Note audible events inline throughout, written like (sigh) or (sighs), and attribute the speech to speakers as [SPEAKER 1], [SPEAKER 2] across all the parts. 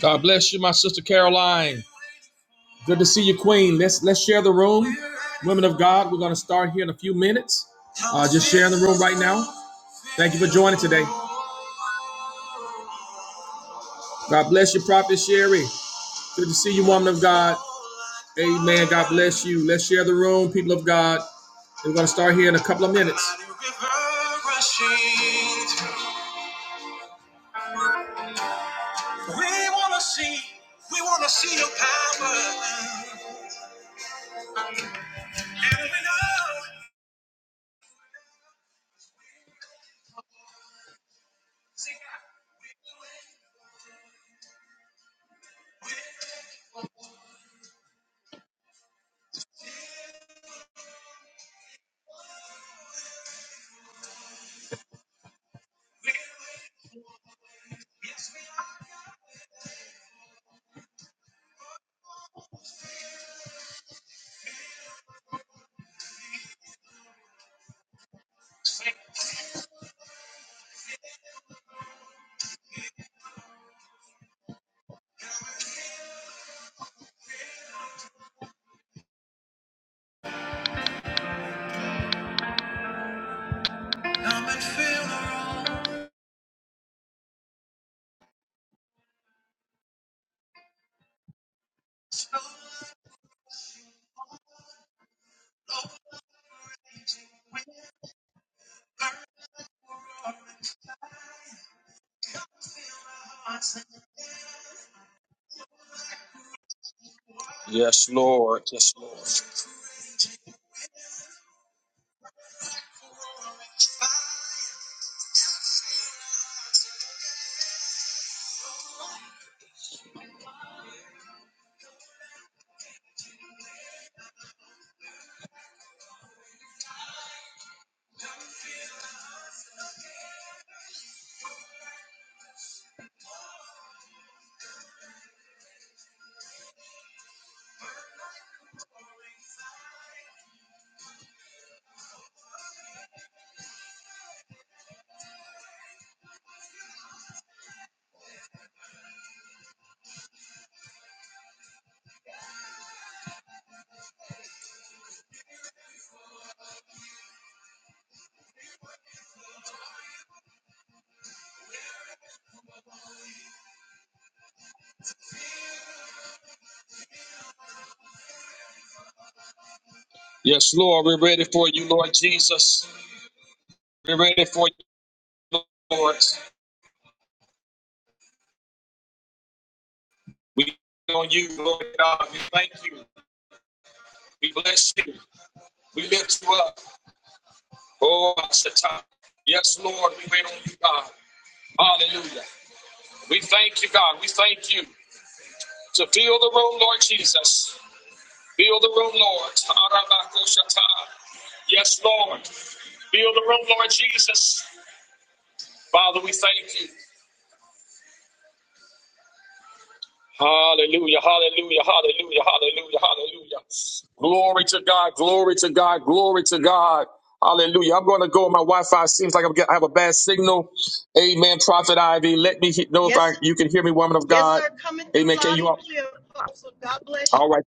[SPEAKER 1] God bless you, my sister Caroline. Good to see you, Queen. Let's let's share the room. Women of God, we're gonna start here in a few minutes. Now, God bless you, Prophet Sherry. Good to see you, woman of God. God bless you. Let's share the room, people of God. We're gonna start here in a couple of minutes. Yes, Lord. Yes, Lord. Yes, Lord. We're ready for you, Lord Jesus. We're ready for you, Lord. We on you, Lord God. We thank you. We bless you. We lift you up. Oh, Satan. Yes, Lord, we wait on you, God. Hallelujah. We thank you, God. We thank you to fill the room, Lord Jesus. Fill the room, Lord. Arabako Satan. Yes, Lord. Fill the room, Lord Jesus. Father, we thank you. Hallelujah, hallelujah, hallelujah, hallelujah, hallelujah. Glory to God, glory to God, glory to God. Hallelujah. I'm going to go. My Wi-Fi seems like I'm get, I have a bad signal. Amen. Prophet Ivy, let me he- know if I
[SPEAKER 2] Yes,
[SPEAKER 1] you can hear me, woman of
[SPEAKER 2] yes,
[SPEAKER 1] God.
[SPEAKER 2] sir. Coming through
[SPEAKER 1] Amen. Can
[SPEAKER 2] loud
[SPEAKER 1] you
[SPEAKER 2] and
[SPEAKER 1] all?
[SPEAKER 2] clear, Apostle. God bless you.
[SPEAKER 1] All right.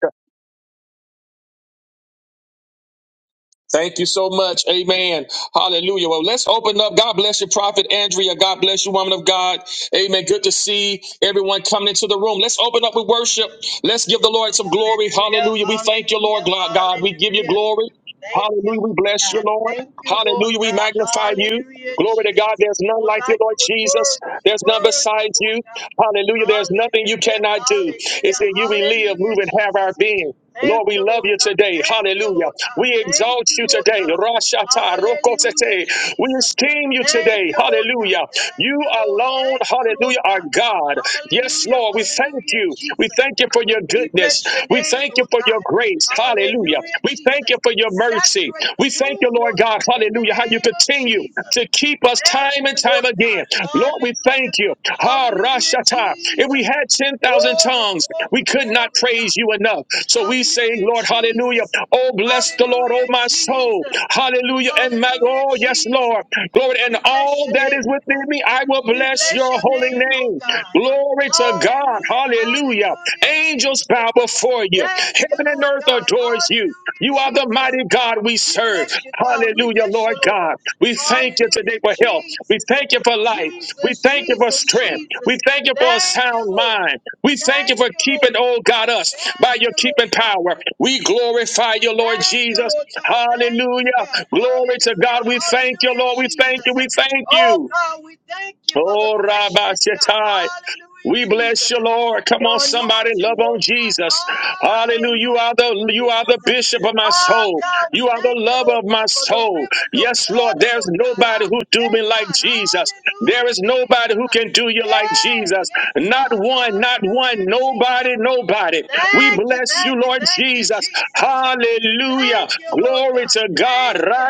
[SPEAKER 1] Thank you so much. Amen. Hallelujah. Well, let's open up. God bless you, Prophet Andrea. God bless you, woman of God. Amen. Good to see everyone coming into the room. Let's open up with worship. Let's give the Lord some glory.
[SPEAKER 2] Hallelujah,
[SPEAKER 1] Hallelujah. We thank you, Lord
[SPEAKER 2] hallelujah,
[SPEAKER 1] God. We give you
[SPEAKER 2] hallelujah.
[SPEAKER 1] glory.
[SPEAKER 2] Thank you,
[SPEAKER 1] Hallelujah. We
[SPEAKER 2] Lord
[SPEAKER 1] bless you,
[SPEAKER 2] God.
[SPEAKER 1] Lord.
[SPEAKER 2] Thank you, Lord
[SPEAKER 1] Hallelujah. We
[SPEAKER 2] God.
[SPEAKER 1] magnify you.
[SPEAKER 2] Hallelujah,
[SPEAKER 1] Glory to God.
[SPEAKER 2] Jesus.
[SPEAKER 1] There's none
[SPEAKER 2] Lord
[SPEAKER 1] like
[SPEAKER 2] God,
[SPEAKER 1] you,
[SPEAKER 2] you
[SPEAKER 1] Lord
[SPEAKER 2] are
[SPEAKER 1] Jesus.
[SPEAKER 2] worthy. You're
[SPEAKER 1] There's none
[SPEAKER 2] worthy,
[SPEAKER 1] besides
[SPEAKER 2] Lord
[SPEAKER 1] you.
[SPEAKER 2] God.
[SPEAKER 1] Hallelujah. There's nothing you
[SPEAKER 2] Hallelujah,
[SPEAKER 1] cannot do. It's
[SPEAKER 2] hallelujah,
[SPEAKER 1] in you we live, move,
[SPEAKER 2] hallelujah,
[SPEAKER 1] and have our
[SPEAKER 2] Jesus.
[SPEAKER 1] being. Lord,
[SPEAKER 2] Thank
[SPEAKER 1] we
[SPEAKER 2] you,
[SPEAKER 1] love
[SPEAKER 2] Lord
[SPEAKER 1] you
[SPEAKER 2] God.
[SPEAKER 1] today.
[SPEAKER 2] Thank you,
[SPEAKER 1] Hallelujah.
[SPEAKER 2] Lord God.
[SPEAKER 1] We
[SPEAKER 2] Thank
[SPEAKER 1] exalt
[SPEAKER 2] you,
[SPEAKER 1] you
[SPEAKER 2] Lord
[SPEAKER 1] today.
[SPEAKER 2] God.
[SPEAKER 1] Rashata
[SPEAKER 2] Hallelujah,
[SPEAKER 1] Rokotete. We
[SPEAKER 2] Jesus.
[SPEAKER 1] esteem you
[SPEAKER 2] Thank
[SPEAKER 1] today.
[SPEAKER 2] you, Lord God.
[SPEAKER 1] Hallelujah.
[SPEAKER 2] Thank
[SPEAKER 1] You
[SPEAKER 2] you, Lord.
[SPEAKER 1] alone,
[SPEAKER 2] Thank you, Lord
[SPEAKER 1] hallelujah, are
[SPEAKER 2] God.
[SPEAKER 1] God. Yes,
[SPEAKER 2] Hallelujah,
[SPEAKER 1] Lord, we thank
[SPEAKER 2] hallelujah,
[SPEAKER 1] you. We
[SPEAKER 2] Jesus.
[SPEAKER 1] thank you for your
[SPEAKER 2] We
[SPEAKER 1] goodness.
[SPEAKER 2] bless your
[SPEAKER 1] We
[SPEAKER 2] name,
[SPEAKER 1] thank you
[SPEAKER 2] Lord
[SPEAKER 1] for your
[SPEAKER 2] God.
[SPEAKER 1] grace. Hallelujah.
[SPEAKER 2] Hallelujah,
[SPEAKER 1] We thank you
[SPEAKER 2] Jesus.
[SPEAKER 1] for your mercy.
[SPEAKER 2] Saturate the
[SPEAKER 1] We thank
[SPEAKER 2] room,
[SPEAKER 1] you, Lord
[SPEAKER 2] Lord
[SPEAKER 1] God.
[SPEAKER 2] God, in the
[SPEAKER 1] Hallelujah. How you
[SPEAKER 2] name of
[SPEAKER 1] continue
[SPEAKER 2] Jesus.
[SPEAKER 1] to keep us
[SPEAKER 2] Thank
[SPEAKER 1] time and
[SPEAKER 2] you,
[SPEAKER 1] time
[SPEAKER 2] Lord God.
[SPEAKER 1] again. Lord, we thank
[SPEAKER 2] Hallelujah.
[SPEAKER 1] you. Ha
[SPEAKER 2] Hallelujah,
[SPEAKER 1] Rashata. If we
[SPEAKER 2] Jesus.
[SPEAKER 1] had 10,000
[SPEAKER 2] Glory,
[SPEAKER 1] tongues, we
[SPEAKER 2] glory,
[SPEAKER 1] could not
[SPEAKER 2] glory,
[SPEAKER 1] praise
[SPEAKER 2] God.
[SPEAKER 1] you enough. So we say,
[SPEAKER 2] Hallelujah,
[SPEAKER 1] Lord, hallelujah.
[SPEAKER 2] Jesus.
[SPEAKER 1] Oh, bless the Lord, oh,
[SPEAKER 2] Hallelujah,
[SPEAKER 1] my soul.
[SPEAKER 2] Jesus.
[SPEAKER 1] Hallelujah. And my,
[SPEAKER 2] Hallelujah,
[SPEAKER 1] oh, yes,
[SPEAKER 2] Jesus.
[SPEAKER 1] Lord. Glory. And
[SPEAKER 2] We bless
[SPEAKER 1] all
[SPEAKER 2] your
[SPEAKER 1] that
[SPEAKER 2] name.
[SPEAKER 1] is within me, I will
[SPEAKER 2] We
[SPEAKER 1] bless your
[SPEAKER 2] bless
[SPEAKER 1] your
[SPEAKER 2] your
[SPEAKER 1] holy
[SPEAKER 2] name, oh
[SPEAKER 1] name.
[SPEAKER 2] God.
[SPEAKER 1] Glory to God.
[SPEAKER 2] Hallelujah,
[SPEAKER 1] Hallelujah.
[SPEAKER 2] hallelujah,
[SPEAKER 1] Angels bow
[SPEAKER 2] Jesus.
[SPEAKER 1] before you.
[SPEAKER 2] Thank you,
[SPEAKER 1] Heaven and
[SPEAKER 2] Lord
[SPEAKER 1] earth
[SPEAKER 2] God.
[SPEAKER 1] adores you.
[SPEAKER 2] Hallelujah,
[SPEAKER 1] You are the
[SPEAKER 2] Jesus.
[SPEAKER 1] mighty God we
[SPEAKER 2] We
[SPEAKER 1] serve.
[SPEAKER 2] bless you, God. We
[SPEAKER 1] Hallelujah,
[SPEAKER 2] bless you,
[SPEAKER 1] Lord
[SPEAKER 2] Lord.
[SPEAKER 1] God. We thank you today
[SPEAKER 2] Hallelujah,
[SPEAKER 1] for health. We
[SPEAKER 2] Jesus.
[SPEAKER 1] thank you for life. We
[SPEAKER 2] Jesus,
[SPEAKER 1] thank you for
[SPEAKER 2] Jesus,
[SPEAKER 1] strength. We
[SPEAKER 2] Jesus.
[SPEAKER 1] thank you for a
[SPEAKER 2] Thank you,
[SPEAKER 1] sound
[SPEAKER 2] Lord.
[SPEAKER 1] mind. We thank you
[SPEAKER 2] Thank
[SPEAKER 1] for
[SPEAKER 2] you,
[SPEAKER 1] keeping,
[SPEAKER 2] Lord.
[SPEAKER 1] oh God, us by
[SPEAKER 2] Thank
[SPEAKER 1] your
[SPEAKER 2] you, Lord
[SPEAKER 1] keeping
[SPEAKER 2] God.
[SPEAKER 1] power. We glorify you, Lord
[SPEAKER 2] Thank you,
[SPEAKER 1] Jesus.
[SPEAKER 2] Lord God. Thank you, God.
[SPEAKER 1] Hallelujah. Glory to God.
[SPEAKER 2] Hallelujah.
[SPEAKER 1] We thank you,
[SPEAKER 2] Hallelujah,
[SPEAKER 1] Lord. We thank you.
[SPEAKER 2] Jesus.
[SPEAKER 1] We thank
[SPEAKER 2] Oh,
[SPEAKER 1] you.
[SPEAKER 2] God, we thank you for the
[SPEAKER 1] Oh, Rabbi
[SPEAKER 2] freshness, God.
[SPEAKER 1] Shatai.
[SPEAKER 2] Hallelujah,
[SPEAKER 1] We bless
[SPEAKER 2] Jesus.
[SPEAKER 1] you, Lord. Come on,
[SPEAKER 2] Your
[SPEAKER 1] somebody,
[SPEAKER 2] anointing,
[SPEAKER 1] love on
[SPEAKER 2] Lord God.
[SPEAKER 1] Jesus. Hallelujah. You
[SPEAKER 2] Hallelujah,
[SPEAKER 1] are the you are the
[SPEAKER 2] Jesus.
[SPEAKER 1] bishop of my
[SPEAKER 2] Oh,
[SPEAKER 1] soul.
[SPEAKER 2] God, we
[SPEAKER 1] You are the
[SPEAKER 2] thank you,
[SPEAKER 1] lover
[SPEAKER 2] Lord
[SPEAKER 1] of my
[SPEAKER 2] God, for the
[SPEAKER 1] soul.
[SPEAKER 2] rivers of
[SPEAKER 1] Yes, Lord.
[SPEAKER 2] water,
[SPEAKER 1] There's
[SPEAKER 2] Lord God.
[SPEAKER 1] nobody
[SPEAKER 2] Ah,
[SPEAKER 1] who do
[SPEAKER 2] yeah,
[SPEAKER 1] me like
[SPEAKER 2] God.
[SPEAKER 1] Jesus. There
[SPEAKER 2] Hallelujah,
[SPEAKER 1] is nobody
[SPEAKER 2] Jesus.
[SPEAKER 1] who can do you like
[SPEAKER 2] Hey,
[SPEAKER 1] Jesus.
[SPEAKER 2] yes,
[SPEAKER 1] Not
[SPEAKER 2] God.
[SPEAKER 1] one, not one,
[SPEAKER 2] Hallelujah,
[SPEAKER 1] nobody,
[SPEAKER 2] Jesus.
[SPEAKER 1] nobody. We
[SPEAKER 2] Thank you,
[SPEAKER 1] bless you,
[SPEAKER 2] thank you,
[SPEAKER 1] Lord
[SPEAKER 2] thank you,
[SPEAKER 1] Jesus.
[SPEAKER 2] Jesus.
[SPEAKER 1] Hallelujah.
[SPEAKER 2] Thank you, Lord
[SPEAKER 1] Glory
[SPEAKER 2] God.
[SPEAKER 1] to God.
[SPEAKER 2] Thank you.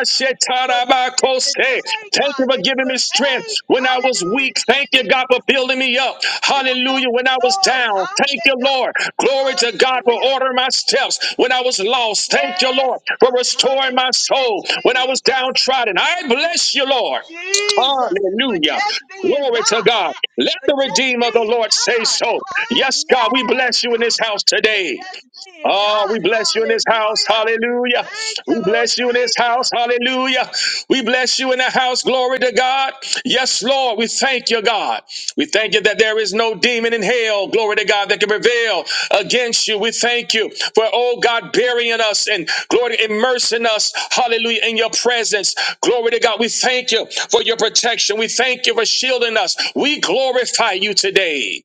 [SPEAKER 2] For this is the day,
[SPEAKER 1] Thank
[SPEAKER 2] God,
[SPEAKER 1] you for
[SPEAKER 2] that you
[SPEAKER 1] giving me
[SPEAKER 2] have
[SPEAKER 1] strength
[SPEAKER 2] made.
[SPEAKER 1] when I was
[SPEAKER 2] Hallelujah,
[SPEAKER 1] weak. Thank you,
[SPEAKER 2] Jesus.
[SPEAKER 1] God, for building me up.
[SPEAKER 2] We will
[SPEAKER 1] Hallelujah. When I was
[SPEAKER 2] rejoice.
[SPEAKER 1] down, thank
[SPEAKER 2] Hallelujah,
[SPEAKER 1] you,
[SPEAKER 2] God.
[SPEAKER 1] Lord. Glory to God for
[SPEAKER 2] Hallelujah.
[SPEAKER 1] ordering my steps. When I was lost, thank you,
[SPEAKER 2] Yes,
[SPEAKER 1] Lord, for
[SPEAKER 2] God.
[SPEAKER 1] restoring my
[SPEAKER 2] Hallelujah,
[SPEAKER 1] soul. When I was
[SPEAKER 2] Jesus.
[SPEAKER 1] downtrodden, I bless you, Lord.
[SPEAKER 2] Jesus. For
[SPEAKER 1] Hallelujah.
[SPEAKER 2] just being
[SPEAKER 1] Glory to
[SPEAKER 2] God.
[SPEAKER 1] God.
[SPEAKER 2] Huh?
[SPEAKER 1] Let
[SPEAKER 2] For
[SPEAKER 1] the
[SPEAKER 2] just
[SPEAKER 1] redeemer of the
[SPEAKER 2] being
[SPEAKER 1] Lord say
[SPEAKER 2] God.
[SPEAKER 1] so.
[SPEAKER 2] Huh?
[SPEAKER 1] Yes, God, we
[SPEAKER 2] Yeah,
[SPEAKER 1] bless you in this
[SPEAKER 2] God.
[SPEAKER 1] house
[SPEAKER 2] For
[SPEAKER 1] today.
[SPEAKER 2] just being
[SPEAKER 1] Oh,
[SPEAKER 2] God.
[SPEAKER 1] we bless you in this house.
[SPEAKER 2] Hallelujah.
[SPEAKER 1] Hallelujah.
[SPEAKER 2] Thank you,
[SPEAKER 1] We
[SPEAKER 2] Lord.
[SPEAKER 1] bless you in this
[SPEAKER 2] Thank you.
[SPEAKER 1] house. Hallelujah. We bless you in the house. Glory to God. Yes, Lord. We thank you, God. We thank you that there is no demon in hell. Glory to God that can prevail against you. We thank you for, oh God, burying us and glory, immersing us. Hallelujah. In your presence. Glory to God. We thank you for your protection. We thank you for shielding us. We glorify you today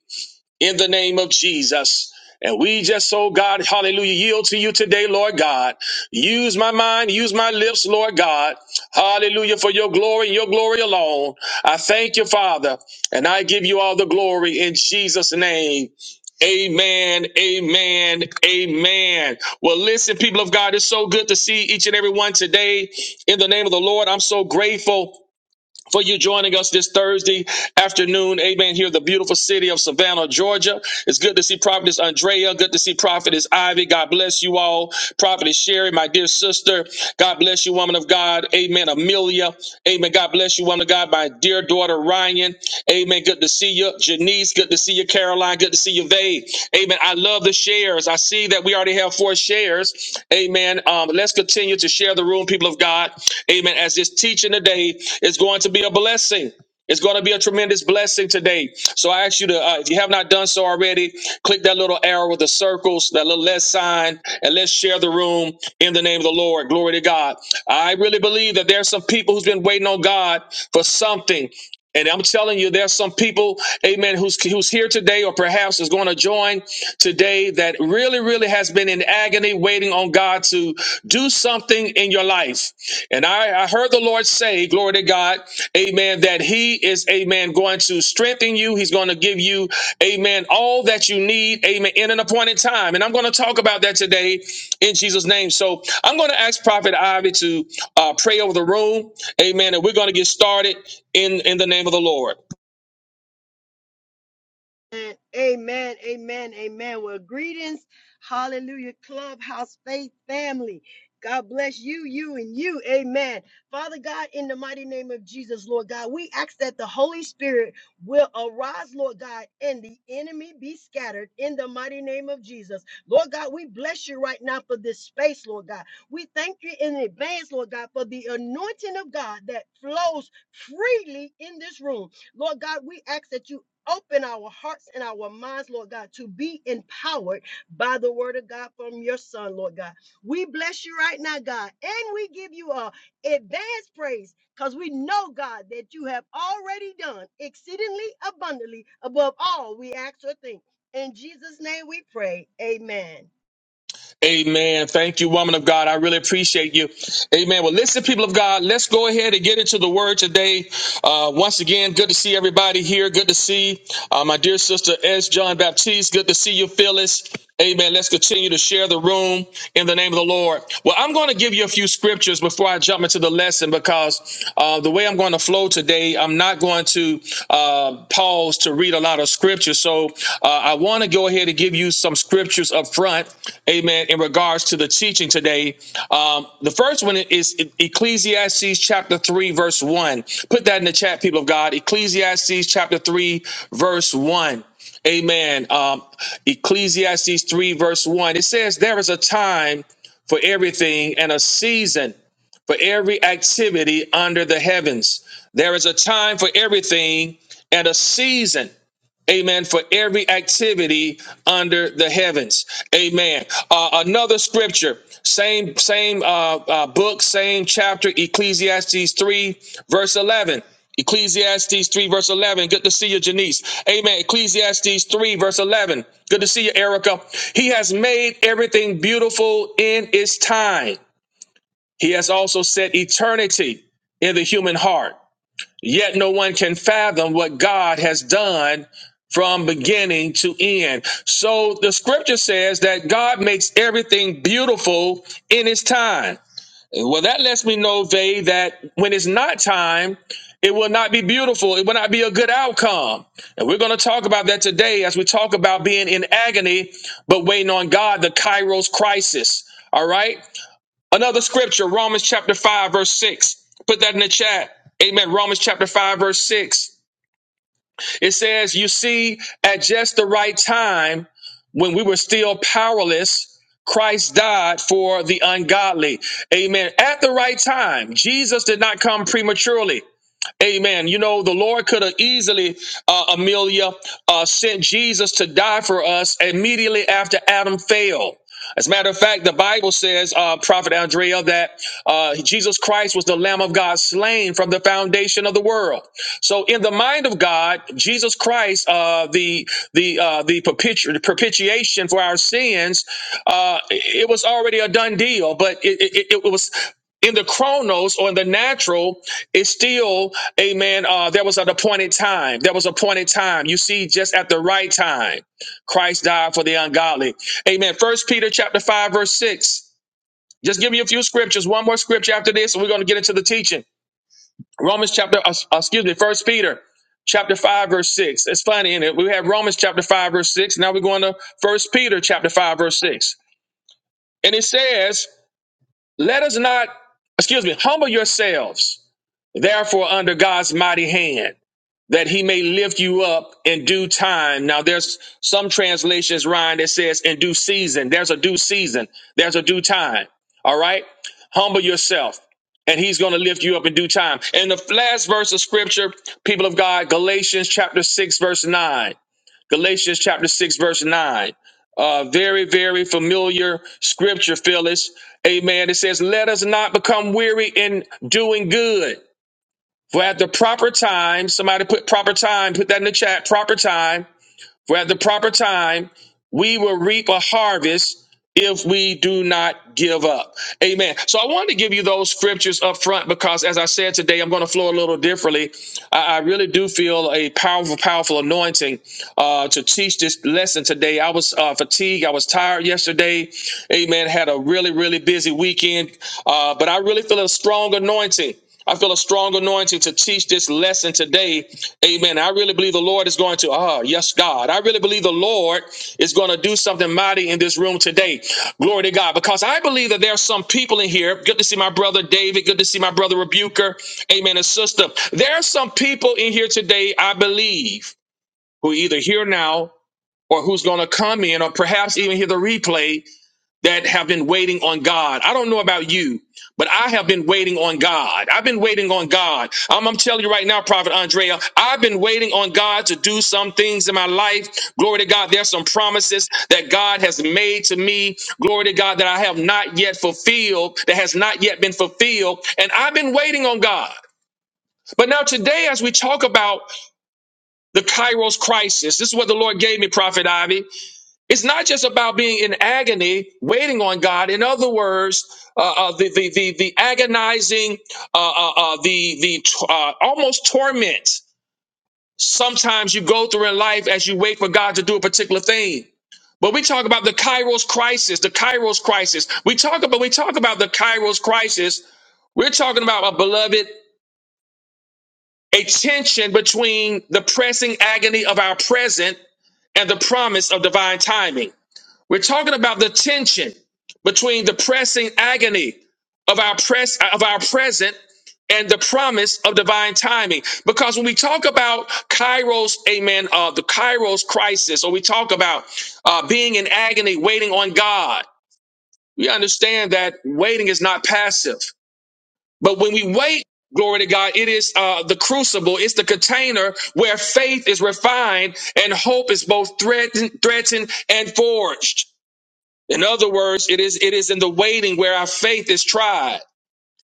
[SPEAKER 1] in the name of Jesus. And we just, oh God, hallelujah, yield to you today, Lord God. Use my mind, use my lips, Lord God. Hallelujah, for your glory and your glory alone. I thank you, Father, and I give you all the glory in Jesus' name. Amen, amen, amen. Well, listen, people of God, it's so good to see each and every one today in the name of the Lord. I'm so grateful for you joining us this Thursday afternoon. Amen. Here, the beautiful city of Savannah, Georgia. It's good to see Prophetess Andrea. Good to see Prophetess Ivy. God bless you all. Prophetess Sherry, my dear sister. God bless you, woman of God. Amen. Amelia. Amen. God bless you, woman of God. my my dear daughter Ryan. Amen. Good to see you. Janice, good to see you. Caroline, good to see you. Vay. Amen. I love the shares. I see that we already have four shares. Amen. Um, let's continue to share the room, people of God. Amen. As this teaching today is going to be a blessing. It's going to be a tremendous blessing today. So I ask you to, uh, if you have not done so already, click that little arrow with the circles, that little less sign, and let's share the room in the name of the Lord. Glory to God. I really believe that there's some people who's been waiting on God for something. And I'm telling you, there's some people, amen, who's, who's here today or perhaps is going to join today that really, really has been in agony waiting on God to do something in your life. And I, I heard the Lord say, glory to God, amen, that he is, amen, going to strengthen you. He's going to give you, amen, all that you need, amen, in an appointed time. And I'm going to talk about that today in Jesus' name. So I'm going to ask Prophet Ivy to uh, pray over the room, amen, and we're going to get started in in the name of the Lord.
[SPEAKER 2] Amen, amen, amen. Well, greetings, hallelujah, clubhouse faith family. God bless you, you, and you. Amen. Father God, in the mighty name of Jesus, Lord God, we ask that the Holy Spirit will arise, Lord God, and the enemy be scattered in the mighty name of Jesus. Lord God, we bless you right now for this space, Lord God. We thank you in advance, Lord God, for the anointing of God that flows freely in this room. Lord God, we ask that you Open our hearts and our minds, Lord God, to be empowered by the word of God from your son, Lord God. We bless you right now, God, and we give you a advanced praise because we know, God, that you have already done exceedingly abundantly above all we ask or think. In Jesus' name we pray. Amen.
[SPEAKER 1] Amen. Thank you, woman of God. I really appreciate you. Amen. Well, listen, people of God, let's go ahead and get into the word today. Uh, once again, good to see everybody here. Good to see uh, my dear sister S. John Baptiste. Good to see you, Phyllis. Amen. Let's continue to share the room in the name of the Lord. Well, I'm going to give you a few scriptures before I jump into the lesson because uh, the way I'm going to flow today, I'm not going to. to uh, pause to read a lot of scripture. So uh, I want to go ahead and give you some scriptures up front, amen, in regards to the teaching today. Um, the first one is E-, Ecclesiastes chapter 3, verse 1. Put that in the chat, people of God. Ecclesiastes chapter 3, verse 1. Amen. Um, Ecclesiastes 3, verse 1. It says, There is a time for everything and a season for every activity under the heavens. There is a time for everything and a season. Amen. For every activity under the heavens. Amen. Uh, another scripture, same same uh, uh, book, same chapter, Ecclesiastes three, verse eleven. Ecclesiastes 3, verse 11. Good to see you, Janice. Amen. Ecclesiastes 3, verse 11. Good to see you, Erica. He has made everything beautiful in its time. He has also set eternity in the human heart, yet no one can fathom what God has done from beginning to end. So the scripture says that God makes everything beautiful in his time. Well, that lets me know, Vay, that when it's not time, it will not be beautiful. It will not be a good outcome. And we're going to talk about that today as we talk about being in agony, but waiting on God, the Kairos crisis. All right. Another scripture, Romans chapter 5, verse 6. Put that in the chat. Amen. Romans chapter 5, verse 6. It says, You see, at just the right time, when we were still powerless, Christ died for the ungodly. Amen. At the right time, Jesus did not come prematurely. Amen. You know, the Lord could have easily, uh, Amelia, uh, sent Jesus to die for us immediately after Adam failed. As a matter of fact, the Bible says, uh, Prophet Andrea, that uh, Jesus Christ was the Lamb of God slain from the foundation of the world. So, in the mind of God, Jesus Christ, uh, the the uh, the perpetu- propitiation for our sins, uh, it it was already a done deal. But it, it, it it was in the chronos or in the natural it's still amen uh there was an appointed time there was an appointed time you see just at the right time christ died for the ungodly amen first peter chapter 5 verse 6 just give me a few scriptures one more scripture after this and we're going to get into the teaching romans chapter uh, uh, excuse me first peter chapter 5 verse 6 it's funny in it we have romans chapter 5 verse 6 now we're going to first peter chapter 5 verse 6 and it says let us not excuse me humble yourselves therefore under god's mighty hand that he may lift you up in due time. Now there's some translations, Ryan, that says in due season. There's a due season. There's a due time. All right. Humble yourself and he's going to lift you up in due time. And the last verse of scripture, people of God, Galatians chapter six, verse nine. Galatians chapter 6, verse 9. Uh, very, very familiar scripture, Phyllis. Amen. It says, Let us not become weary in doing good. For at the proper time, somebody put proper time, put that in the chat, proper time. For at the proper time, we will reap a harvest if we do not give up. Amen. So I wanted to give you those scriptures up front because, as I said today, I'm going to flow a little differently. I, I really do feel a powerful, powerful anointing uh, to teach this lesson today. I was uh, fatigued. I was tired yesterday. Amen. Had a really, really busy weekend, uh, but I really feel a strong anointing. I feel a strong anointing to teach this lesson today. Amen. Amen. I really believe the Lord is going to, ah, yes, God. I really believe the Lord is going to do something mighty in this room today. Glory to God. Because I believe that there are some people in here. Good to see my brother David. Good to see my brother Rebuker. Amen. And sister. There are some people in here today, I believe, who are either here now or who's going to come in or perhaps even hear the replay that have been waiting on God. I don't know about you, but I have been waiting on God. I've been waiting on God. I'm, I'm telling you right now, Prophet Andrea, I've been waiting on God to do some things in my life. Glory to God. There's some promises that God has made to me. Glory to God that I have not yet fulfilled, that has not yet been fulfilled. And I've been waiting on God. But now today, as we talk about the Kairos crisis, this is what the Lord gave me, Prophet Ivy. It's not just about being in agony, waiting on God. In other words, uh, uh, the, the the the agonizing, uh, uh, uh, the the uh, almost torment. Sometimes you go through in life as you wait for God to do a particular thing. But we talk about the Kairos crisis, the Kairos crisis. We talk about we talk about the Kairos crisis. We're talking about a beloved a tension between the pressing agony of our present and the promise of divine timing. We're talking about the tension between the pressing agony of our press of our present and the promise of divine timing. Because when we talk about Kairos, amen, uh, the Kairos crisis, or we talk about uh, being in agony, waiting on God, we understand that waiting is not passive. But when we wait, glory to God, it is uh, the crucible, it's the container where faith is refined and hope is both threatened, threatened and forged. In other words, it is it is in the waiting where our faith is tried.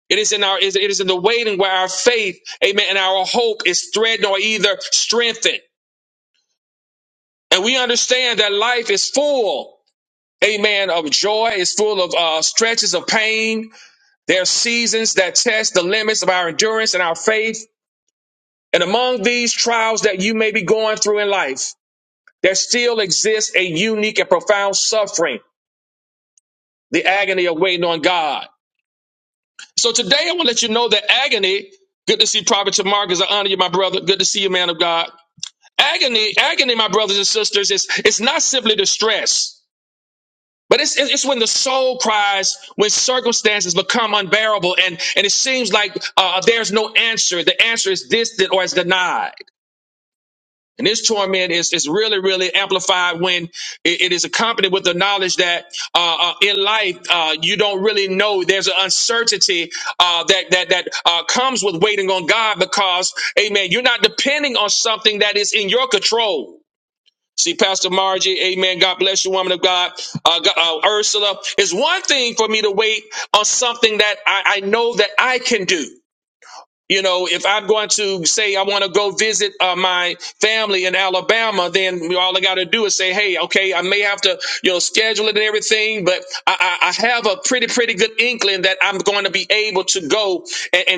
[SPEAKER 1] It is in our it is in the waiting where our faith, amen, and our hope is threatened or either strengthened. And we understand that life is full, amen, of joy, is full of uh, stretches of pain. There are seasons that test the limits of our endurance and our faith. And among these trials that you may be going through in life, there still exists a unique and profound suffering, the agony of waiting on God. So today I want to let you know that agony, good to see Prophet Tamarcus, because I honor you, my brother. Good to see you, man of God. Agony, agony, my brothers and sisters, is it's not simply distress. But it's, it's when the soul cries, when circumstances become unbearable, and, and it seems like uh, there's no answer. The answer is distant or it's denied. And this torment is, is really, really amplified when it it is accompanied with the knowledge that uh, uh, in life uh, you don't really know. There's an uncertainty uh, that that that uh, comes with waiting on God because, Amen. You're not depending on something that is in your control. See, Pastor Margie, amen. God bless you, woman of God. Uh, Go- uh, Ursula, it's one thing for me to wait on something that I, I know that I can do. You know, if I'm going to say I want to go visit uh, my family in Alabama, then all I got to do is say, "Hey, okay, I may have to, you know, schedule it and everything, but I, I, I have a pretty, pretty good ink. I'm going to be able at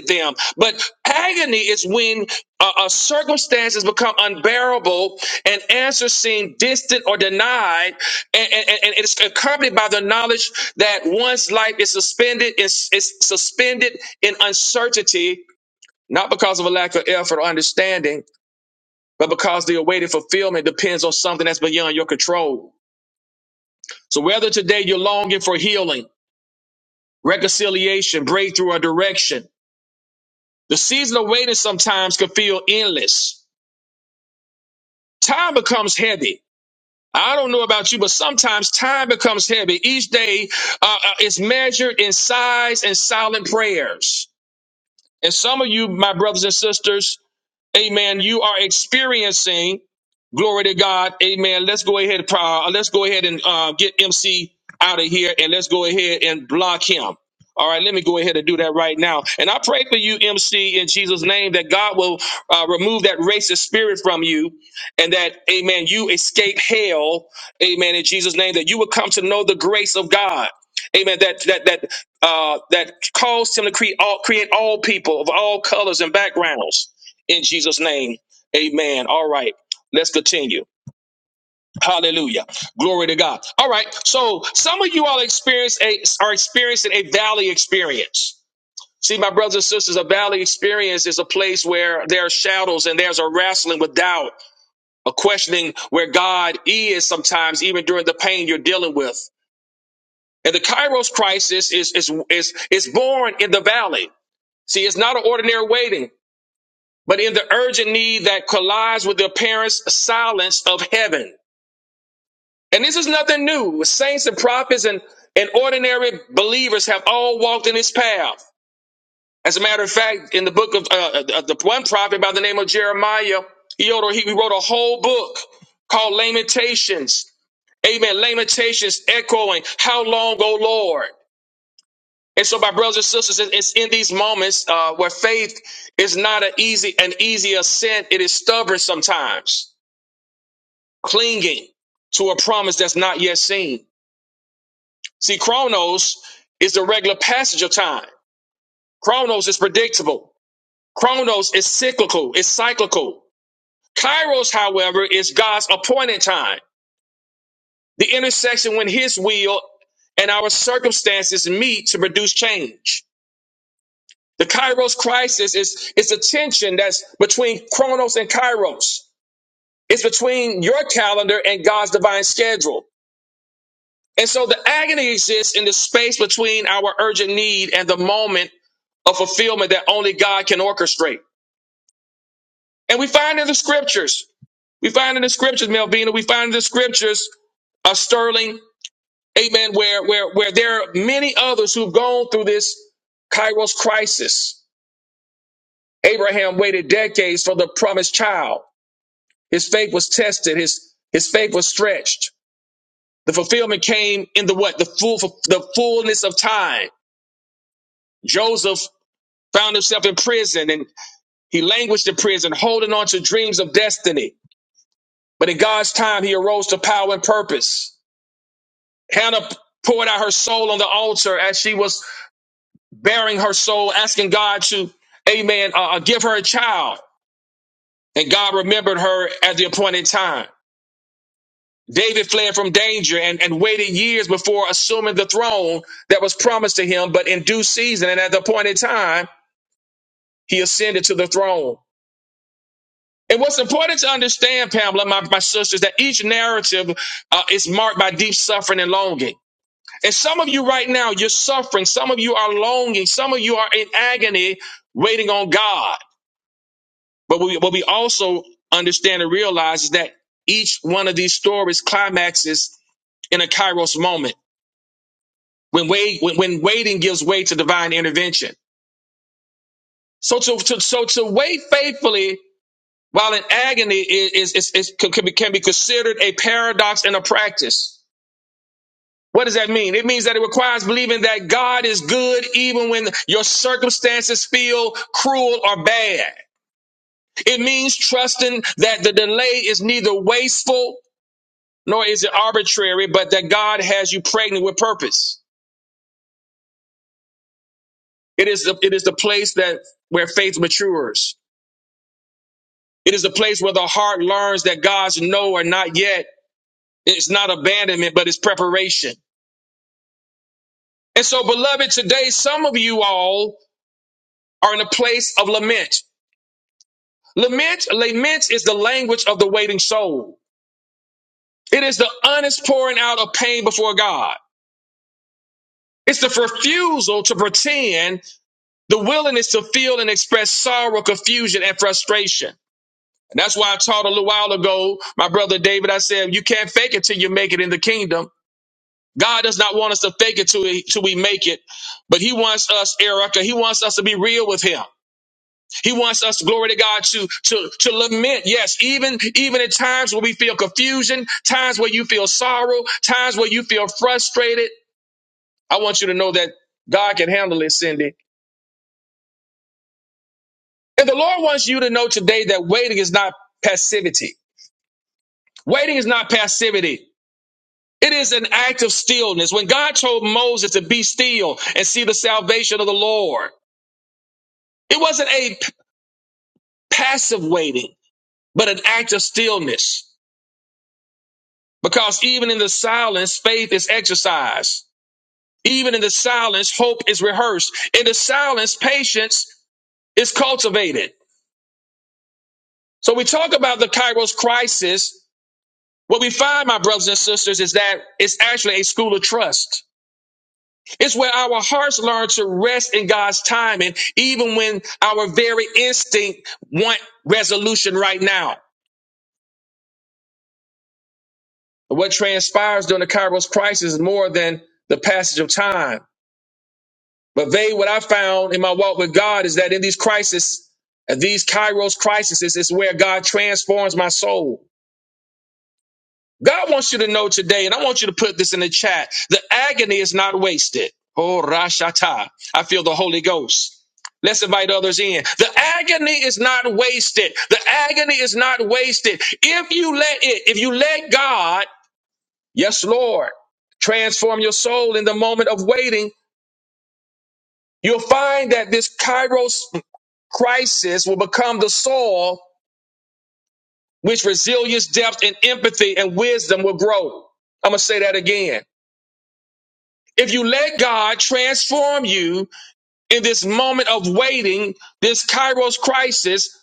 [SPEAKER 1] at them." But agony is when uh, uh, circumstances become terrible and answers seem distant or denied, and, and, and it's accompanied by the knowledge that one's life is suspended, is, is suspended in uncertain fulfillment. So whether today you're longing for healing reconciliation, breakthrough, or direction. The season of waiting sometimes can feel endless. Time becomes heavy. I don't know about you, but sometimes time becomes heavy. Each day uh, uh, is measured in sighs and silent prayers. And some of you, my brothers and sisters, amen, you are experiencing Glory to God. Amen. Let's go ahead. Uh, let's go ahead and uh, get MC out of here and let's go ahead and block him. All right, let me go ahead and do that right now. And I pray for you, MC, in Jesus' name, that God will uh, remove that racist spirit from you and that, amen, you escape hell, amen, in Jesus' name, that you will come to know the grace of God. Amen. That that that uh, that calls him to create all create all people of all colors and backgrounds in Jesus' name. Amen. All right. thank you. Yeah. Glory to God. All right. So some of you all experience a, are experiencing a valley experience. See, my brothers and sisters, a valley experience is a place where there are shadows and there's a wrestling with doubt, a questioning where God is sometimes, even during the pain you're dealing with. And the Kairos crisis is, is, is, is born in the valley. See, it's not an ordinary waiting, but in the urgent need that collides with the apparent silence of heaven. And this is nothing new. Saints and prophets and, and ordinary believers have all walked in this path. As a matter of fact, in the book of uh, uh, the one prophet by the name of Jeremiah, he wrote, a, he wrote a whole book called Lamentations. Amen. Lamentations echoing, How long, O Lord? And so, my brothers and sisters, it- it's in these moments uh, where faith is not an easy, an easy ascent. It is stubborn sometimes, clinging to a promise that's not yet seen. chronos is the regular passage of time. Chronos is cool. It's cool. Kairos, however, is a time of a fifth rate. The scriptures and the scriptures are sterling, amen, where, where, where there are many others who've gone through this Kairos crisis. Abraham waited decades for the promised child. His faith was tested. His, his faith was stretched. The fulfillment came in the what? The full, the fullness of time. Joseph found himself in prison and. He languished in prison, holding on to dreams of destiny. But in God's time, he arose to power and purpose. Hannah poured out her soul on the altar as she was bearing her soul, asking God to, amen, uh, uh, give her a child. And God remembered her at the appointed time. David fled from danger and, and waited years before assuming the throne that was promised to him. But in due season and at the appointed time, he ascended to the throne. And what's important to understand, Pamela, my, my sisters, that each narrative uh, is marked by deep suffering and longing. And some of you right now, you're suffering. Some of you are longing. Some of you are in agony, waiting on God. But we, what we also understand and realize is that each one of these stories climaxes in a kairos moment when, wait, when, when waiting gives way to divine intervention. So to, to, so to wait faithfully While in agony is, is, is, can, be, can be considered a paradox and a practice. What does that mean? It means that it requires believing that God is good even when your circumstances feel cruel or bad. It means trusting that the delay is neither wasteful nor is it arbitrary, but that God has you pregnant with purpose. It is the, it is the place that where faith matures. It is the place where the heart learns that God's no or not yet. It's not abandonment, but it's preparation. And so, beloved, today some of you all are in a place of lament. Lament, lament is the language of the waiting soul. It is the honest pouring out of pain before God. It's the refusal to pretend, the willingness to feel and express sorrow, confusion, and frustration. And that's why I taught a little while ago, my brother David, I said, you can't fake it till you make it in the kingdom. God does not want us to fake it till we, till we make it, but he wants us, Erica, he wants us to be real with him. He wants us, glory to God, to, to, to lament. Yes, even, even at times where we feel confusion, times where you feel sorrow, times where you feel frustrated. I want you to know that God can handle it, Cindy. And the Lord wants you to know today that waiting is not passivity. Waiting is not passivity. It is an act of stillness. When God told Moses to be still and see the salvation of the Lord, it wasn't a p- passive waiting, but an act of stillness. Because even in the silence, faith is exercised. Even in the silence, hope is rehearsed. In the silence, patience is cultivated. So we talk about the Kairos crisis. What we find, my brothers and sisters, is that it's actually a school of trust. It's where our hearts learn to rest in God's timing, even when our very instinct want resolution right now. What transpires during the Kairos crisis is more than the passage of time. But they, what I found in my walk with God is that in these crises, at these Kairos crises, is where God transforms my soul. God wants you to know today, and I want you to put this in the chat. The agony is not wasted. Oh, Rashata. I feel the Holy Ghost. Let's invite others in. The agony is not wasted. The agony is not wasted. If you let it, if you let God, yes, Lord, transform your soul in the moment of waiting, you'll find that this Kairos Crisis will become the soil which resilience, depth, and empathy and wisdom will grow. I'm going to say that again. If you let God transform you in this moment of waiting, this Kairos crisis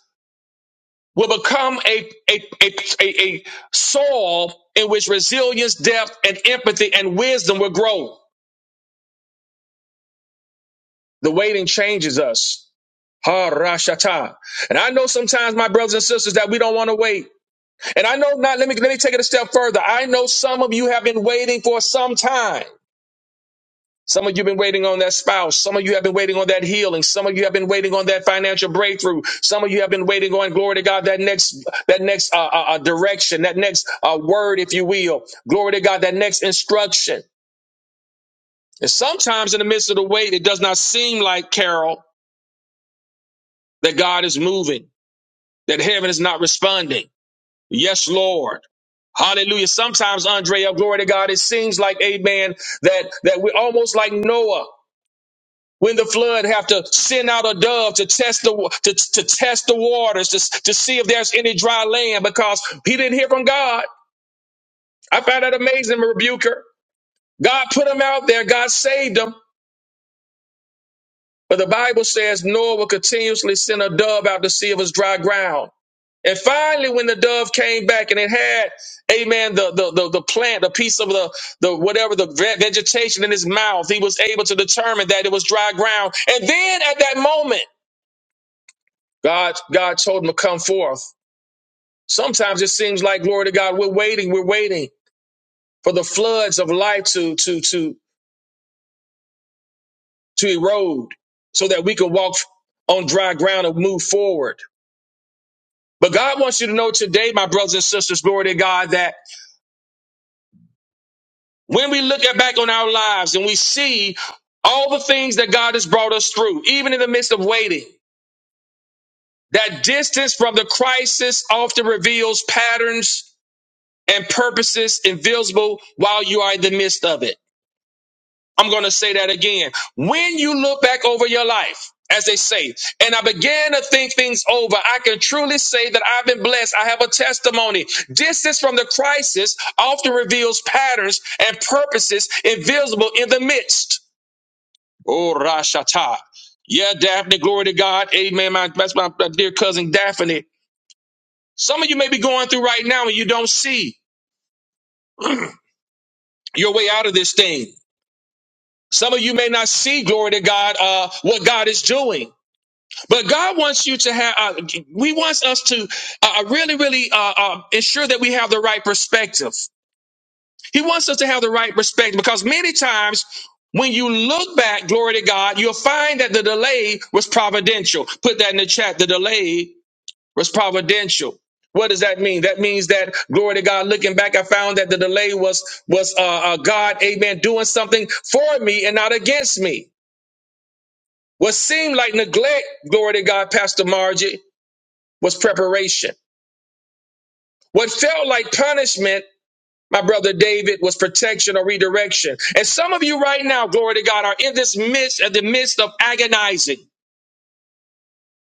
[SPEAKER 1] will become a, a, a, a, a soil in which resilience, depth, and empathy and wisdom will grow. The waiting changes us. Ha-ra-shata. And I know sometimes, my brothers and sisters, that we don't want to wait. And I know not, let me, let me take it a step further. I know some of you have been waiting for some time. Some of you have been waiting on that spouse. Some of you have been waiting on that healing. Some of you have been waiting on that financial breakthrough. Some of you have been waiting on, glory to God, that next, that next, uh, uh, uh, direction, that next, uh, word, if you will. Glory to God, that next instruction. And sometimes in the midst of the wait, it does not seem like, Carol, that God is moving, that heaven is not responding. Yes, Lord. Hallelujah. Sometimes, Andrea, glory to God, it seems like, amen, that, that we're almost like Noah when the flood have to send out a dove to test the, wa- to, to test the waters, to, to see if there's any dry land because he didn't hear from God. I found that amazing, rebuker. God put him out there. God saved him. But the Bible says Noah will continuously send a dove out to see if it's dry ground. And finally, when the dove came back and it had, amen, the, the, the, the plant, a piece of the, the whatever, the ve- vegetation in his mouth, he was able to determine that it was dry ground. And then at that moment, God, God told him to come forth. Sometimes it seems like, glory to God, we're waiting, we're waiting for the floods of life to, to, to, to erode so that we can walk on dry ground and move forward. But God wants you to know today, my brothers and sisters, glory to God, that When we look at back on our lives and we see all the things that God has brought us through, even in the midst of waiting, that distance from the crisis often reveals patterns and purposes invisible while you are in the midst of it. I'm going to say that again. When you look back over your life, as they say, and I began to think things over, I can truly say that I've been blessed. I have a testimony. Distance from the crisis often reveals patterns and purposes invisible in the midst. Oh, Rashata. Yeah, Daphne, glory to God. Amen. My, that's my dear cousin Daphne. Some of you may be going through right now and you don't see your way out of this thing. Some of you may not see, glory to God, uh, what God is doing. But God wants you to have, uh, we wants us to uh, uh, really, really uh, uh, ensure that we have the right perspective. He wants us to have the right perspective because many times when you look back, glory to God, you'll find that the delay was providential. Put that in the chat. The delay was providential. What does that mean? That means that glory to God. Looking back, I found that the delay was was uh, uh, God, Amen, doing something for me and not against me. What seemed like neglect, glory to God, Pastor Margie, was preparation. What felt like punishment, my brother David, was protection or redirection. And some of you right now, glory to God, are in this midst, at the midst of agonizing,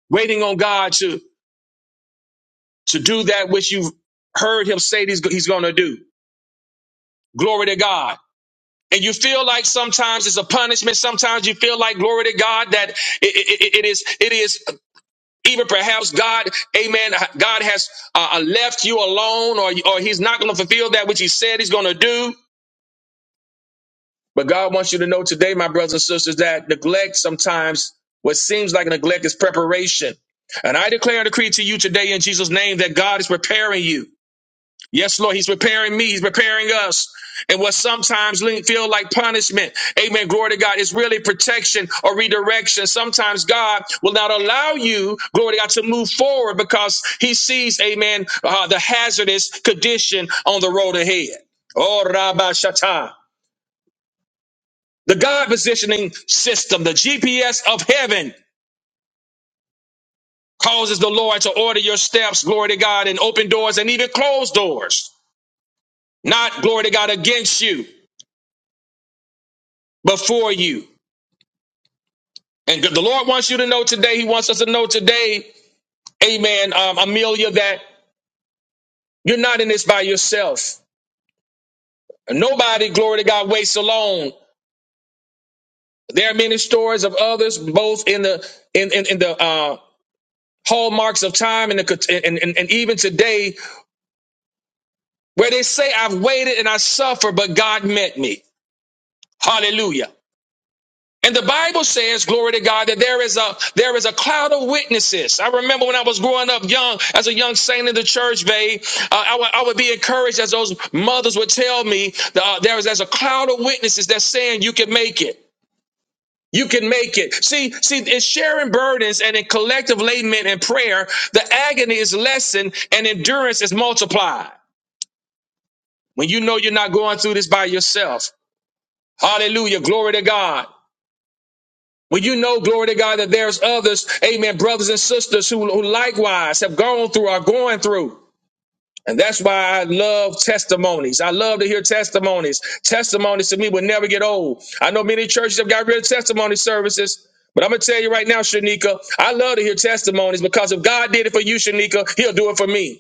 [SPEAKER 1] waiting on God to to do that which you've heard Him say He's, he's going to do. Glory to God. And you feel like sometimes it's a punishment. Sometimes you feel like glory to God that it, it it is, it is even perhaps God, amen. God has uh, left you alone or, or he's not going to fulfill that which he said he's going to do. But God wants you to know today, my brothers and sisters, that neglect sometimes what seems like neglect is preparation. And I declare and decree to you today in Jesus name that God is preparing you. Yes, Lord, He's preparing me. He's preparing us. And what sometimes le- feel like punishment, amen, glory to God, is really protection or redirection. Sometimes God will not allow you, glory to God, to move forward because He sees, amen, uh, the hazardous condition on the road ahead. Oh, Rabbi Shatta. The God positioning system, the GPS of heaven, causes the Lord to order your steps, glory to God, and open doors and even close doors. Not, glory to God, against you, but for you. And the Lord wants you to know today, He wants us to know today, amen, um, Amelia, that you're not in this by yourself. Nobody, glory to God, waits alone. There are many stories of others, both in the in in, in the uh, hallmarks of time and, the, and, and and even today, where they say, "I've waited and I suffer, but God met me." Hallelujah. And the Bible says, glory to God, that there is a there is a cloud of witnesses. I remember when I was growing up young, as a young saint in the church, babe, uh, I, would, I would be encouraged as those mothers would tell me, uh, there is there's a cloud of witnesses that's saying you can make it. You can make it. See, see, in sharing burdens and in collective lament and prayer, the agony is lessened and endurance is multiplied. When you know you're not going through this by yourself. Hallelujah. Glory to God. Well, you know, glory to God, that there's others, amen, brothers and sisters who, who likewise have gone through, are going through. And that's why I love testimonies. I love to hear testimonies. Testimonies to me will never get old. I know many churches have got rid of testimony services, but I'm going to tell you right now, Shanika, I love to hear testimonies because if God did it for you, Shanika, he'll do it for me.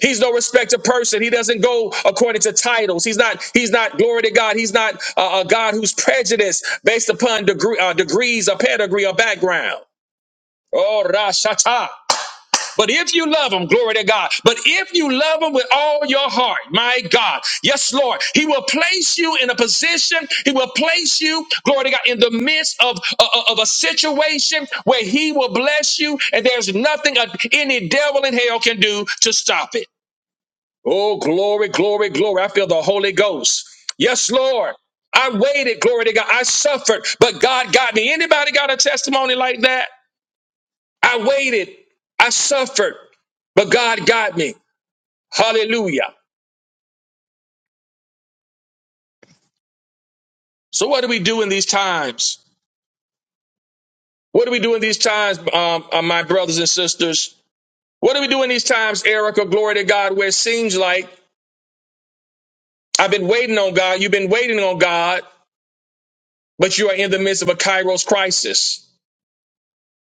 [SPEAKER 1] He's no respecter person. He doesn't go according to titles. He's not. He's not. Glory to God. He's not uh, a God who's prejudiced based upon degree, uh, degrees, or pedigree, or background. Oh, Rashata. But if you love him, glory to God. But if you love him with all your heart, my God, yes, Lord, he will place you in a position. He will place you, glory to God, in the midst of, of, of a situation where he will bless you, and there's nothing uh, any devil in hell can do to stop it. Oh, glory, glory, glory. I feel the Holy Ghost. Yes, Lord. I waited, glory to God. I suffered, but God got me. Anybody got a testimony like that? I waited. I suffered, but God got me. Hallelujah. So what do we do in these times? What do we do in these times, um, uh, my brothers and sisters? What do we do in these times, Erica? Glory to God, where it seems like I've been waiting on God. You've been waiting on God, but you are in the midst of a Kairos crisis.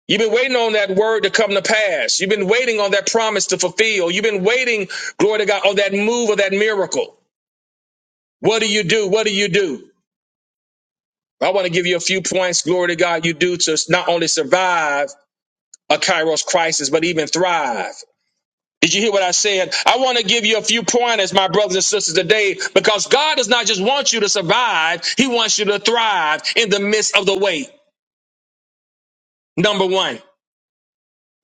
[SPEAKER 1] You've been waiting on that word to come to pass. You've been waiting on that promise to fulfill. You've been waiting, glory to God, on that move of that miracle. What do you do? What do you do? I want to give you a few points, glory to God, you do to not only survive a Kairos crisis, but even thrive. Did you hear what I said? I want to give you a few pointers, my brothers and sisters, today, because God does not just want you to survive, He wants you to thrive in the midst of the wait. Number one,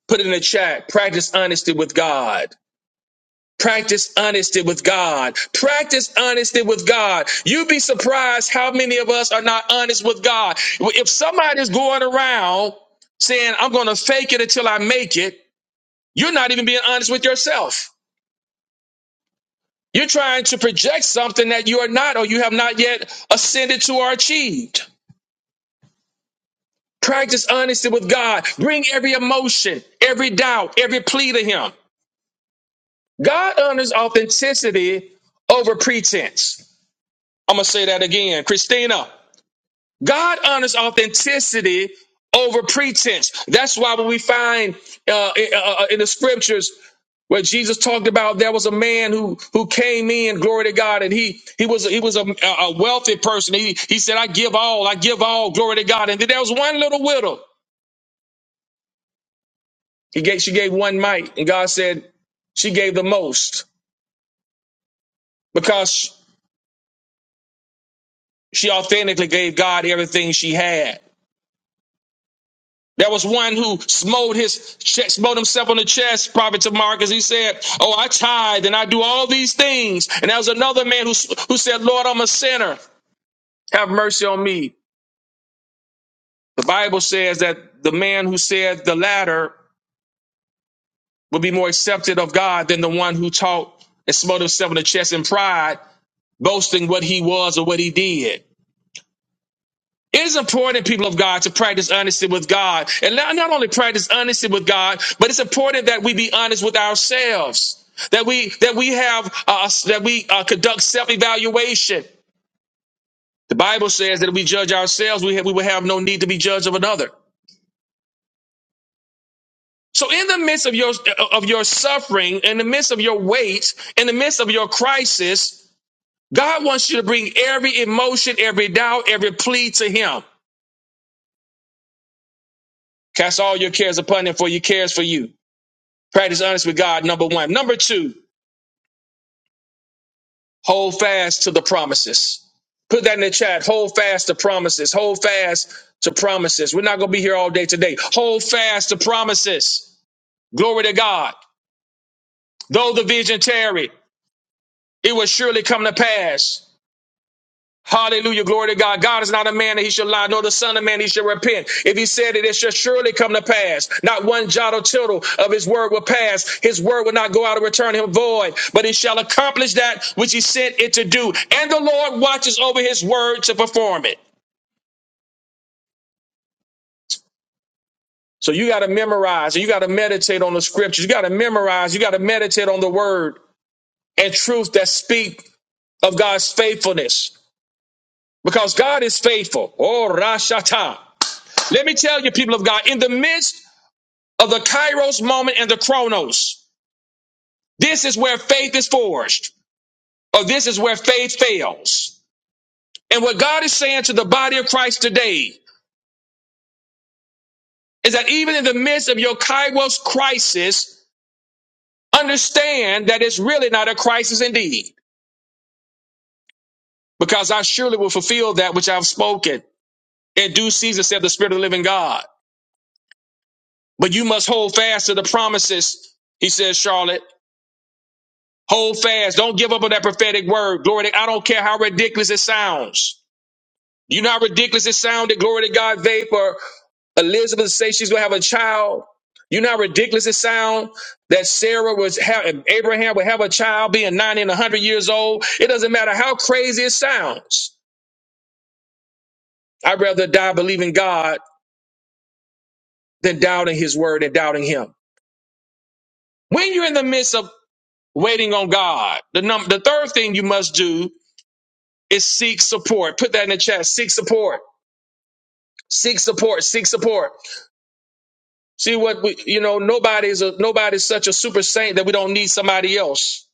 [SPEAKER 1] put it in the chat, practice honesty with God. Practice honesty with God. Practice honesty with God. You'd be surprised how many of us are not honest with God. If somebody's going around saying, I'm going to fake it until I make it, you're not even being honest with yourself. You're trying to project something that you are not or you have not yet ascended to or achieved. Practice honesty with God. Bring every emotion, every doubt, every plea to Him. God honors authenticity over pretense. I'm going to say that again. Christina, God honors authenticity over pretense. That's why when we find uh, in, uh, uh, in the scriptures where Jesus talked about there was a man who who came in, glory to God, and he he was he was a, a wealthy person. He he said, "I give all, I give all, glory to God." And then there was one little widow. He gave she gave one mite, and God said she gave the most because she authentically gave God everything she had. There was one who smote his smote himself on the chest, Prophet to Marcus. He said, "Oh, I tithe and I do all these things." And there was another man who who said, "Lord, I'm a sinner. Have mercy on me." The Bible says that the man who said the latter would be more accepted of God than the one who taught and smote himself on the chest in pride, boasting what he was or what he did. It is important, people of God, to practice honesty with God. And not, not only practice honesty with God, but it's important that we be honest with ourselves. That we that we have uh, that we uh, conduct self-evaluation. The Bible says that if we judge ourselves, we have, we will have no need to be judged of another. So in the midst of your uh, of your suffering, in the midst of your weight, in the midst of your crisis, God wants you to bring every emotion, every doubt, every plea to him. Cast all your cares upon him for he cares for you. Practice honesty with God, number one. Number two, hold fast to the promises. Put that in the chat. Hold fast to promises. Hold fast to promises. We're not going to be here all day today. Hold fast to promises. Glory to God. Though the vision tarry, it will surely come to pass. Hallelujah. Glory to God. God is not a man that he should lie, nor the son of man he should repent. If he said it, it shall surely come to pass. Not one jot or tittle of his word will pass. His word will not go out and return him void, but he shall accomplish that which he sent it to do. And the Lord watches over his word to perform it. So you got to memorize and you got to meditate on the scriptures. You got to memorize. You got to meditate on the word and truth that speak of God's faithfulness because God is faithful. Oh, Rashata. Let me tell you, people of God, in the midst of the kairos moment and the chronos. This is where faith is forged, or this is where faith fails. And what God is saying to the body of Christ today is that even in the midst of your kairos crisis, understand that it's really not a crisis indeed, because I surely will fulfill that which I've spoken. In due season, said the Spirit of the living God. But you must hold fast to the promises, he says, Charlotte. Hold fast. Don't give up on that prophetic word. Glory to God. I don't care how ridiculous it sounds. You know how ridiculous it sounded, glory to God, vape, or Elizabeth to say she's gonna have a child. You know how ridiculous it sound that Sarah was have Abraham would have a child being 90 and 100 years old. It doesn't matter how crazy it sounds. I'd rather die believing God than doubting his word and doubting him. When you're in the midst of waiting on God, the number the third thing you must do is seek support. Put that in the chat. Seek support. Seek support. Seek support. See what we, you know, nobody's a, nobody's such a super saint that we don't need somebody else.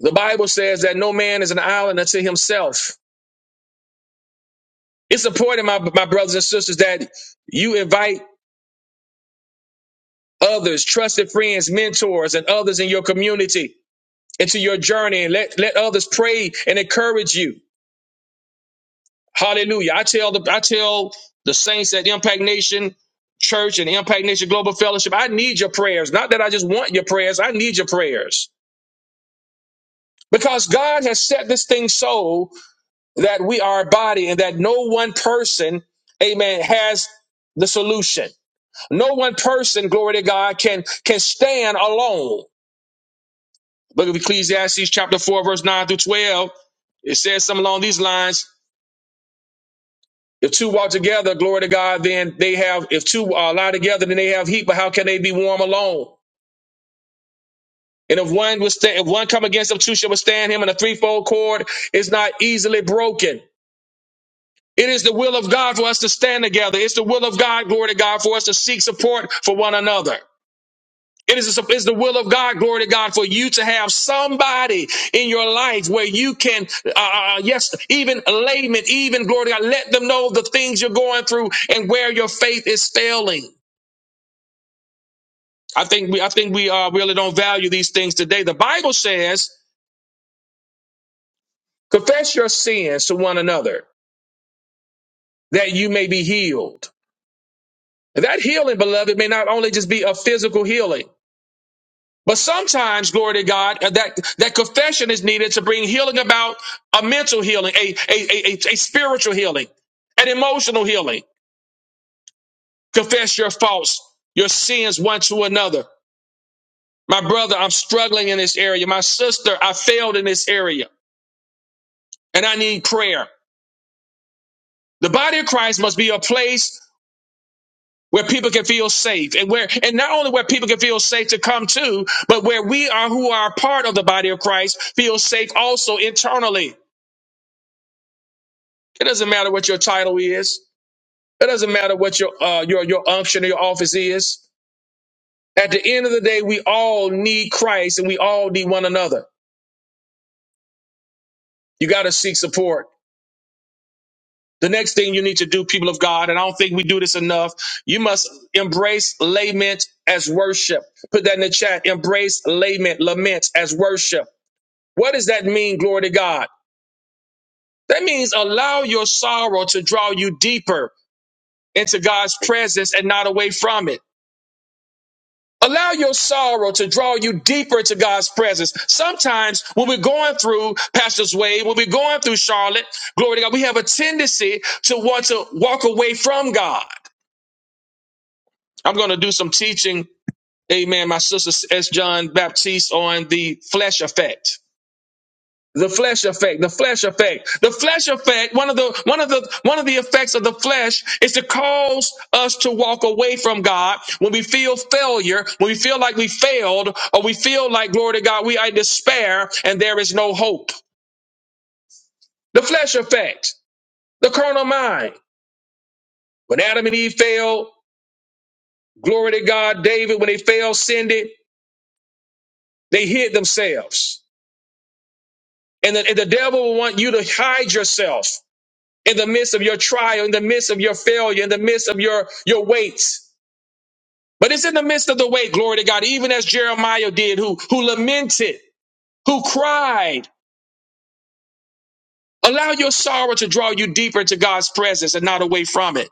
[SPEAKER 1] The Bible says that no man is an island unto himself. It's important, my, my brothers and sisters, that you invite others, trusted friends, mentors, and others in your community into your journey and let, let others pray and encourage you. Hallelujah. I tell the, I tell the saints at Impact Nation Church and Impact Nation Global Fellowship, I need your prayers. Not that I just want your prayers. I need your prayers. Because God has set this thing so that we are a body and that no one person, amen, has the solution. No one person, glory to God, can, can stand alone. Look at Ecclesiastes chapter 4, verse 9 through 12. It says something along these lines. If two walk together, glory to God, then they have, if two are lie together, then they have heat, but how can they be warm alone? And if one was, if one come against them, two shall withstand him, and a threefold cord is not easily broken. It is the will of God for us to stand together. It's the will of God, glory to God, for us to seek support for one another. It is it's the will of God, glory to God, for you to have somebody in your life where you can, uh, uh, uh, yes, even laymen, even glory to God, let them know the things you're going through and where your faith is failing. I think we, I think we uh, really don't value these things today. The Bible says, confess your sins to one another that you may be healed. That healing, beloved, may not only just be a physical healing. But sometimes, glory to God, uh, that, that confession is needed to bring healing about a mental healing, a, a, a, a, a spiritual healing, an emotional healing. Confess your faults, your sins one to another. My brother, I'm struggling in this area. My sister, I failed in this area and I need prayer. The body of Christ must be a place where people can feel safe and where, and not only where people can feel safe to come to, but where we are who are part of the body of Christ feel safe also internally. It doesn't matter what your title is. It doesn't matter what your uh, your your unction or your office is. At the end of the day, we all need Christ and we all need one another. You got to seek support. The next thing you need to do, people of God, and I don't think we do this enough, you must embrace lament as worship. Put that in the chat. Embrace lament, lament as worship. What does that mean, glory to God? That means allow your sorrow to draw you deeper into God's presence and not away from it. Allow your sorrow to draw you deeper to God's presence. Sometimes when we're going through Pastor's Way, when we're going through Charlotte, glory to God, we have a tendency to want to walk away from God. I'm going to do some teaching, amen, my sister S. John Baptiste on the flesh effect. The flesh effect, the flesh effect, the flesh effect. One of the one of the one of the effects of the flesh is to cause us to walk away from God when we feel failure, when we feel like we failed, or we feel like glory to God, we are in despair and there is no hope. The flesh effect, the carnal mind. When Adam and Eve failed, glory to God, David, when they failed, sinned they hid themselves. And the, and the devil will want you to hide yourself. in the midst of your trial, in the midst of your failure, in the midst of your, your weights. But it's in the midst of the weight, glory to God, even as Jeremiah did, who, who lamented, who cried. Allow your sorrow to draw you deeper into God's presence and not away from it.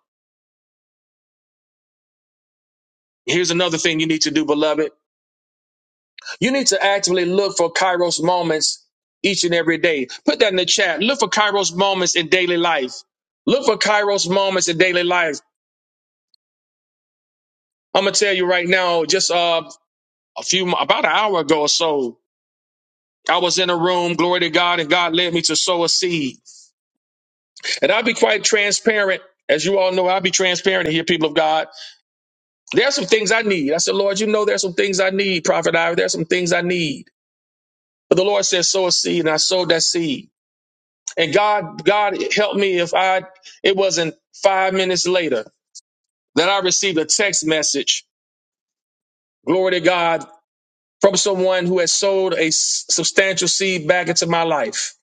[SPEAKER 1] Here's another thing you need to do, beloved. You need to actively look for Kairos moments each and every day. Put that in the chat. Look for Kairos moments in daily life. Look for Kairos moments in daily life. I'm gonna tell you right now, just uh, a few about an hour ago or so, I was in a room, glory to God, and God led me to sow a seed. And I'll be quite transparent. As you all know, I'll be transparent here, people of God. There's some things I need. I said, Lord, you know there's some things I need, Prophet Ivy. There's some things I need. But the Lord said, sow a seed, and I sowed that seed. And God, God help me if I it wasn't five minutes later that I received a text message, glory to God, from someone who had sowed a s- substantial seed back into my life.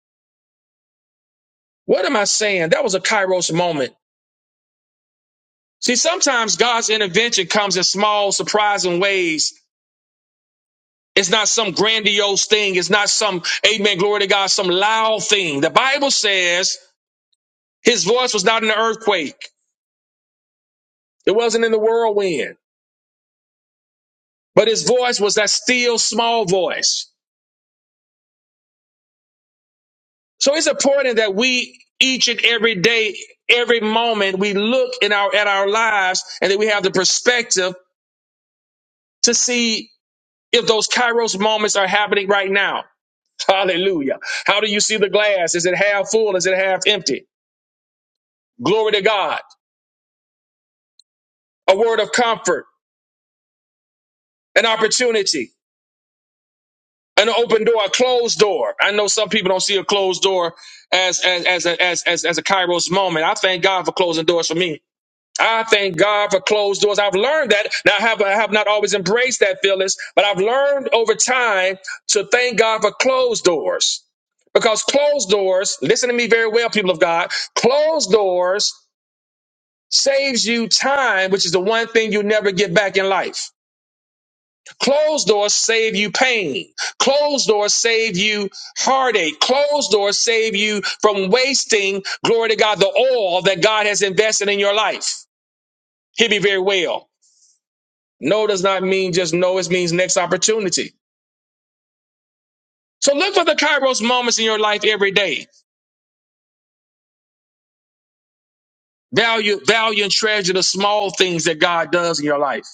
[SPEAKER 1] What am I saying? That was a Kairos moment. See, sometimes God's intervention comes in small, surprising ways. It's not some grandiose thing. It's not some, amen, glory to God, some loud thing. The Bible says his voice was not in the earthquake. It wasn't in the whirlwind, but his voice was that still small voice. So it's important that we each and every day, every moment, we look in our, at our lives and that we have the perspective to see if those Kairos moments are happening right now. Hallelujah. How do you see the glass? Is it half full? Is it half empty? Glory to God. A word of comfort, an opportunity, an open door, a closed door. I know some people don't see a closed door as as as a, as, as as a Kairos moment. I thank God for closing doors for me. I thank God for closed doors. I've learned that. Now I have I have not always embraced that, Phyllis, but I've learned over time to thank God for closed doors. Because closed doors, listen to me very well, people of God, closed doors saves you time, which is the one thing you never get back in life. Closed doors save you pain. Closed doors save you heartache. Closed doors save you from wasting, glory to God, the oil that God has invested in your life. Hear me very well. No does not mean just no, it means next opportunity. So look for the Kairos moments in your life every day. Value, value and treasure the small things that God does in your life.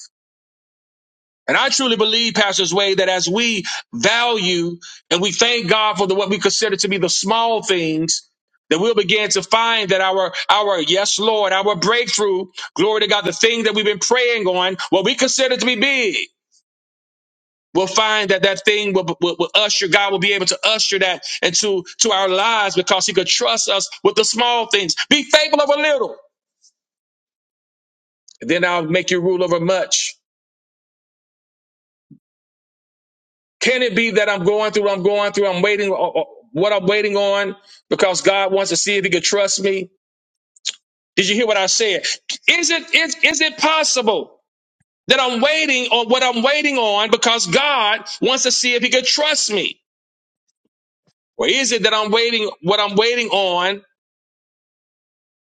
[SPEAKER 1] And I truly believe, Pastor Sway, that as we value and we thank God for the what we consider to be the small things, that we'll begin to find that our our yes, Lord, our breakthrough, glory to God, the thing that we've been praying on, what we consider to be big, we'll find that that thing will, will, will usher God will be able to usher that into to our lives because He could trust us with the small things. Be faithful over little, and then I'll make you rule over much. Can it be that I'm going through, I'm going through, I'm waiting, o- o- what I'm waiting on because God wants to see if he could trust me? Did you hear what I said? Is it, is, is it possible that I'm waiting on what I'm waiting on because God wants to see if he could trust me? Or is it that I'm waiting, what I'm waiting on,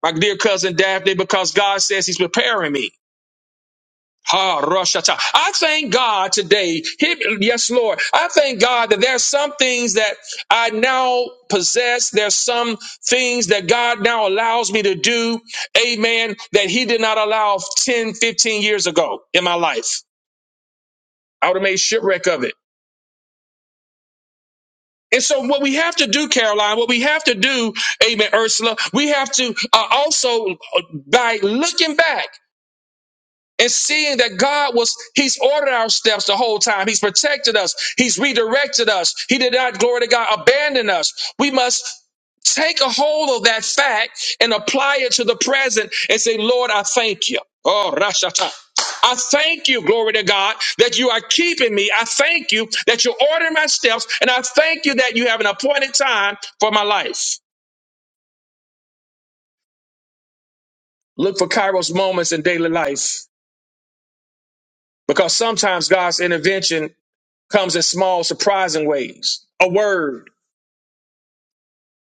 [SPEAKER 1] my dear cousin Daphne, because God says he's preparing me? Ha Roshata. I thank God today. He- Yes, Lord. I thank God that there's some things that I now possess. There's some things that God now allows me to do. Amen. That He did not allow 10, 15 years ago in my life. I would have made shipwreck of it. And so, what we have to do, Caroline, what we have to do, Amen, Ursula, we have to uh, also, uh, by looking back, and seeing that God was, He's ordered our steps the whole time. He's protected us. He's redirected us. He did not, glory to God, abandon us. We must take a hold of that fact and apply it to the present and say, Lord, I thank you. Oh, Rashata. I thank you, glory to God, that you are keeping me. I thank you that you're ordering my steps. And I thank you that you have an appointed time for my life. Look for Kairos moments in daily life because sometimes God's intervention comes in small, surprising ways. A word,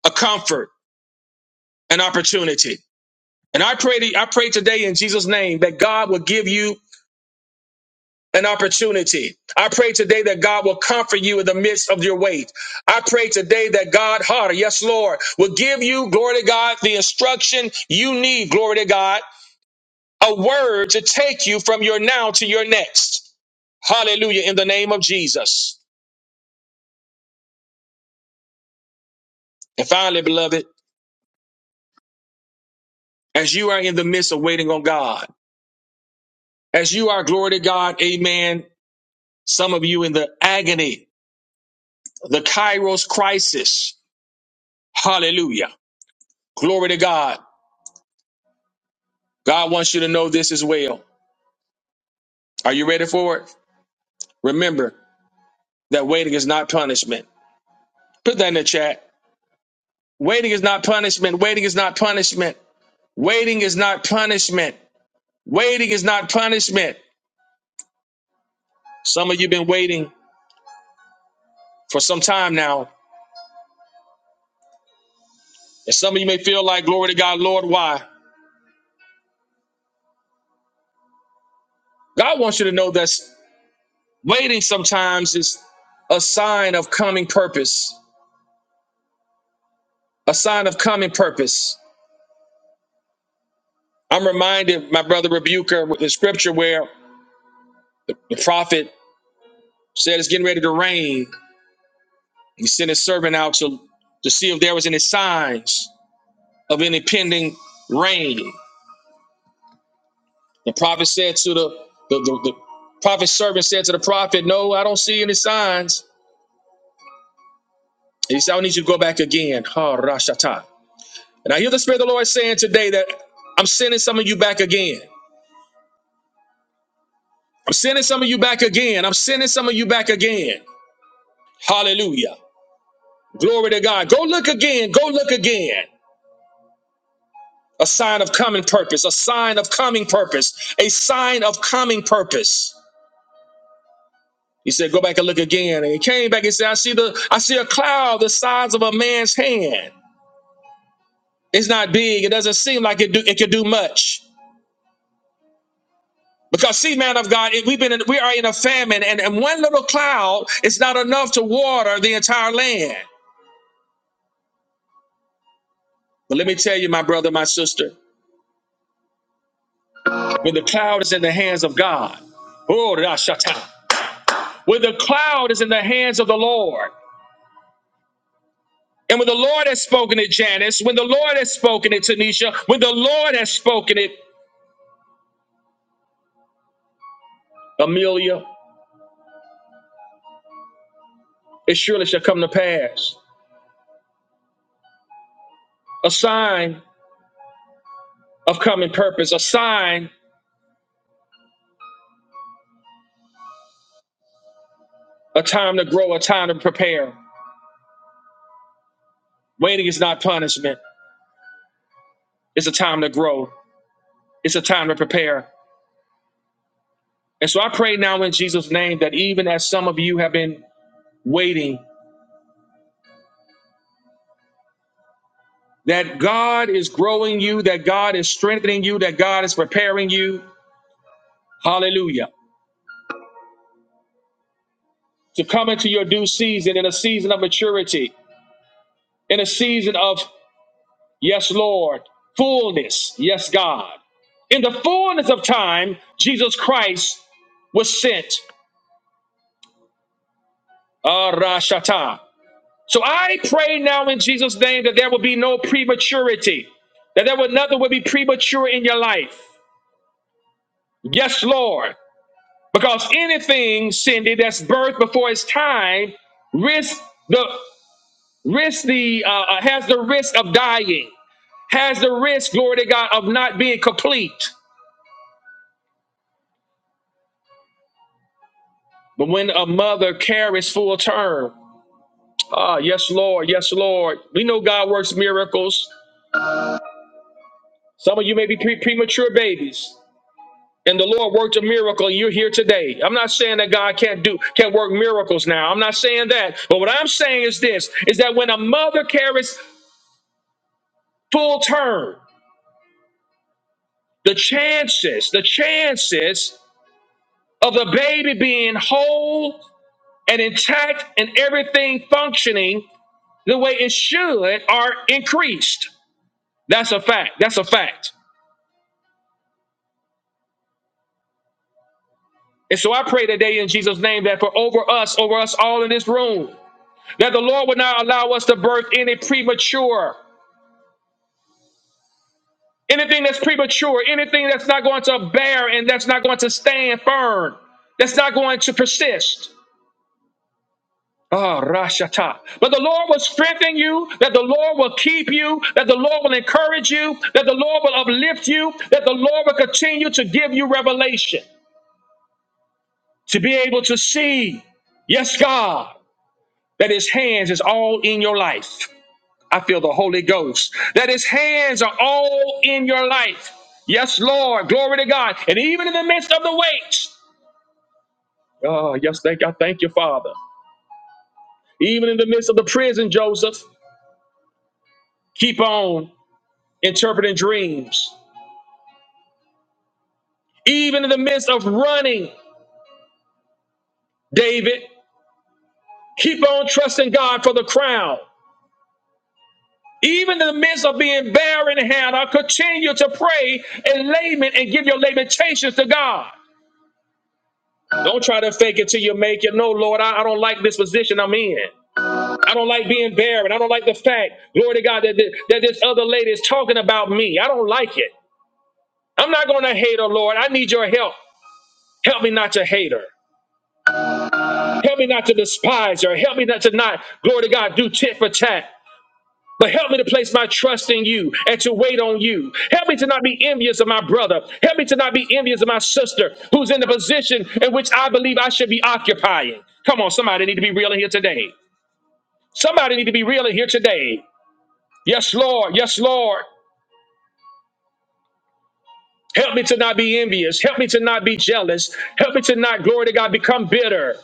[SPEAKER 1] a comfort, an opportunity. And I pray, to, I pray today in Jesus' name that God will give you an opportunity. I pray today that God will comfort you in the midst of your weight. I pray today that God, harder, yes, Lord, will give you, glory to God, the instruction you need, glory to God, a word to take you from your now to your next. Hallelujah, in the name of Jesus. And finally, beloved, as you are in the midst of waiting on God, As you are, glory to God, amen. Some of you in the agony, the Kairos crisis. Hallelujah. Glory to God. God wants you to know this as well. Are you ready for it? Remember that waiting is not punishment. Put that in the chat. Waiting is not punishment. Waiting is not punishment. Waiting is not punishment. Waiting is not punishment. Some of you have been waiting for some time now, and some of you may feel like, glory to God, Lord, why? God wants you to know that. Waiting sometimes is a sign of coming purpose, a sign of coming purpose. I'm reminded, my brother Rebuker, with the scripture where the prophet said it's getting ready to rain. He sent his servant out to, to see if there was any signs of any pending rain. The prophet said to the, the, the, the prophet's servant said to the prophet, No, I don't see any signs. He said, I need you to go back again. Ha, Rashata. And I hear the Spirit of the Lord saying today that I'm sending some of you back again. I'm sending some of you back again. I'm sending some of you back again. Hallelujah. Glory to God. Go look again. Go look again. A sign of coming purpose. A sign of coming purpose. A sign of coming purpose. He said, Go back and look again. And he came back and said, I see the I see a cloud the size of a man's hand. It's not big. It doesn't seem like it do it could do much. Because see, man of God, it- we've been in, we are in a famine, and, and one little cloud is not enough to water the entire land. But let me tell you, my brother, my sister. When the cloud is in the hands of God, oh, Rashata. When the cloud is in the hands of the Lord, and when the Lord has spoken it, Janice, when the Lord has spoken it, Tanisha, when the Lord has spoken it, Amelia, it surely shall come to pass. A sign, coming purpose, a sign, a time to prepare. Waiting is not punishment. It's a time to grow. It's a time to prepare. And so I pray now in Jesus' name that even as some of you have been waiting that God is growing you, that God is strengthening you, that God is preparing you. Hallelujah. To come into your due season in a season of maturity, in a season of, yes, Lord, fullness, yes, God. In the fullness of time, Jesus Christ was sent. Arashata. So I pray now in Jesus' name that there will be no prematurity, that there will nothing will be premature in your life. Yes, Lord. Because anything, Cindy, that's birthed before its time, risk the risk the uh, uh, has the risk of dying, has the risk, glory to God, of not being complete. But when a mother carries full term, ah, yes, Lord, yes, Lord, we know God works miracles. Some of you may be pre- premature babies, and the Lord worked a miracle, and you're here today. I'm not saying that God can't do can't work miracles now. I'm not saying that. But what I'm saying is this: is that when a mother carries full term, The chances, the chances of the baby being whole and intact and everything functioning the way it should are increased. That's a fact. That's a fact. And so I pray today in Jesus' name that for over us, over us all in this room, that the Lord would not allow us to birth any premature, anything that's premature, anything that's not going to bear and that's not going to stand firm, that's not going to persist. Huh. you, that the Lord will keep you, that the Lord will encourage you, that the Lord will uplift you, that the Lord will continue to give you revelation to be able to see, yes, God, that His hands is all in your life. I feel the Holy Ghost, that His hands are all in your life. Yes, Lord, glory to God. And even in the midst of the weights, oh, yes, thank I thank you, Father. Even in the midst of the prison, Joseph, keep on interpreting dreams. Even in the midst of running, David, keep on trusting God for the crown. Even in the midst of being barren and Hannah, continue to pray and lament and give your lamentations to God. Don't try to fake it till you make it. No, Lord, I, I don't like this position I'm in. I don't like being barren. I don't like the fact, glory to God, that, that, that this other lady is talking about me. I don't like it. I'm not going to hate her, Lord. I need your help. Help me not to hate her. Help me not to despise her. Help me not to not, glory to God, do tit for tat. But help me to place my trust in you and to wait on you. Help me to not be envious of my brother. Help me to not be envious of my sister who's in the position in which I believe I should be occupying. Come on, somebody need to be real in here today. Somebody need to be real in here today. Yes, Lord. Yes, Lord. Help me to not be envious. Help me to not be jealous. Help me to not, glory to God, become bitter.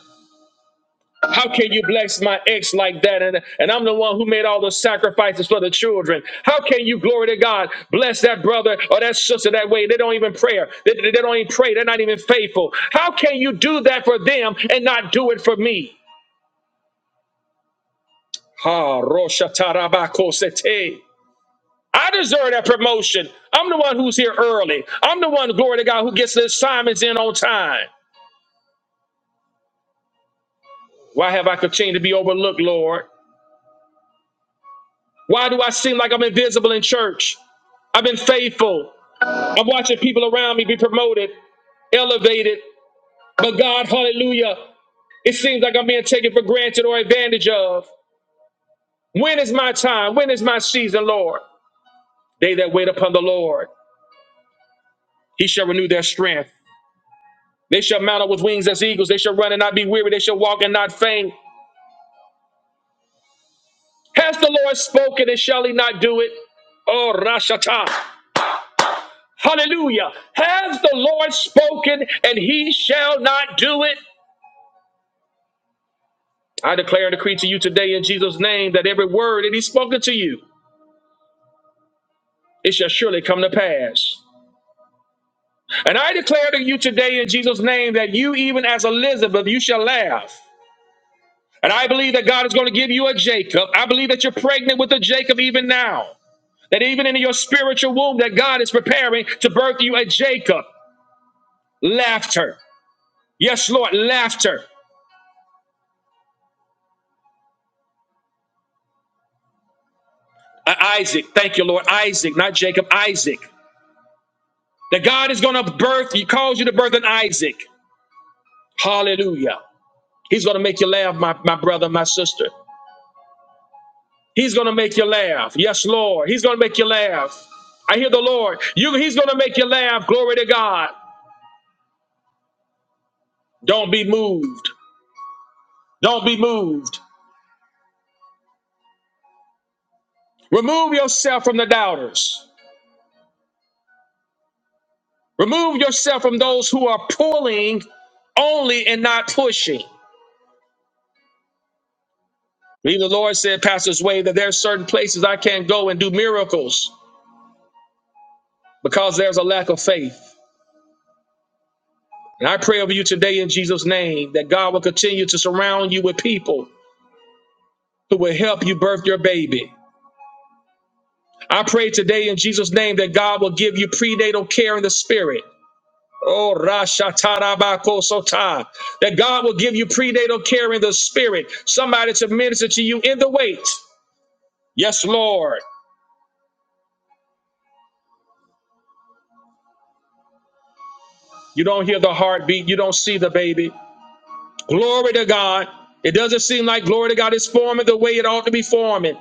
[SPEAKER 1] How can you bless my ex like that? And, and I'm the one who made all those sacrifices for the children. How can you, glory to God, bless that brother or that sister that way? They don't even pray. They, they don't even pray. They're not even faithful. How can you do that for them and not do it for me? Ha, rosha tarabako sete. I deserve that promotion. I'm the one who's here early. I'm the one, glory to God, who gets the assignments in on time. Why have I continued to be overlooked, Lord? Why do I seem like I'm invisible in church? I've been faithful. I'm watching people around me be promoted, elevated. But God, hallelujah, it seems like I'm being taken for granted or advantage of. When is my time? When is my season, Lord? They that wait upon the Lord, he shall renew their strength. They shall mount up with wings as eagles. They shall run and not be weary. They shall walk and not faint. Has the Lord spoken and shall he not do it? Oh, Rashata. Hallelujah. Has the Lord spoken and he shall not do it? I declare and decree to you today in Jesus' name that every word that he's spoken to you, it shall surely come to pass. And I declare to you today in Jesus' name that you, even as Elizabeth, you shall laugh. And I believe that God is going to give you a Jacob. I believe that you're pregnant with a Jacob even now. That even in your spiritual womb, that God is preparing to birth you a Jacob. Laughter. Yes, Lord, laughter. Uh, Isaac. Thank you, Lord. Isaac, not Jacob, Isaac. That God is going to birth, He calls you to birth an Isaac. Hallelujah. He's going to make you laugh, my, my brother, my sister. He's going to make you laugh. Yes, Lord. He's going to make you laugh. I hear the Lord. You, he's going to make you laugh. Glory to God. Don't be moved. Don't be moved. Remove yourself from the doubters. Remove yourself from those who are pulling only and not pushing. Me, the Lord said, Pastor Sway, that there are certain places I can't go and do miracles because there's a lack of faith. And I pray over you today in Jesus' name that God will continue to surround you with people who will help you birth your baby. I pray today in Jesus' name that God will give you prenatal care in the spirit. Oh, Rashatarabakosota. That God will give you prenatal care in the spirit. Somebody to minister to you in the wait. Yes, Lord. You don't hear the heartbeat. You don't see the baby. Glory to God. It doesn't seem like glory to God is forming the way it ought to be forming.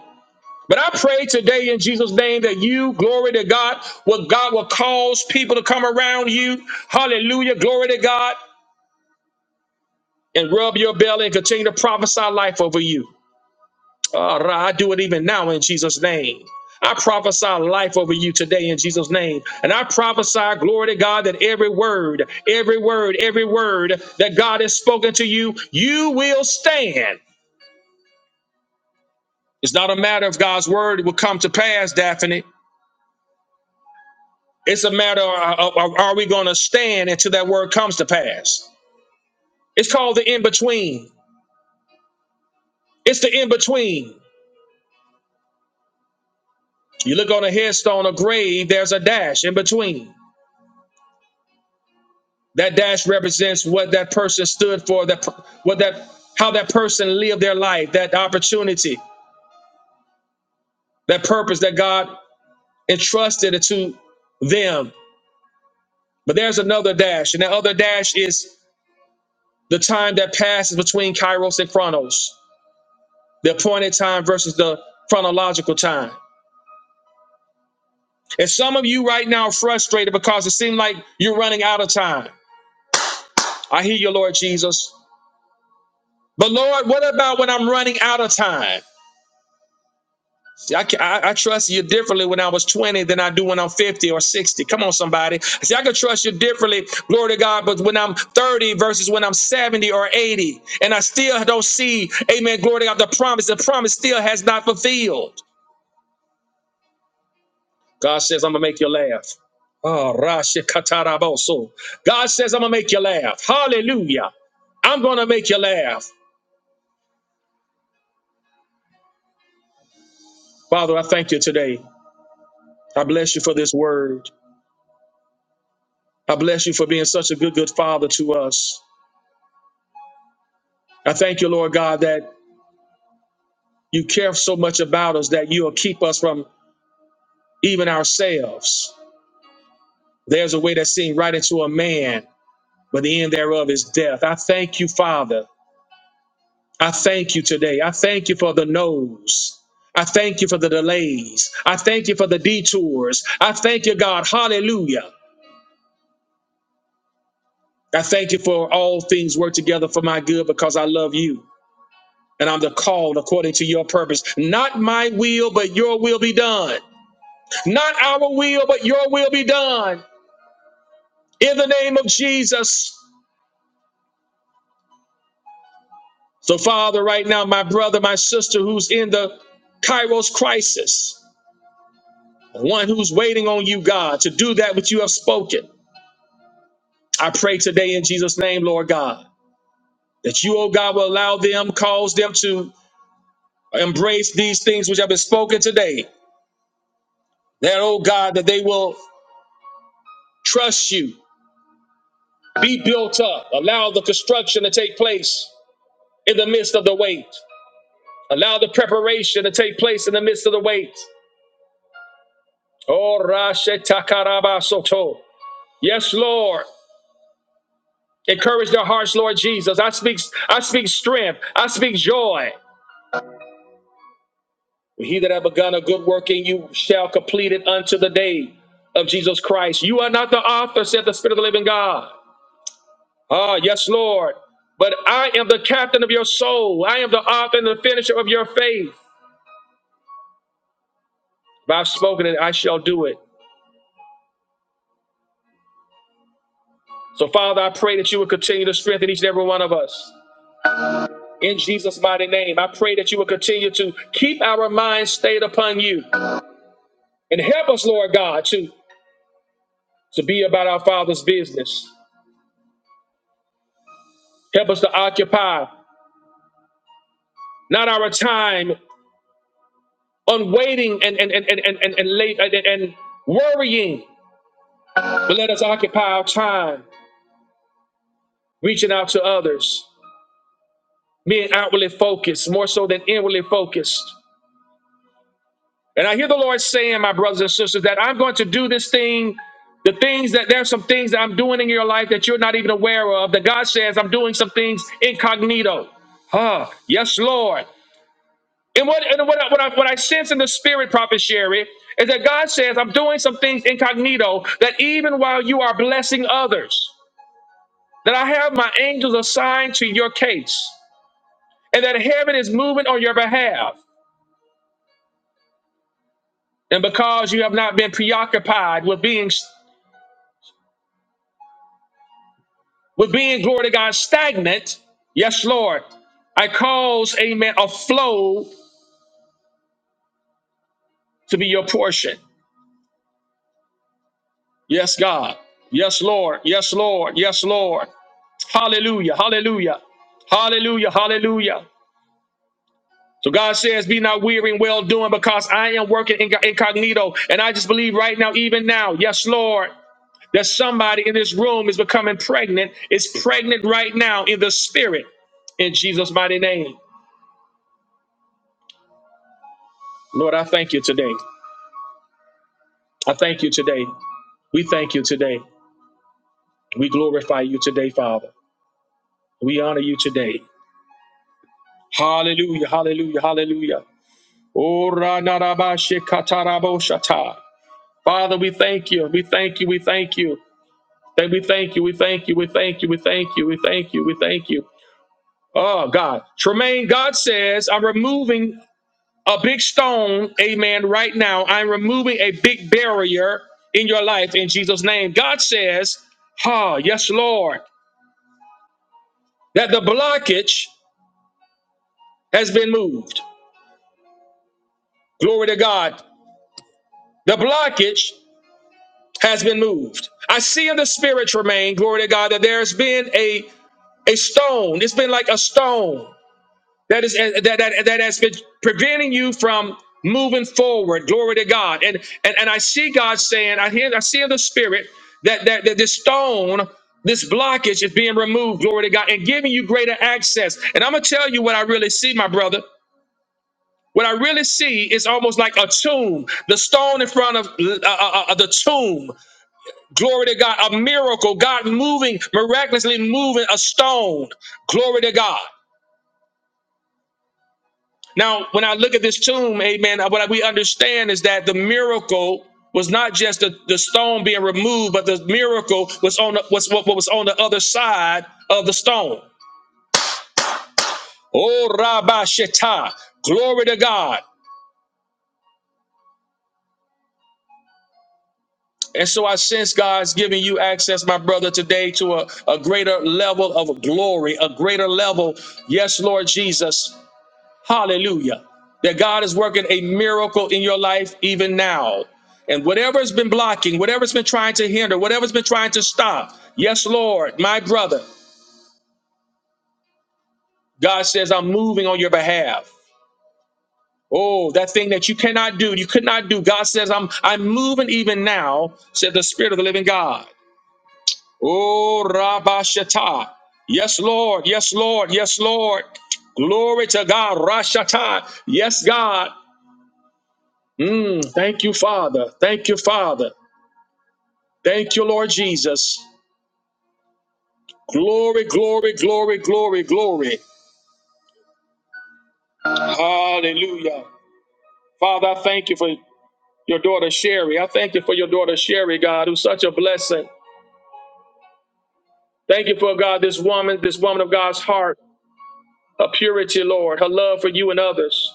[SPEAKER 1] But I pray today in Jesus' name that you, glory to God, what God will cause people to come around you. Hallelujah. Glory to God. And rub your belly and continue to prophesy life over you. All right, I do it even now in Jesus' name. I prophesy life over you today in Jesus' name. And I prophesy, glory to God, that every word, every word, every word that God has spoken to you, you will stand. It's not a matter of God's word will come to pass, Daphne. It's a matter of, of- are we going to stand until that word comes to pass? It's called the in between. It's the in between. You look on a headstone, a grave, there's a dash in between. That dash represents what that person stood for, that per- what that how that person lived their life, that opportunity, that purpose that God entrusted it to them. But there's another dash, and that other dash is the time that passes between Kairos and Chronos, the appointed time versus the chronological time. And some of you right now are frustrated because it seems like you're running out of time. I hear you, Lord Jesus. But Lord, what about when I'm running out of time? See, I, I, I trust you differently when I was 20 than I do when I'm 50 or 60. Come on, somebody. See, I can trust you differently, glory to God, but when I'm 30 versus when I'm 70 or 80, and I still don't see, amen, glory to God, the promise, the promise still has not fulfilled. God says, I'm going to make you laugh. Ah, Rashi Kataraboso. God says, I'm going to make you laugh. Hallelujah. I'm going to make you laugh. Father, I thank you today. I bless you for this word. I bless you for being such a good, good father to us. I thank you, Lord God, that you care so much about us that you'll keep us from even ourselves. There's a way that seems right into a man, but the end thereof is death. I thank you, Father, I thank you today. I thank you for the no's. I thank you for the delays. I thank you for the detours. I thank you, God. Hallelujah. I thank you for all things work together for my good because I love you. And I'm the called according to your purpose. Not my will, but your will be done. Not our will, but your will be done. In the name of Jesus. So, Father, right now, my brother, my sister who's in the Kairos crisis, one who's waiting on you, God, to do that which you have spoken. I pray today in Jesus' name, Lord God, that you, oh God, will allow them, cause them to embrace these things which have been spoken today. That, oh God, that they will trust you, be built up, allow the construction to take place in the midst of the wait, allow the preparation to take place in the midst of the wait. Oh, Rashe Takaraba Soto. Yes, Lord. Encourage their hearts, Lord Jesus. I speak, I speak strength. I speak joy. He that have begun a good work in you shall complete it unto the day of Jesus Christ. You are not the author, said the Spirit of the living God. Ah, yes, Lord. But I am the captain of your soul. I am the author and the finisher of your faith. If I've spoken it, I shall do it. So, Father, I pray that you would continue to strengthen each and every one of us. In Jesus' mighty name, I pray that you would continue to keep our minds stayed upon you and help us, Lord God, to, to be about our Father's business. Help us to occupy not our time on waiting and and and and and, and, and late and, and worrying. But let us occupy our time reaching out to others, being outwardly focused more so than inwardly focused. And I hear the Lord saying, my brothers and sisters, that I'm going to do this thing. The things that there's some things that I'm doing in your life that you're not even aware of. That God says I'm doing some things incognito. Huh. Yes, Lord. And what and what I, what I what I sense in the spirit, Prophet Sherry, is that God says, I'm doing some things incognito that even while you are blessing others, that I have my angels assigned to your case, and that heaven is moving on your behalf. And because you have not been preoccupied with being with being glory to God stagnant, yes, Lord, I cause, amen, a flow to be your portion. Yes, God. Yes, Lord. Yes, Lord. Yes, Lord. Hallelujah. Hallelujah. Hallelujah. Hallelujah. So God says, Be not weary in well doing because I am working inc- incognito. And I just believe right now, even now, yes, Lord, that somebody in this room is becoming pregnant, is pregnant right now in the spirit in Jesus' mighty name. Lord, I thank you today. I thank you today. We thank you today. We glorify you today, Father. We honor you today. Hallelujah. Hallelujah. Hallelujah. Ora narabashe katarabo shata. Father, we thank you. We thank you. We thank you. That we thank you. We thank you. We thank you. We thank you. We thank you. We thank you. Oh God. Tremaine, God says, I'm removing a big stone, amen, right now. I'm removing a big barrier in your life in Jesus' name. God says, Ha, yes, Lord, that the blockage has been moved. Glory to God. The blockage has been moved. I see in the spirit, Tremaine, glory to God, that there's been a, a stone. It's been like a stone. that is eh, that that that has been preventing you from moving forward. Glory to God. And and and I see God saying, I hear, I see in the spirit that that, that this stone. This blockage is being removed, glory to God, and giving you greater access. And I'm gonna tell you what I really see, my brother. What I really see is almost like a tomb, the stone in front of uh, uh, uh, the tomb. Glory to God, a miracle, God moving, miraculously moving a stone. Glory to God. Now, when I look at this tomb, amen, what we understand is that the miracle was not just the, the stone being removed, but the miracle was on the, was what, what was on the other side of the stone. Oh, Rabbi Shetah, glory to God. And so I sense God's giving you access, my brother, today to a, a greater level of glory, a greater level, yes, Lord Jesus, Hallelujah. That God is working a miracle in your life even now. And whatever's been blocking, whatever's been trying to hinder, whatever's been trying to stop, yes, Lord, my brother, God says, I'm moving on your behalf. Oh, that thing that you cannot do, you could not do. God says, I'm I'm moving even now, said the Spirit of the Living God. Oh, Rabashata. Yes, Lord, yes, Lord, yes, Lord. Glory to God, Rashata. Yes, God. Mm, thank you, Father. Thank you, Father. Thank you, Lord Jesus. Glory, glory, glory, glory, glory. Hallelujah. Father, I thank you for your daughter Sherry. I thank you for your daughter Sherry, God, who's such a blessing. Thank you for God, this woman, this woman of God's heart, her purity, Lord, her love for you and others.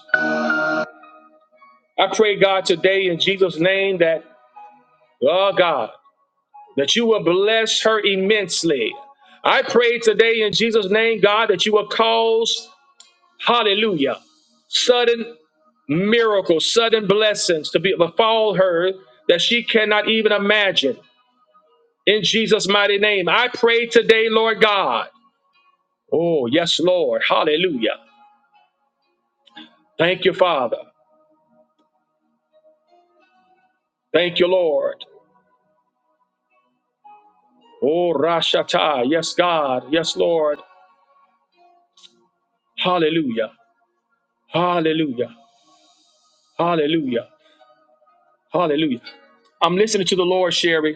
[SPEAKER 1] I pray, God, today in Jesus' name that, oh God, that you will bless her immensely. I pray today in Jesus' name, God, that you will cause Hallelujah. Sudden miracles, sudden blessings to be befall her that she cannot even imagine. In Jesus' mighty name, I pray today, Lord God. Oh, yes, Lord. Hallelujah. Thank you, Father. Thank you, Lord. Oh, Rashata. Yes, God. Yes, Lord. Hallelujah. Hallelujah. Hallelujah. Hallelujah. I'm listening to the Lord, Sherry.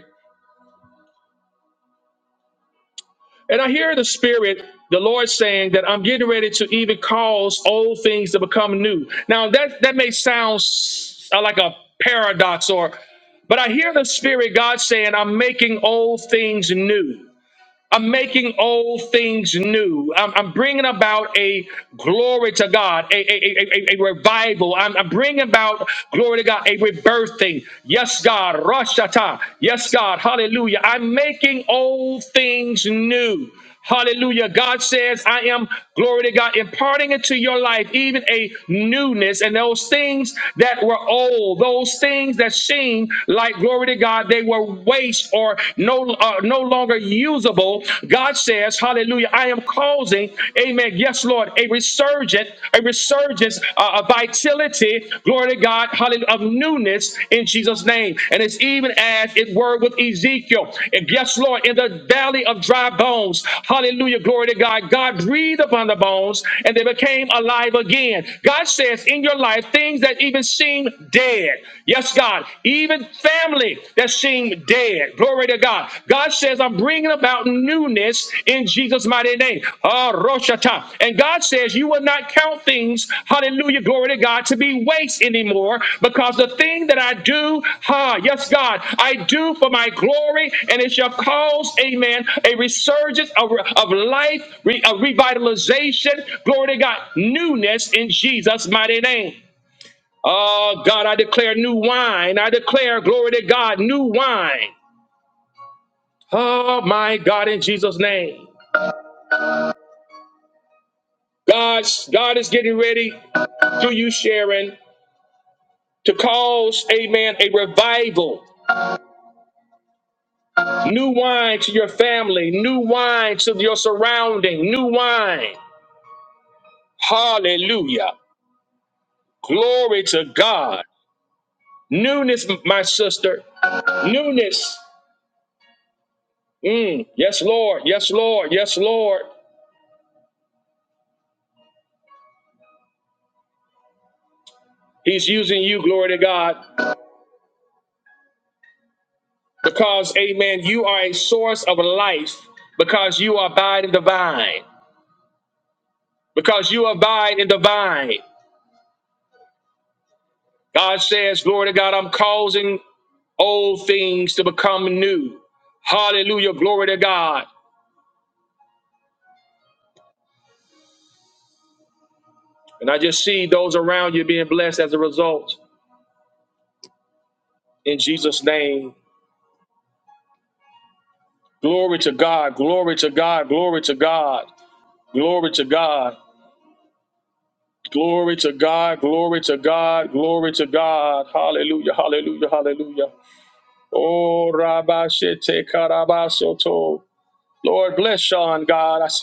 [SPEAKER 1] And I hear the Spirit, the Lord saying that I'm getting ready to even cause old things to become new. Now that that may sound s- uh, like a paradox, or but I hear the Spirit God saying I'm making old things new. I'm making old things new. I'm, I'm bringing about a glory to God, a, a, a, a, a revival. I'm, I'm bringing about glory to God, a rebirthing. Yes, God, Rosh Hashanah. Yes, God, hallelujah. I'm making old things new. Hallelujah. God says, I am, glory to God, imparting into your life even a newness and those things that were old, those things that seemed like, glory to God, they were waste or no, uh, no longer usable. God says, hallelujah, I am causing, amen, yes, Lord, a resurgent, a resurgence, uh, a vitality, glory to God glory to God, hallelujah, of newness in Jesus' name. And it's even as it were with Ezekiel. And yes, Lord, in the valley of dry bones, hallelujah, glory to God, God breathed upon the bones and they became alive again. God says in your life, things that even seem dead. Yes, God, even family that seem dead. Glory to God. God says, I'm bringing about newness in Jesus' mighty name. Ah, Roshata. And God says you will not count things, hallelujah, glory to God, to be waste anymore because the thing that I do, ha, yes, God, I do for my glory and it shall cause, amen, a resurgence of, of life, re, a revitalization, glory to God, newness in Jesus' mighty name. Oh, God, I declare new wine. I declare, glory to God, new wine. Oh, my God, in Jesus' name. God, God is getting ready through you, Sharon, to cause, amen, a revival. New wine to your family, new wine to your surrounding, new wine. Hallelujah. Glory to God. Newness, my sister. Newness. Mm. Yes, Lord. Yes, Lord. Yes, Lord. He's using you, glory to God, because, amen, you are a source of life because you abide in the vine. Because you abide in the vine. God says, Glory to God, I'm causing old things to become new. Hallelujah, glory to God. And I just see those around you being blessed as a result. In Jesus' name, glory to God, glory to God, glory to God, glory to God. Glory to God, glory to God, glory to God. Hallelujah, hallelujah, hallelujah. Oh, rabashete Shete Karabasoto. Lord, bless Sean, God. I s-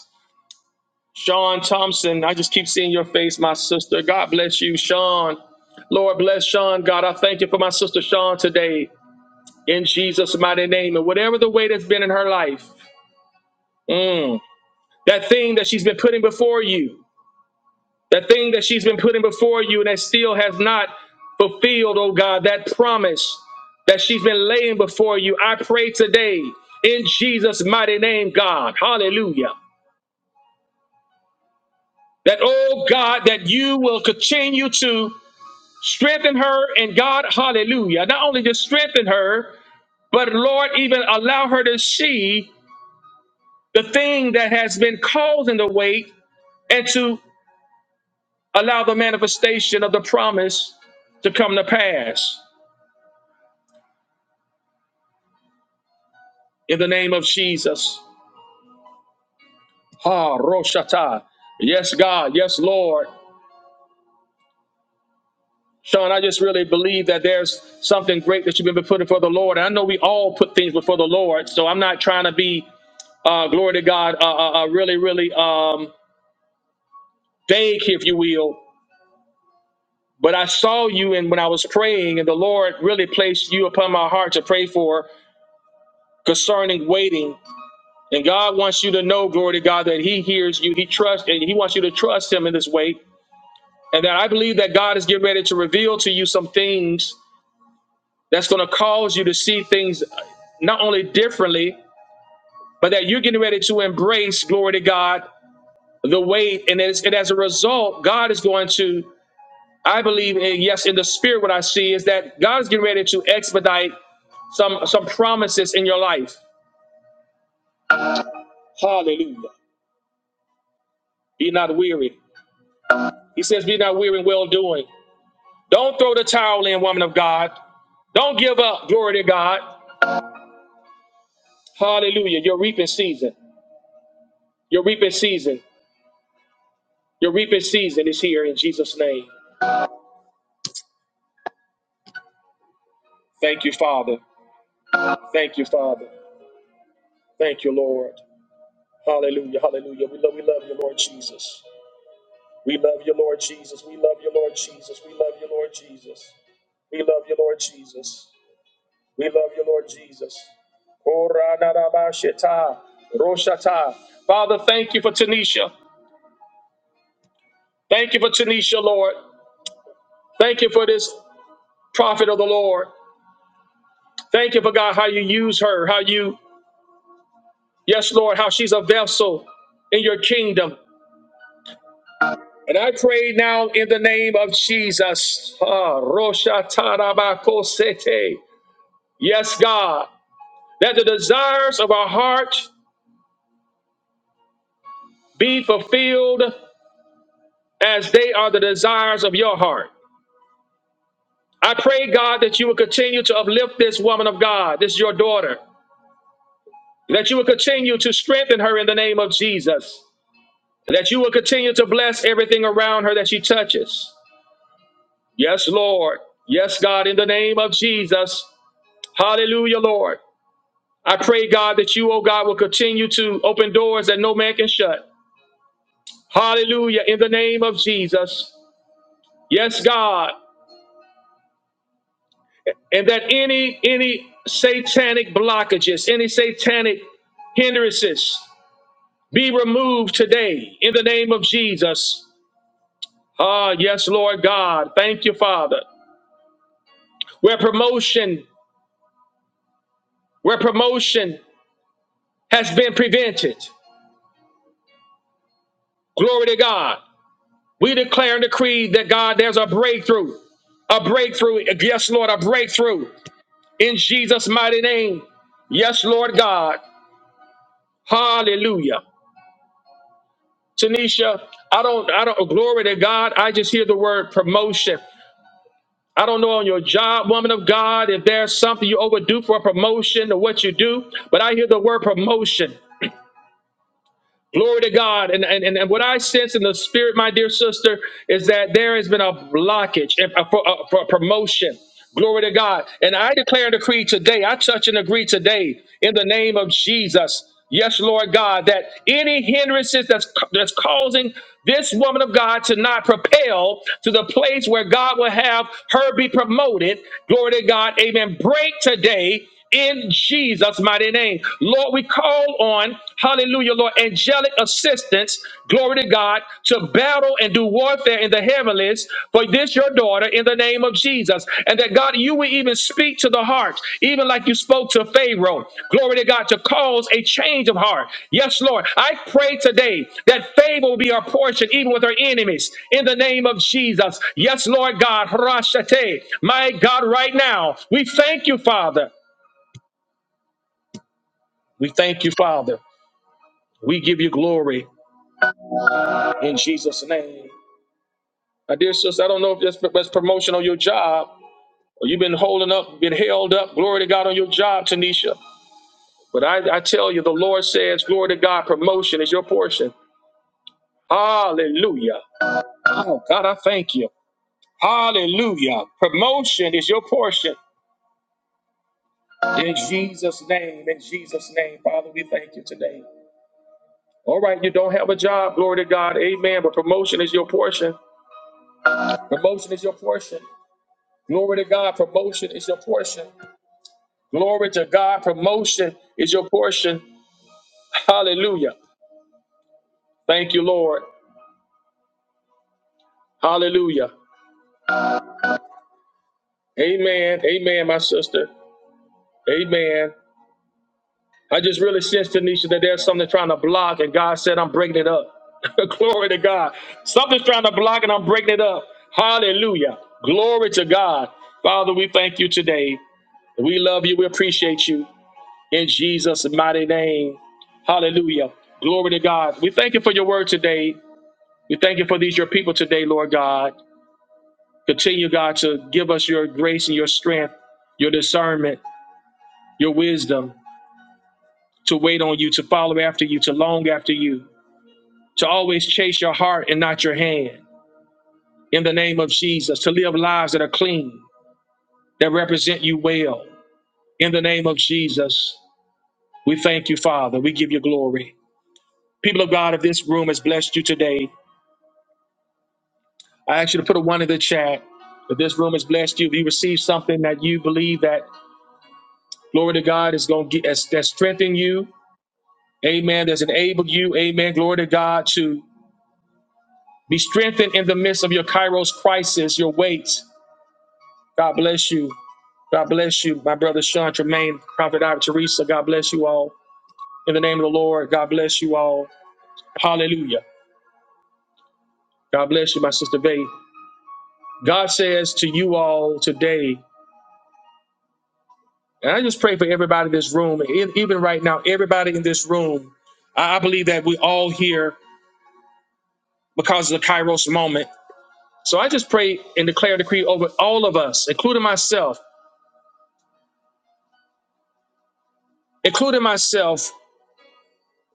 [SPEAKER 1] Sean Thompson, I just keep seeing your face, my sister. God bless you, Sean. Lord bless Sean. God, I thank you for my sister Sean today in Jesus' mighty name. And whatever the weight has been in her life, mm, that thing that she's been putting before you, that thing that she's been putting before you and that still has not fulfilled, oh God, that promise that she's been laying before you. I pray today in Jesus' mighty name, God. Hallelujah. That, oh God, that you will continue to strengthen her in God, hallelujah. Not only just strengthen her, but Lord, even allow her to see the thing that has been causing the weight and to allow the manifestation of the promise to come to pass in the name of Jesus. Ha, Roshata. Yes, God. Yes, Lord. Sean, I just really believe that there's something great that you've been putting before the Lord. And I know we all put things before the Lord, so I'm not trying to be, uh, glory to God, uh, uh, uh, really, really. Um, vague, if you will. But I saw you, and when I was praying, and the Lord really placed you upon my heart to pray for concerning waiting. And God wants you to know, glory to God, that He hears you, He trusts, and He wants you to trust Him in this wait. And that I believe that God is getting ready to reveal to you some things that's going to cause you to see things not only differently, but that you're getting ready to embrace, glory to God, the wait. And as, and as a result, God is going to I believe, in, yes, in the spirit, what I see is that God is getting ready to expedite some some promises in your life. Hallelujah. Be not weary. He says, Be not weary in well doing. Don't throw the towel in, woman of God. Don't give up. Glory to God. Hallelujah. Your reaping season. Your reaping season. Your reaping season is here in Jesus' name. Thank you, Father. Thank you, Father. Thank you, Lord. Hallelujah. Hallelujah. We love, we love you, Lord Jesus. We love you, Lord Jesus. We love you, Lord Jesus. We love you, Lord Jesus. We love you, Lord Jesus. We love you, Lord Jesus. Koranarabashita, Roshata. Father, thank you for Tanisha. Thank you for Tanisha, Lord. Thank you for this prophet of the Lord. Thank you for God, how you use her, how you, yes, Lord, how she's a vessel in your kingdom. And I pray now in the name of Jesus. Ah, Roshatarabakosete. Yes, God. that the desires of our heart be fulfilled as they are the desires of your heart. I pray, God, that you will continue to uplift this woman of God, this your daughter, that you will continue to strengthen her in the name of Jesus, that you will continue to bless everything around her that she touches. Yes, Lord. Yes, God, in the name of Jesus. Hallelujah, Lord. I pray, God, that you, oh God, will continue to open doors that no man can shut. Hallelujah, in the name of Jesus. Yes, God. and that any any satanic blockages, any satanic hindrances be removed today in the name of Jesus. Ah, yes, Lord God. Thank you, Father. Where promotion, where promotion has been prevented. Glory to God. We declare and decree that God, there's a breakthrough. A breakthrough. Yes, Lord, a breakthrough in Jesus' mighty name. Yes, Lord God. Hallelujah. Tanisha, I don't, I don't, glory to God. I just hear the word promotion. I don't know on your job, woman of God, if there's something you overdo for a promotion or what you do, but I hear the word promotion. Glory to God. And, and, and what I sense in the spirit, my dear sister, is that there has been a blockage and- uh, for, uh, for promotion. Glory to God. And I declare and decree today, I touch and agree today in the name of Jesus. Yes, Lord God, that any hindrances that's, that's causing this woman of God to not propel to the place where God will have her be promoted, glory to God, amen. Break today in Jesus' mighty name. Lord, we call on, hallelujah, Lord, angelic assistance, glory to God, to battle and do warfare in the heavenlies for this your daughter in the name of Jesus. And that God, you will even speak to the hearts, even like you spoke to Pharaoh, glory to God, to cause a change of heart. Yes, Lord, I pray today that favor will be our portion, even with our enemies, in the name of Jesus. Yes, Lord God, Harashate, my God, right now, we thank you, Father. We thank you, Father. We give you glory in Jesus' name. My dear sister, I don't know if that's, that's promotion on your job or you've been holding up, been held up. Glory to God on your job, Tanisha. But I, I tell you, the Lord says, glory to God, promotion is your portion. Hallelujah. Oh, God, I thank you. Hallelujah. Promotion is your portion. In Jesus' name, in Jesus' name, Father, we thank you today. All right, you don't have a job, glory to God, amen, but promotion is your portion. Promotion is your portion. Glory to God, promotion is your portion. Glory to God, promotion is your portion. Hallelujah. Thank you, Lord. Hallelujah. Amen. Amen, my sister. Amen. I just really sense, Tanisha, that there's something trying to block, and God said, I'm breaking it up. (laughs) Glory to God. Something's trying to block, and I'm breaking it up. Hallelujah. Glory to God. Father, we thank you today. We love you. We appreciate you. in Jesus' mighty name. Hallelujah. Glory to God. We thank you for your word today. We thank you for these, your people today, Lord God. Continue, God, to give us your grace and your strength, your discernment, your wisdom to wait on you, to follow after you, to long after you, to always chase your heart and not your hand. In the name of Jesus, to live lives that are clean, that represent you well. In the name of Jesus, we thank you, Father. We give you glory. People of God, if this room has blessed you today, I ask you to put a one in the chat. If this room has blessed you, if you receive something that you believe that glory to God is going to get that's, that's strengthen you, amen, that's enabled you, amen, glory to God to be strengthened in the midst of your Kairos crisis, your weight. God bless you. God bless you, my brother Sean Tremaine, Prophet Ivy Teresa. God bless you all. In the name of the Lord, God bless you all. Hallelujah. God bless you, my sister Faith. God says to you all today, And I just pray for everybody in this room, e- even right now, everybody in this room. I I believe that we all here because of the Kairos moment. So I just pray and declare a decree over all of us, including myself, including myself,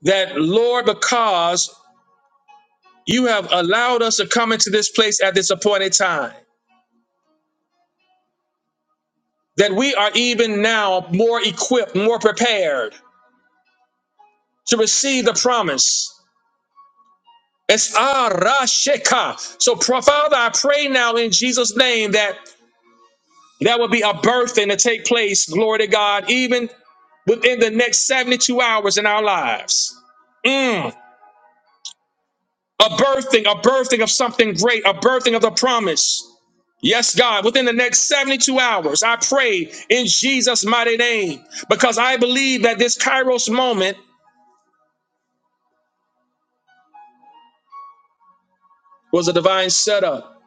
[SPEAKER 1] that Lord, because you have allowed us to come into this place at this appointed time, that we are even now more equipped, more prepared to receive the promise. It's Arashika. So, Pro- Father, I pray now in Jesus' name that That would be a birthing to take place, glory to God, even within the next 72 hours in our lives. Mm. A birthing, a birthing of something great, a birthing of the promise. Yes, God, within the next 72 hours, I pray in Jesus' mighty name, because I believe that this Kairos moment was a divine setup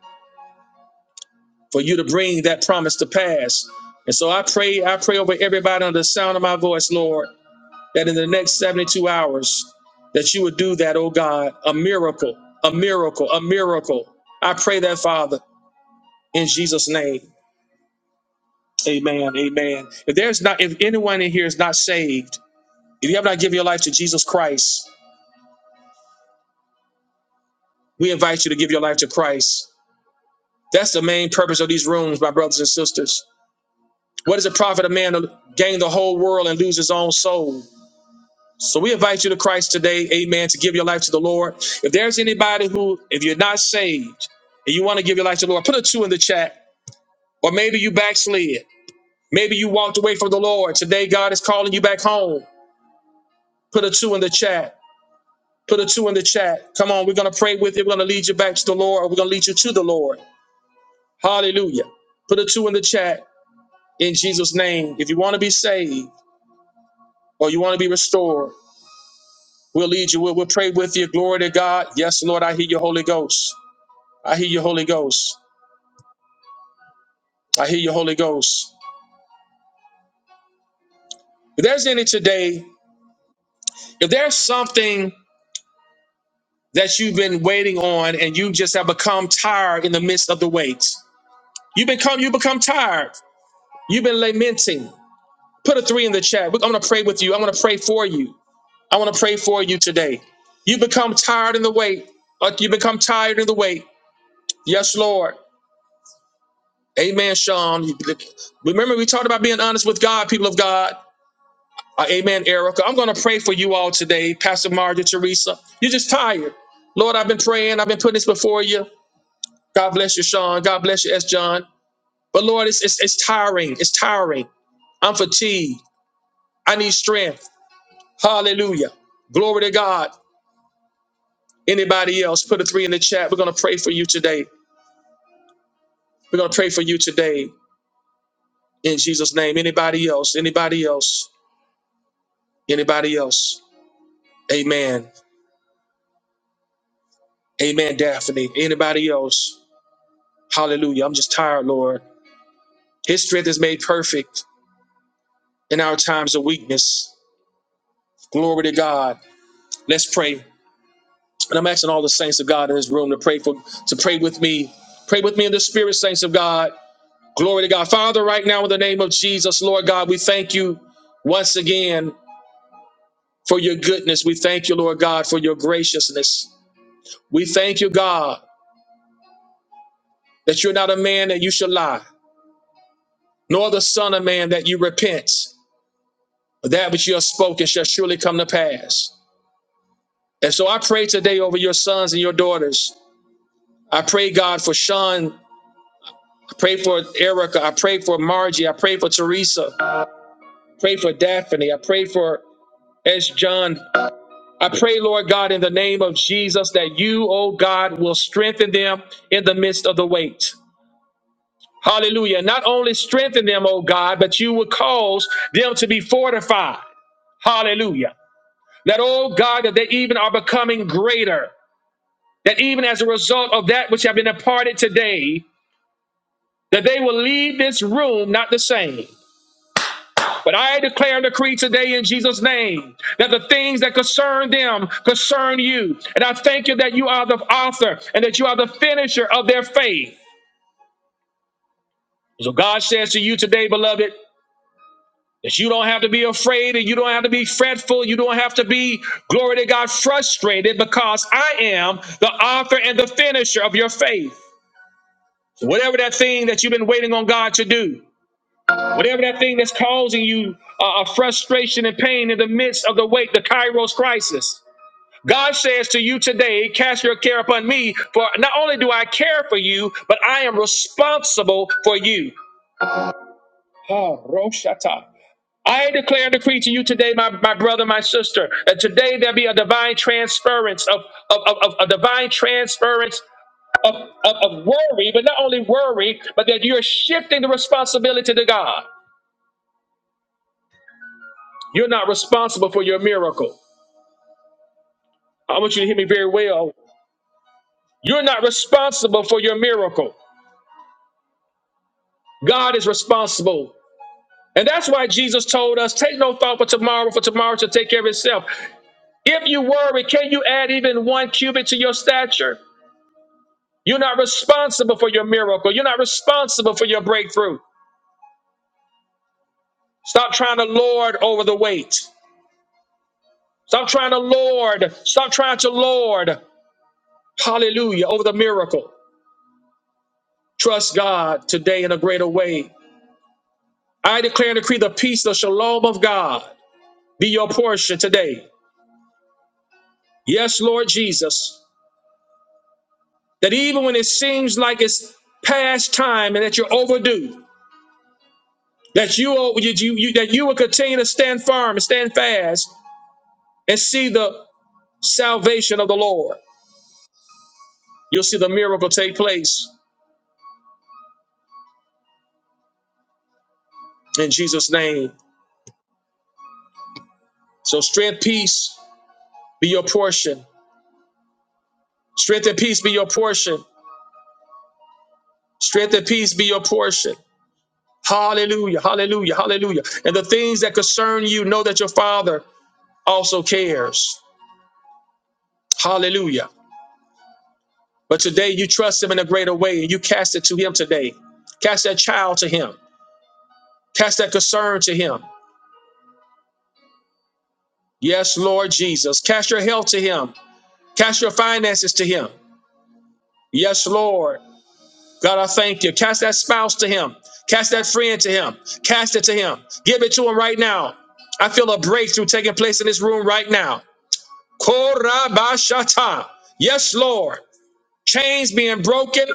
[SPEAKER 1] for you to bring that promise to pass. And so I pray, I pray over everybody under the sound of my voice, Lord. that in the next 72 hours that you would do that, oh God, a miracle, a miracle, a miracle. I pray that, Father, in Jesus' name. Amen. Amen. If there's not, if anyone in here is not saved, if you have not given your life to Jesus Christ, we invite you to give your life to Christ. That's the main purpose of these rooms, my brothers and sisters. What does it profit of man to gain the whole world and lose his own soul? So we invite you to Christ today, amen, to give your life to the Lord. If there's anybody who, if you're not saved and you want to give your life to the Lord, put a two in the chat. Or maybe you backslid. Maybe you walked away from the Lord. Today, God is calling you back home. Put a two in the chat. Put a two in the chat. Come on, we're going to pray with you. We're going to lead you back to the Lord, or we're going to lead you to the Lord. Hallelujah. Put a two in the chat in Jesus' name. If you want to be saved or you want to be restored, we'll lead you. We'll, we'll pray with you. Glory to God. Yes, Lord, I hear your Holy Ghost. I hear you, Holy Ghost. I hear you, Holy Ghost. If there's any today, if there's something that you've been waiting on and you just have become tired in the midst of the wait, you become you become tired. You've been lamenting. Put a three in the chat. I'm gonna pray with you. I'm gonna pray for you. I want to pray for you today. You become tired in the wait. Like you become tired in the wait. Yes, Lord. Amen, Sean. Remember, we talked about being honest with God, people of God. Uh, amen, Erica. I'm going to pray for you all today, Pastor Margaret, Teresa. You're just tired. Lord, I've been praying. I've been putting this before you. God bless you, Sean. God bless you, S. John. But Lord, it's, it's, it's tiring. It's tiring. I'm fatigued. I need strength. Hallelujah. Glory to God. Anybody else, put a three in the chat. We're going to pray for you today. We're going to pray for you today in Jesus' name. Anybody else? Anybody else? Anybody else? Amen. Amen, Daphne. Anybody else? Hallelujah. I'm just tired, Lord. His strength is made perfect in our times of weakness. Glory to God. Let's pray. And I'm asking all the saints of God in this room to pray for to pray with me. Pray with me in the spirit, saints of God. Glory to God. Father, right now in the name of Jesus, Lord God, we thank you once again for your goodness. We thank you, Lord God, for your graciousness. We thank you, God, that you're not a man that you shall lie, nor the son of man that you repent. That which you have spoken shall surely come to pass. And so I pray today over your sons and your daughters. I pray, God, for Sean. I pray for Erica. I pray for Margie. I pray for Teresa. I pray for Daphne. I pray for S. John. I pray, Lord God, in the name of Jesus, that you, oh God, will strengthen them in the midst of the weight. Hallelujah. Not only strengthen them, oh God, but you will cause them to be fortified. Hallelujah. That, oh God, that they even are becoming greater. That even as a result of that which have been imparted today, that they will leave this room not the same. But I declare and decree today in Jesus' name that the things that concern them concern you. And I thank you that you are the author and that you are the finisher of their faith. So God says to you today, beloved, that you don't have to be afraid and you don't have to be fretful. You don't have to be, glory to God, frustrated because I am the author and the finisher of your faith. So Whatever that thing that you've been waiting on God to do, Whatever that thing that's causing you uh, a frustration and pain in the midst of the wait, the Kairos crisis. God says to you today, cast your care upon me, for not only do I care for you, but I am responsible for you. Ah, Roshata. I declare and decree to you today, my, my brother, my sister, that today there be a divine transference of, of, of, of- a divine transference of, of, of worry, but not only worry, but that you're shifting the responsibility to God. You're not responsible for your miracle. I want you to hear me very well. You're not responsible for your miracle. God is responsible. And that's why Jesus told us, take no thought for tomorrow, for tomorrow shall take care of itself. If you worry, can you add even one cubit to your stature? You're not responsible for your miracle. You're not responsible for your breakthrough. Stop trying to lord over the weight. Stop trying to lord. Stop trying to lord. Hallelujah. Over the miracle. Trust God today in a greater way. I declare and decree the peace, the shalom of God be your portion today. Yes, Lord Jesus, that even when it seems like it's past time and that you're overdue, that you, will- you, you you- that you will continue to stand firm and stand fast and see the salvation of the Lord. You'll see the miracle take place in Jesus' name. So strength, peace be your portion. Strength and peace be your portion. Strength and peace be your portion. Hallelujah, hallelujah, hallelujah. And the things that concern you, know that your Father also cares. Hallelujah. But today you trust him in a greater way and you cast it to him today. Cast that child to him. Cast that concern to him. Yes, Lord Jesus. Cast your health to him. Cast your finances to him. Yes, Lord. God, I thank you. Cast that spouse to him. Cast that friend to him. Cast it to him. Give it to him right now. I feel a breakthrough taking place in this room right now. Korabashata. Yes, Lord. Chains being broken,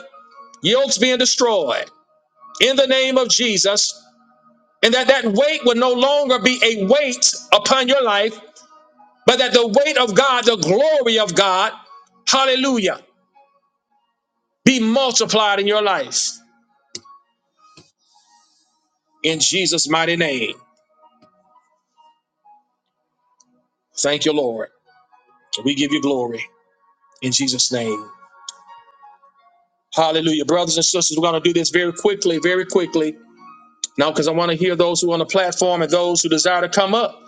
[SPEAKER 1] yokes being destroyed. In the name of Jesus, and that that weight will no longer be a weight upon your life, but that the weight of God, the glory of God, hallelujah, be multiplied in your life in Jesus' mighty name. Thank you, Lord. We give you glory in Jesus' name. Hallelujah. Brothers and sisters, we're going to do this very quickly, very quickly. Now, because I want to hear those who are on the platform and those who desire to come up.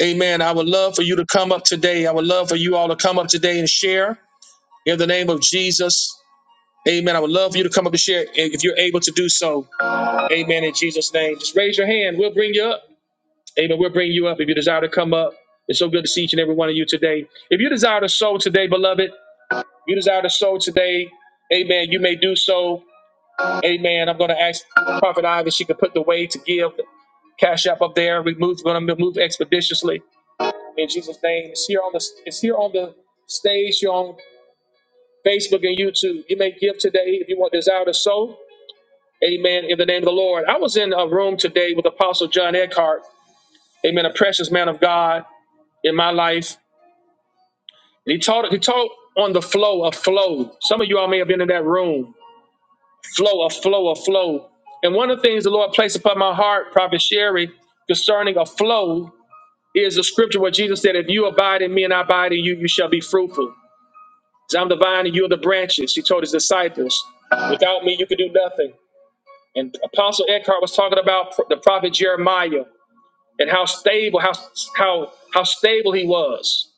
[SPEAKER 1] Amen. I would love for you to come up today. I would love for you all to come up today and share in the name of Jesus. Amen. I would love for you to come up and share if you're able to do so. Amen. In Jesus' name. Just raise your hand. We'll bring you up. Amen. We'll bring you up if you desire to come up. It's so good to see each and every one of you today. If you desire to sow today, beloved, you desire to sow today. Amen. You may do so. Amen. I'm going to ask Prophet Ivy if she can put the way to give the cash app up there. We move, we're going to move expeditiously in Jesus' name. It's here on the it's here on the stage, You're on Facebook and YouTube. You may give today if you want desire to sow. Amen. In the name of the Lord. I was in a room today with Apostle John Eckhart. Amen. A precious man of God in my life. And he taught he taught on the flow of flow. Some of you all may have been in that room. Flow of flow of flow. And one of the things the Lord placed upon my heart, Prophet Sherry, concerning a flow is the scripture where Jesus said, If you abide in me and I abide in you, you shall be fruitful. Because I'm the vine and you are the branches. He told his disciples, Without me, you can do nothing. And Apostle Eckhart was talking about the prophet Jeremiah. and how stable, how how how stable he was.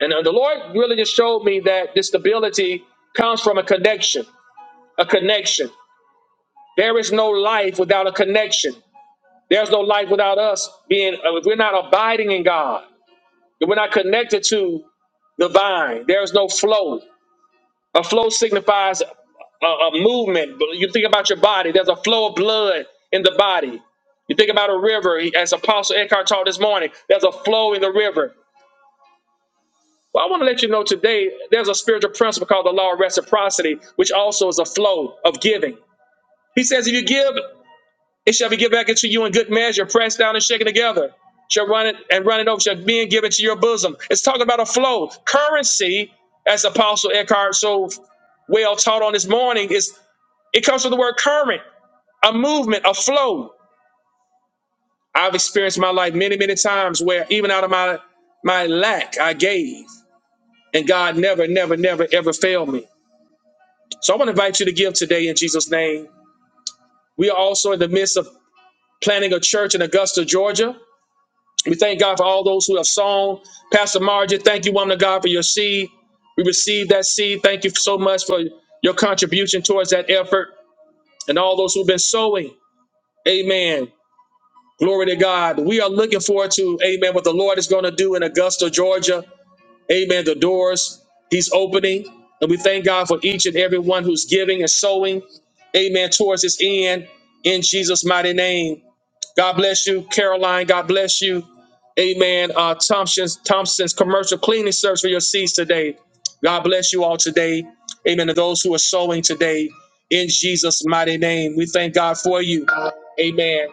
[SPEAKER 1] And uh, the Lord really just showed me that this stability comes from a connection, a connection. There is no life without a connection. There's no life without us being. uh, If we're not abiding in God, if we're not connected to the vine, there is no flow. A flow signifies a, a movement. You think about your body. There's a flow of blood in the body. You think about a river, as Apostle Eckhart taught this morning, there's a flow in the river. Well, I want to let you know today there's a spiritual principle called the law of reciprocity, which also is a flow of giving. He says, if you give, it shall be given back into you in good measure, pressed down and shaken together. Shall run it and run it over, shall be given to your bosom. It's talking about a flow. Currency, as Apostle Eckhart so well taught on this morning, is it comes from the word current, a movement, a flow. I've experienced in my life many, many times where even out of my my lack, I gave. And God never, never, never, ever failed me. So I want to invite you to give today in Jesus' name. We are also in the midst of planning a church in Augusta, Georgia. We thank God for all those who have sown. Pastor Margie, thank you, woman of God, for your seed. We received that seed. Thank you so much for your contribution towards that effort and all those who've been sowing. Amen. Glory to God. We are looking forward to, amen, what the Lord is going to do in Augusta, Georgia. Amen. The doors he's opening. And we thank God for each and every one who's giving and sowing. Amen. Towards his end in Jesus' mighty name. God bless you, Caroline. God bless you. Amen. Uh, Thompson's Thompson's commercial cleaning service for your seeds today. God bless you all today. Amen. To those who are sowing today in Jesus' mighty name, we thank God for you. Amen.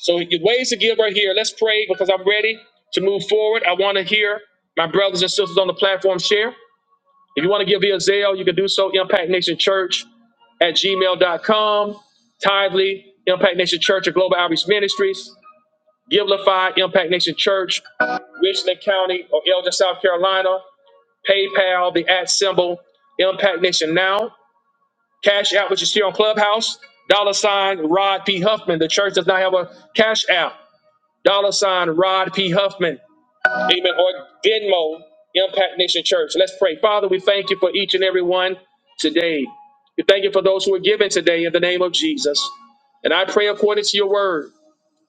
[SPEAKER 1] So your ways to give are here. Let's pray because I'm ready to move forward. I want to hear my brothers and sisters on the platform share. If you want to give via Zelle, you can do so. Impact Nation Church at gmail dot com. Tithely, Impact Nation Church at Global Outreach Ministries. Givelify, Impact Nation Church Richland County or Elgin, South Carolina, PayPal, the at symbol, Impact Nation Now, Cash App, which is here on Clubhouse, dollar sign Rod P. Huffman. The church does not have a Cash App, dollar sign Rod P. Huffman, amen, or Venmo, Impact Nation Church. Let's pray. Father, we thank you for each and every one today. We thank you for those who are giving today in the name of Jesus. And I pray according to your word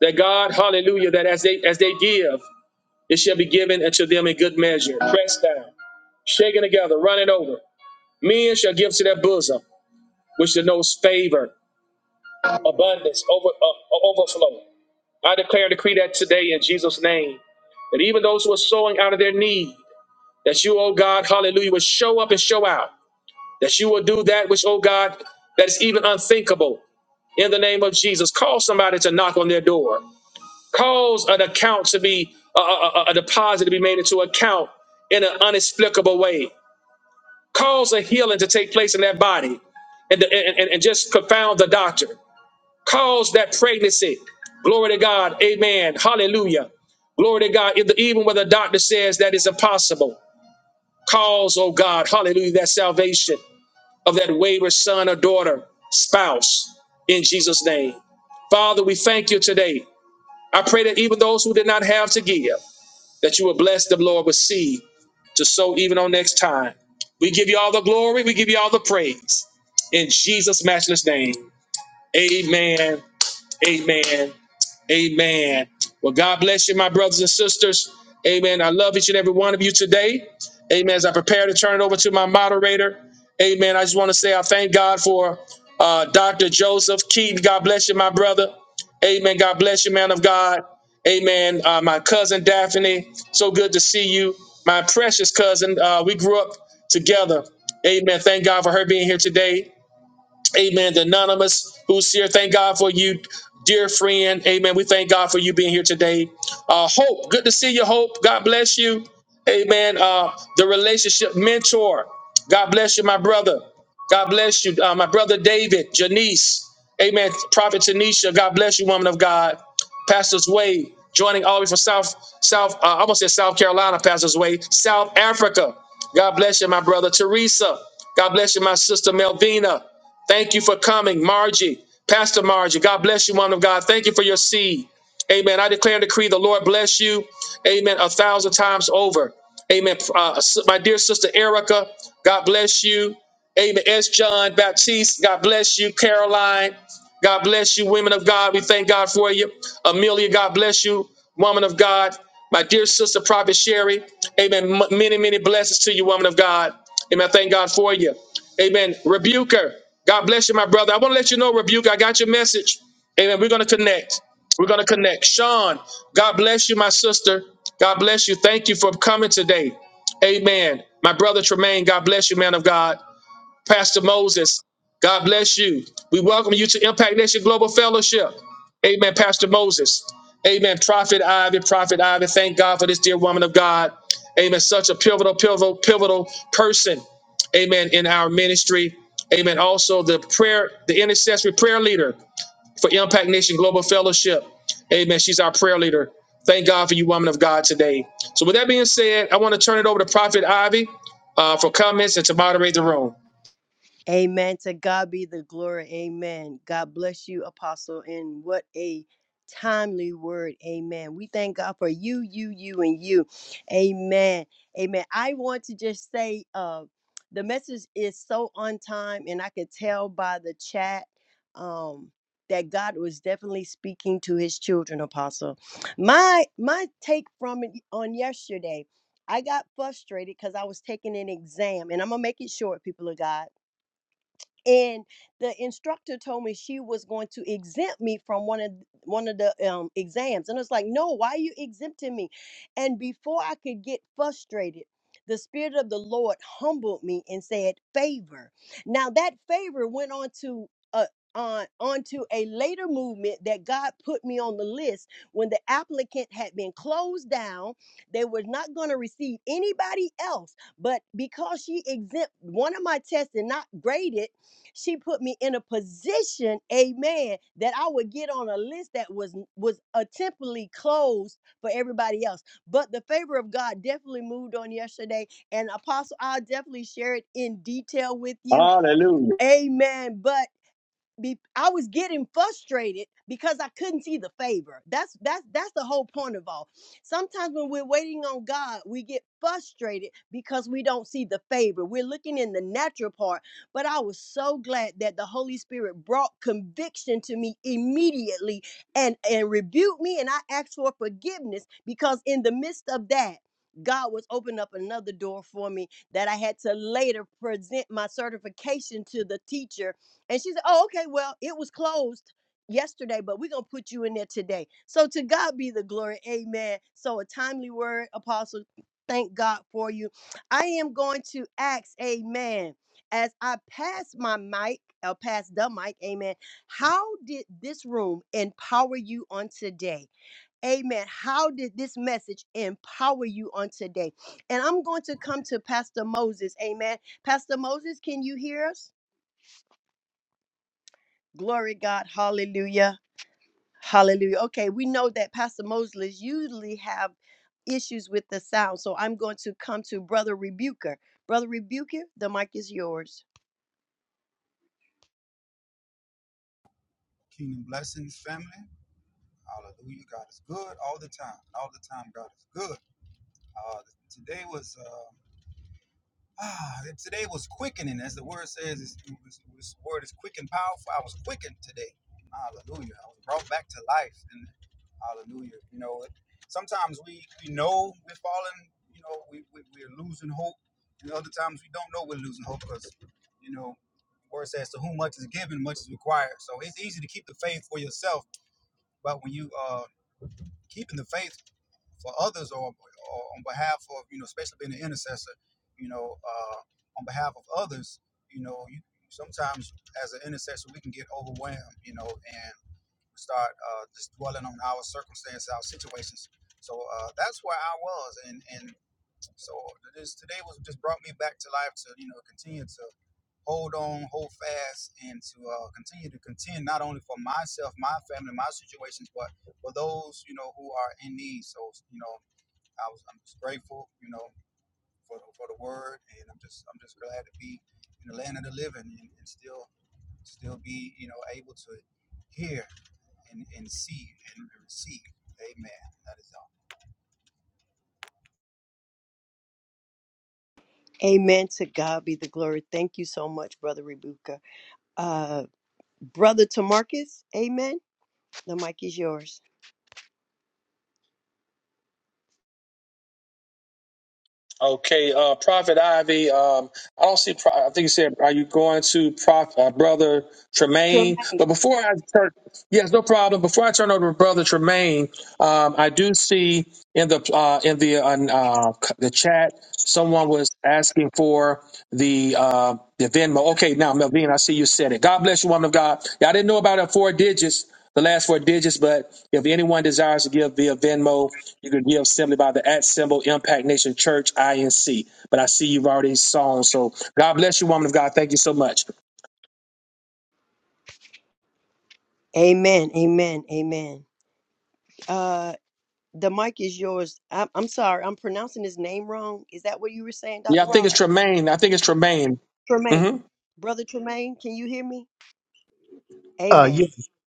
[SPEAKER 1] that God, hallelujah, that as they as they give, it shall be given unto them in good measure, pressed down, shaken together, running over. Men shall give to their bosom, which denotes favor, abundance, over, uh, overflow. I declare and decree that today in Jesus' name, that even those who are sowing out of their need, that you, oh God, hallelujah, will show up and show out. That you will do that which, oh God, that is even unthinkable in the name of Jesus. cause somebody to knock on their door. Cause an account to be a, a, a a deposit to be made into account in an inexplicable way. Cause a healing to take place in that body and, and, and and just confound the doctor. Cause that pregnancy. Glory to God. Amen. Hallelujah. Glory to God. If the- Even when the doctor says that is impossible, cause, oh God, hallelujah, that salvation of that wayward son or daughter, spouse, in Jesus' name. Father, we thank you today. I pray that even those who did not have to give, that you will bless them, Lord, with seed to sow even on next time. We give you all the glory. We give you all the praise. In Jesus' matchless name, amen, amen, amen. Well, God bless you, my brothers and sisters. Amen. I love each and every one of you today. Amen. As I prepare to turn it over to my moderator, amen. I just want to say I thank God for uh, Dr. Joseph Keaton. God bless you, my brother. Amen. God bless you, man of God. Amen. Uh, my cousin Daphne, so good to see you. My precious cousin, uh, we grew up together, and thank God for her being here today. Anonymous, who's here, thank God for you. here, friend. Amen. We thank God for you being here today. Uh, Hope, good to see you, Hope. God bless you. Amen. Uh, the relationship mentor. God bless you, my brother. God bless you, uh, my brother David, Janice. Amen. Prophet Tanisha, God bless you, woman of God. Pastor's Way, joining all the way from South, South, uh, I almost said South Carolina, Pastor's Way, South Africa. God bless you, my brother Teresa. God bless you, my sister Melvina. Thank you for coming, Margie. Pastor Margie, God bless you, woman of God. Thank you for your seed. Amen. I declare and decree the Lord bless you. Amen. A thousand times over. Amen. Uh, my dear sister Erica, God bless you. Amen. S. John Baptiste, God bless you. Caroline, God bless you. Women of God, we thank God for you. Amelia, God bless you. Woman of God, my dear sister Prophet Sherry, amen. M- many, many blessings to you, woman of God. Amen. I thank God for you. Amen. Rebuker, God bless you, my brother. I want to let you know, Rebuker, I got your message. Amen. We're going to connect. We're going to connect. Sean, God bless you, my sister. God bless you. Thank you for coming today. Amen. My brother Tremaine, God bless you, man of God. Pastor Moses, God bless you. We welcome you to Impact Nation Global Fellowship. Amen, Pastor Moses. Amen, Prophet Ivy, Prophet Ivy. Thank God for this dear woman of God. Amen, such a pivotal, pivotal, pivotal person. Amen, in our ministry. Amen. Also, the prayer, the intercessory prayer leader for Impact Nation Global Fellowship. Amen. She's our prayer leader. Thank God for you, woman of God, today. So, with that being said, I want to turn it over to Prophet Ivy uh, for comments and to moderate the room.
[SPEAKER 2] Amen. To God be the glory. Amen. God bless you, Apostle. And what a timely word. Amen. We thank God for you, you, you, and you. Amen. Amen. I want to just say uh the message is so on time, and I could tell by the chat um that God was definitely speaking to his children, Apostle. My my take from it on yesterday, I got frustrated because I was taking an exam, and I'm gonna make it short, people of God and the instructor told me she was going to exempt me from one of one of the um, exams and it's like no why are you exempting me and before i could get frustrated the spirit of the lord humbled me and said favor now that favor went on to uh, on onto a later movement that God put me on the list when the applicant had been closed down. They were not going to receive anybody else, but because she exempt one of my tests and not graded she put me in a position, amen, that I would get on a list that was was uh, temporarily closed for everybody else. But the favor of God definitely moved on yesterday. And Apostle, I'll definitely share it in detail with you.
[SPEAKER 1] Hallelujah.
[SPEAKER 2] Amen. But be I was getting frustrated because I couldn't see the favor. That's that's that's the whole point of all. Sometimes when we're waiting on God, we get frustrated because we don't see the favor. We're looking in the natural part, but I was so glad that the Holy Spirit brought conviction to me immediately and and rebuked me and I asked for forgiveness because in the midst of that God was opening up another door for me that I had to later present my certification to the teacher and she said, Oh, okay, well, it was closed yesterday, but we're going to put you in there today. So to God be the glory. Amen. So a timely word, Apostle. Thank God for you. I am going to ask, Amen, as I pass my mic, I'll pass the mic, Amen. How did this room empower you on today? Amen. How did this message empower you on today? And I'm going to come to Pastor Moses. Amen. Pastor Moses, can you hear us? Glory God. Hallelujah. Hallelujah. Okay, we know that Pastor Moses usually have issues with the sound. So I'm going to come to Brother Rebuker. Brother Rebuker, the mic is yours.
[SPEAKER 3] Kingdom blessings, family. Hallelujah. God is good all the time. All the time, God is good. Uh, today was uh, ah, today was quickening, as the word says. It's, it was- this word is quick and powerful. I was quickened today. Hallelujah. I was brought back to life. And hallelujah. You know, sometimes we we know we're falling. You know, we, we we're losing hope. And other times we don't know we're losing hope because you know, the word says, "To whom much is given, much is required." So it's easy to keep the faith for yourself but when you uh, keeping the faith for others or, or on behalf of, you know, especially being an intercessor, you know, uh, on behalf of others, you know, you, sometimes as an intercessor, we can get overwhelmed, you know, and start uh, just dwelling on our circumstance, our situations. So uh, that's where I was. And, and so this today was just brought me back to life to, you know, continue to hold on, hold fast, and to uh, continue to contend not only for myself, my family, my situations, but for those you know who are in need. So you know, I was I'm just grateful, you know, for the, for the word, and I'm just I'm just glad to be in the land of the living and, and still still be you know able to hear and, and see and receive. Amen. That is all.
[SPEAKER 2] Amen. To God be the glory. Thank you so much, Brother Rebuker. Uh Brother Tamarcus, amen. The mic is yours.
[SPEAKER 1] Okay, uh, Prophet Ivy. Um, I don't see. Pro- I think you said, "Are you going to Prof- uh, Brother Tremaine?"
[SPEAKER 2] Jermaine.
[SPEAKER 1] But before I turn, Yes, no problem. Before I turn over to Brother Tremaine, um, I do see in the uh, in the uh, uh, the chat someone was asking for the uh, the Venmo. Okay, now Melvin, I see you said it. God bless you, woman of God. Yeah, I didn't know about it four digits, the last four digits, but if anyone desires to give via Venmo, you can give simply by the at symbol Impact Nation Church INC. But I see you've already sown, so God bless you, woman.
[SPEAKER 2] Amen. Amen. Amen. Uh the mic is yours. i I'm sorry, I'm pronouncing his name wrong. Is that what you were saying,
[SPEAKER 1] Yeah,
[SPEAKER 2] Dr.
[SPEAKER 1] I think
[SPEAKER 2] Rod?
[SPEAKER 1] it's Tremaine. I think it's Tremaine.
[SPEAKER 2] Tremaine.
[SPEAKER 1] hmm
[SPEAKER 2] Brother Tremaine, can you hear me?
[SPEAKER 4] Uh,
[SPEAKER 2] Amen.
[SPEAKER 4] y-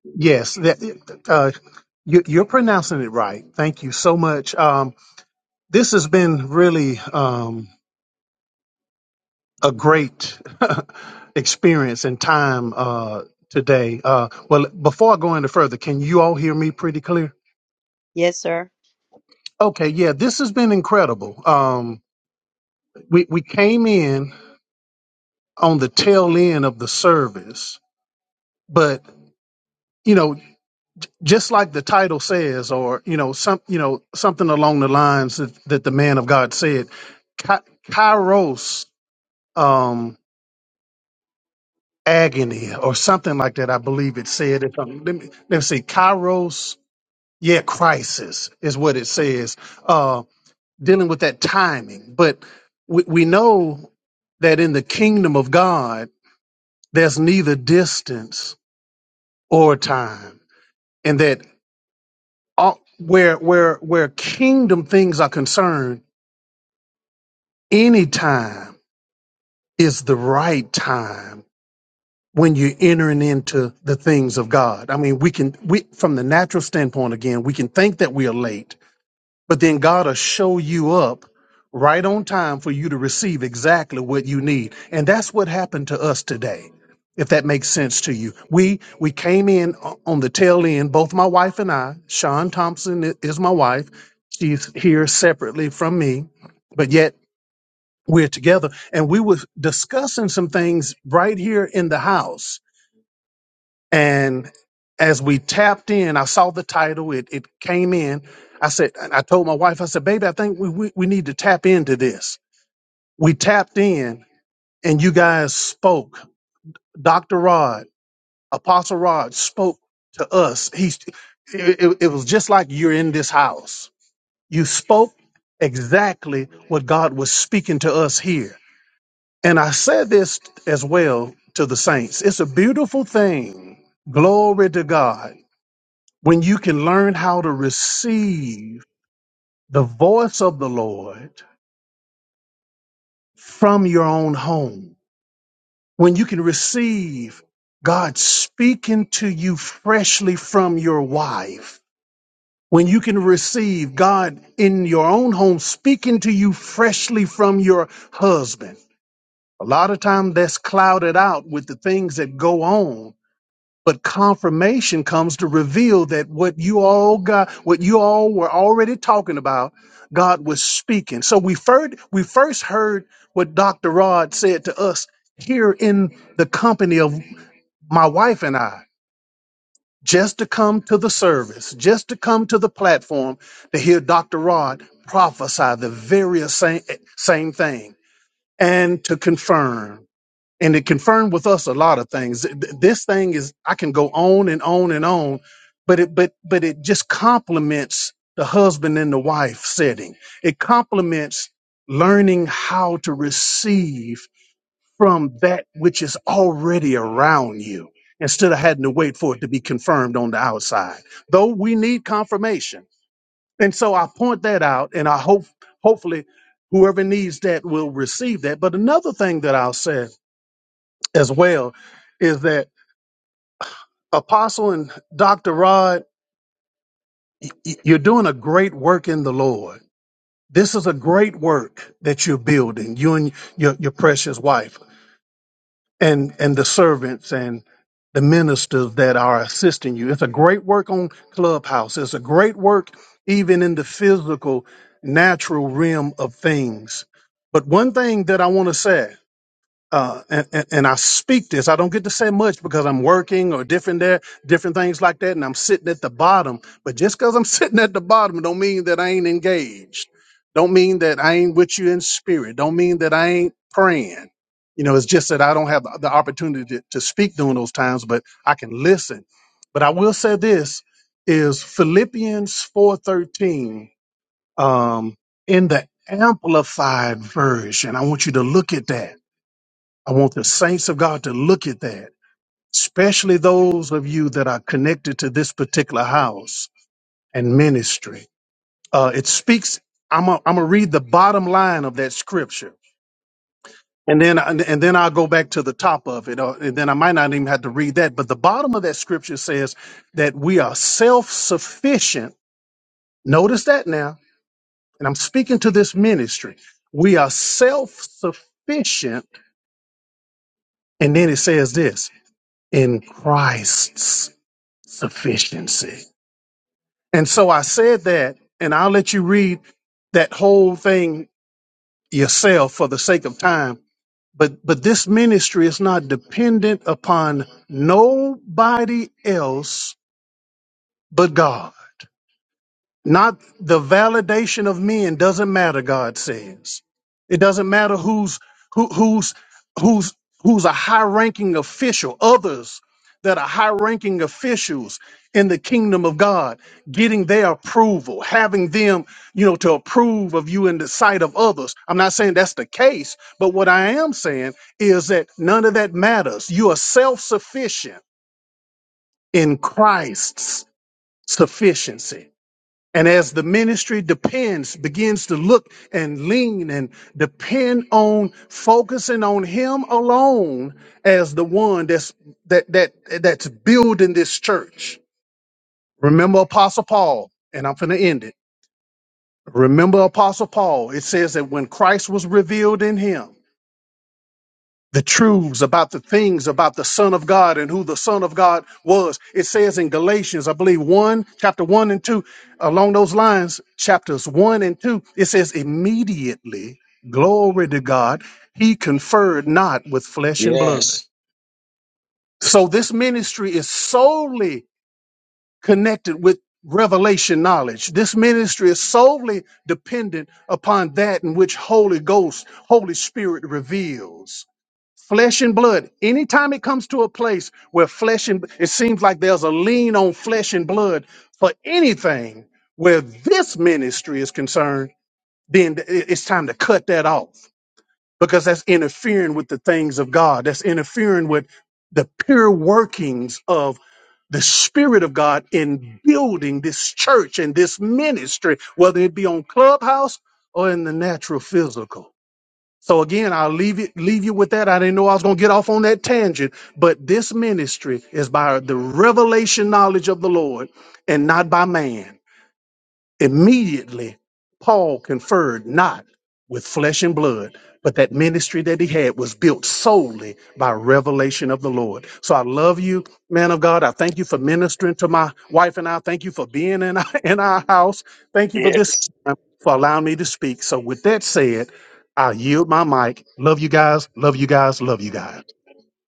[SPEAKER 4] yes, that, uh, you, you're pronouncing it right. Thank you so much. Um, this has been really um, a great (laughs) experience and time uh, today. Uh, well, before I go any further, can you all hear me pretty clear?
[SPEAKER 2] Yes, sir.
[SPEAKER 4] Okay, yeah, this has been incredible. Um, we we came in on the tail end of the service, but you know just like the title says, or you know, some you know something along the lines that, that the man of God said, Ky- Kairos um, agony or something like that. I believe it said. If I'm, let me let me see, Kairos, yeah, crisis is what it says. Uh, dealing with that timing, but we, we know that in the kingdom of God, there's neither distance or time, and that all, where where where kingdom things are concerned Any time is the right time when you're entering into the things of God. I mean, we can, we, from the natural standpoint, again, we can think that we are late, but then God will show you up right on time for you to receive exactly what you need. And that's what happened to us today. If that makes sense to you, we we came in o- on the tail end. Both my wife and I, Sean Thompson i- is my wife. She's here separately from me, but yet we're together and we were discussing some things right here in the house and as we tapped in i saw the title it, it came in i said and i told my wife i said baby i think we, we, we need to tap into this we tapped in and you guys spoke dr rod apostle rod spoke to us he's it, it it was just like you're in this house you spoke exactly what god was speaking to us here And I said this as well to the saints. It's a beautiful thing. Glory to God. When you can learn how to receive the voice of the Lord from your own home, when you can receive God speaking to you freshly from your wife, when you can receive God in your own home speaking to you freshly from your husband. A lot of time that's clouded out with the things that go on But confirmation comes to reveal that what you all got, what you all were already talking about, God was speaking. So we first, we first heard what Dr. Rod said to us here in the company of my wife and I, just to come to the service, just to come to the platform to hear Dr. Rod prophesy the very same, same thing and to confirm and it confirmed with us a lot of things. Th- th- This thing is I can go on and on and on, but it but but it just complements the husband and the wife setting. It complements learning how to receive from that which is already around you instead of having to wait for it to be confirmed on the outside. Though we need confirmation. And so I point that out and I hope hopefully whoever needs that will receive that. But another thing that I'll say as well is that Apostle and Dr. Rod, y- you're doing a great work in the Lord. This is a great work that you're building, you and your, your precious wife and, and the servants and the ministers that are assisting you. It's a great work on Clubhouse. It's a great work even in the physical, natural realm of things. But one thing that I want to say uh, and, and, and I speak this. I don't get to say much because I'm working or different there, different things like that, and I'm sitting at the bottom. But just because I'm (laughs) sitting at the bottom, don't mean that I ain't engaged. Don't mean that I ain't with you in spirit. Don't mean that I ain't praying. You know, it's just that I don't have the opportunity to, to speak during those times, but I can listen. But I will say this is Philippians four thirteen um, in the amplified version. I want you to look at that I want the saints of God to look at that, especially those of you that are connected to this particular house and ministry. Uh, it speaks. I'm gonna I'm gonna read the bottom line of that scripture, and then and, and then I'll go back to the top of it, uh, and then I might not even have to read that. But the bottom of that scripture says that we are self sufficient. Notice that now, and I'm speaking to this ministry. We are self sufficient, and then it says this in Christ's. sufficiency. And so I said that, and I'll let you read that whole thing yourself for the sake of time. But but this ministry is not dependent upon nobody else but God. Not the validation of men doesn't matter, God says. It doesn't matter who's who, who's who's who's a high-ranking official, others that are high-ranking officials in the kingdom of God, getting their approval, having them, you know, to approve of you in the sight of others. I'm not saying that's the case, but what I am saying is that none of that matters. You are self-sufficient in Christ's sufficiency. And as the ministry depends, begins to look and lean and depend on focusing on him alone as the one that's that that that's building this church. Remember Apostle Paul, and I'm gonna end it. Remember Apostle Paul. It says that when Christ was revealed in him, the truths about the things about the Son of God and who the Son of God was. It says in Galatians, I believe, 1, chapter 1 and 2, along those lines, chapters 1 and 2, it says, immediately, glory to God, he conferred not with flesh and blood.
[SPEAKER 1] Yes.
[SPEAKER 4] So this ministry is solely connected with revelation knowledge. This ministry is solely dependent upon that in which Holy Ghost, Holy Spirit reveals flesh and blood anytime it comes to a place where flesh and it seems like there's a lean on flesh and blood for anything where this ministry is concerned then th- it- it's time to cut that off because that's interfering with the things of god that's interfering with the pure workings of the spirit of god in building this church and this ministry whether it be on clubhouse or in the natural physical so again, I'll leave it leave you with that. I didn't know I was gonna get off on that tangent, but this ministry is by the revelation knowledge of the Lord and not by man. Immediately, Paul conferred not with flesh and blood, but that ministry that he had was built solely by revelation of the Lord. So I love you, man of God. I thank you for ministering to my wife and I. Thank you for being in (laughs) our, in our house. Thank you for this,
[SPEAKER 1] Yes.
[SPEAKER 4] time, for allowing me to speak. So, with that said, I yield my mic. Love you guys. Love you guys. Love you guys.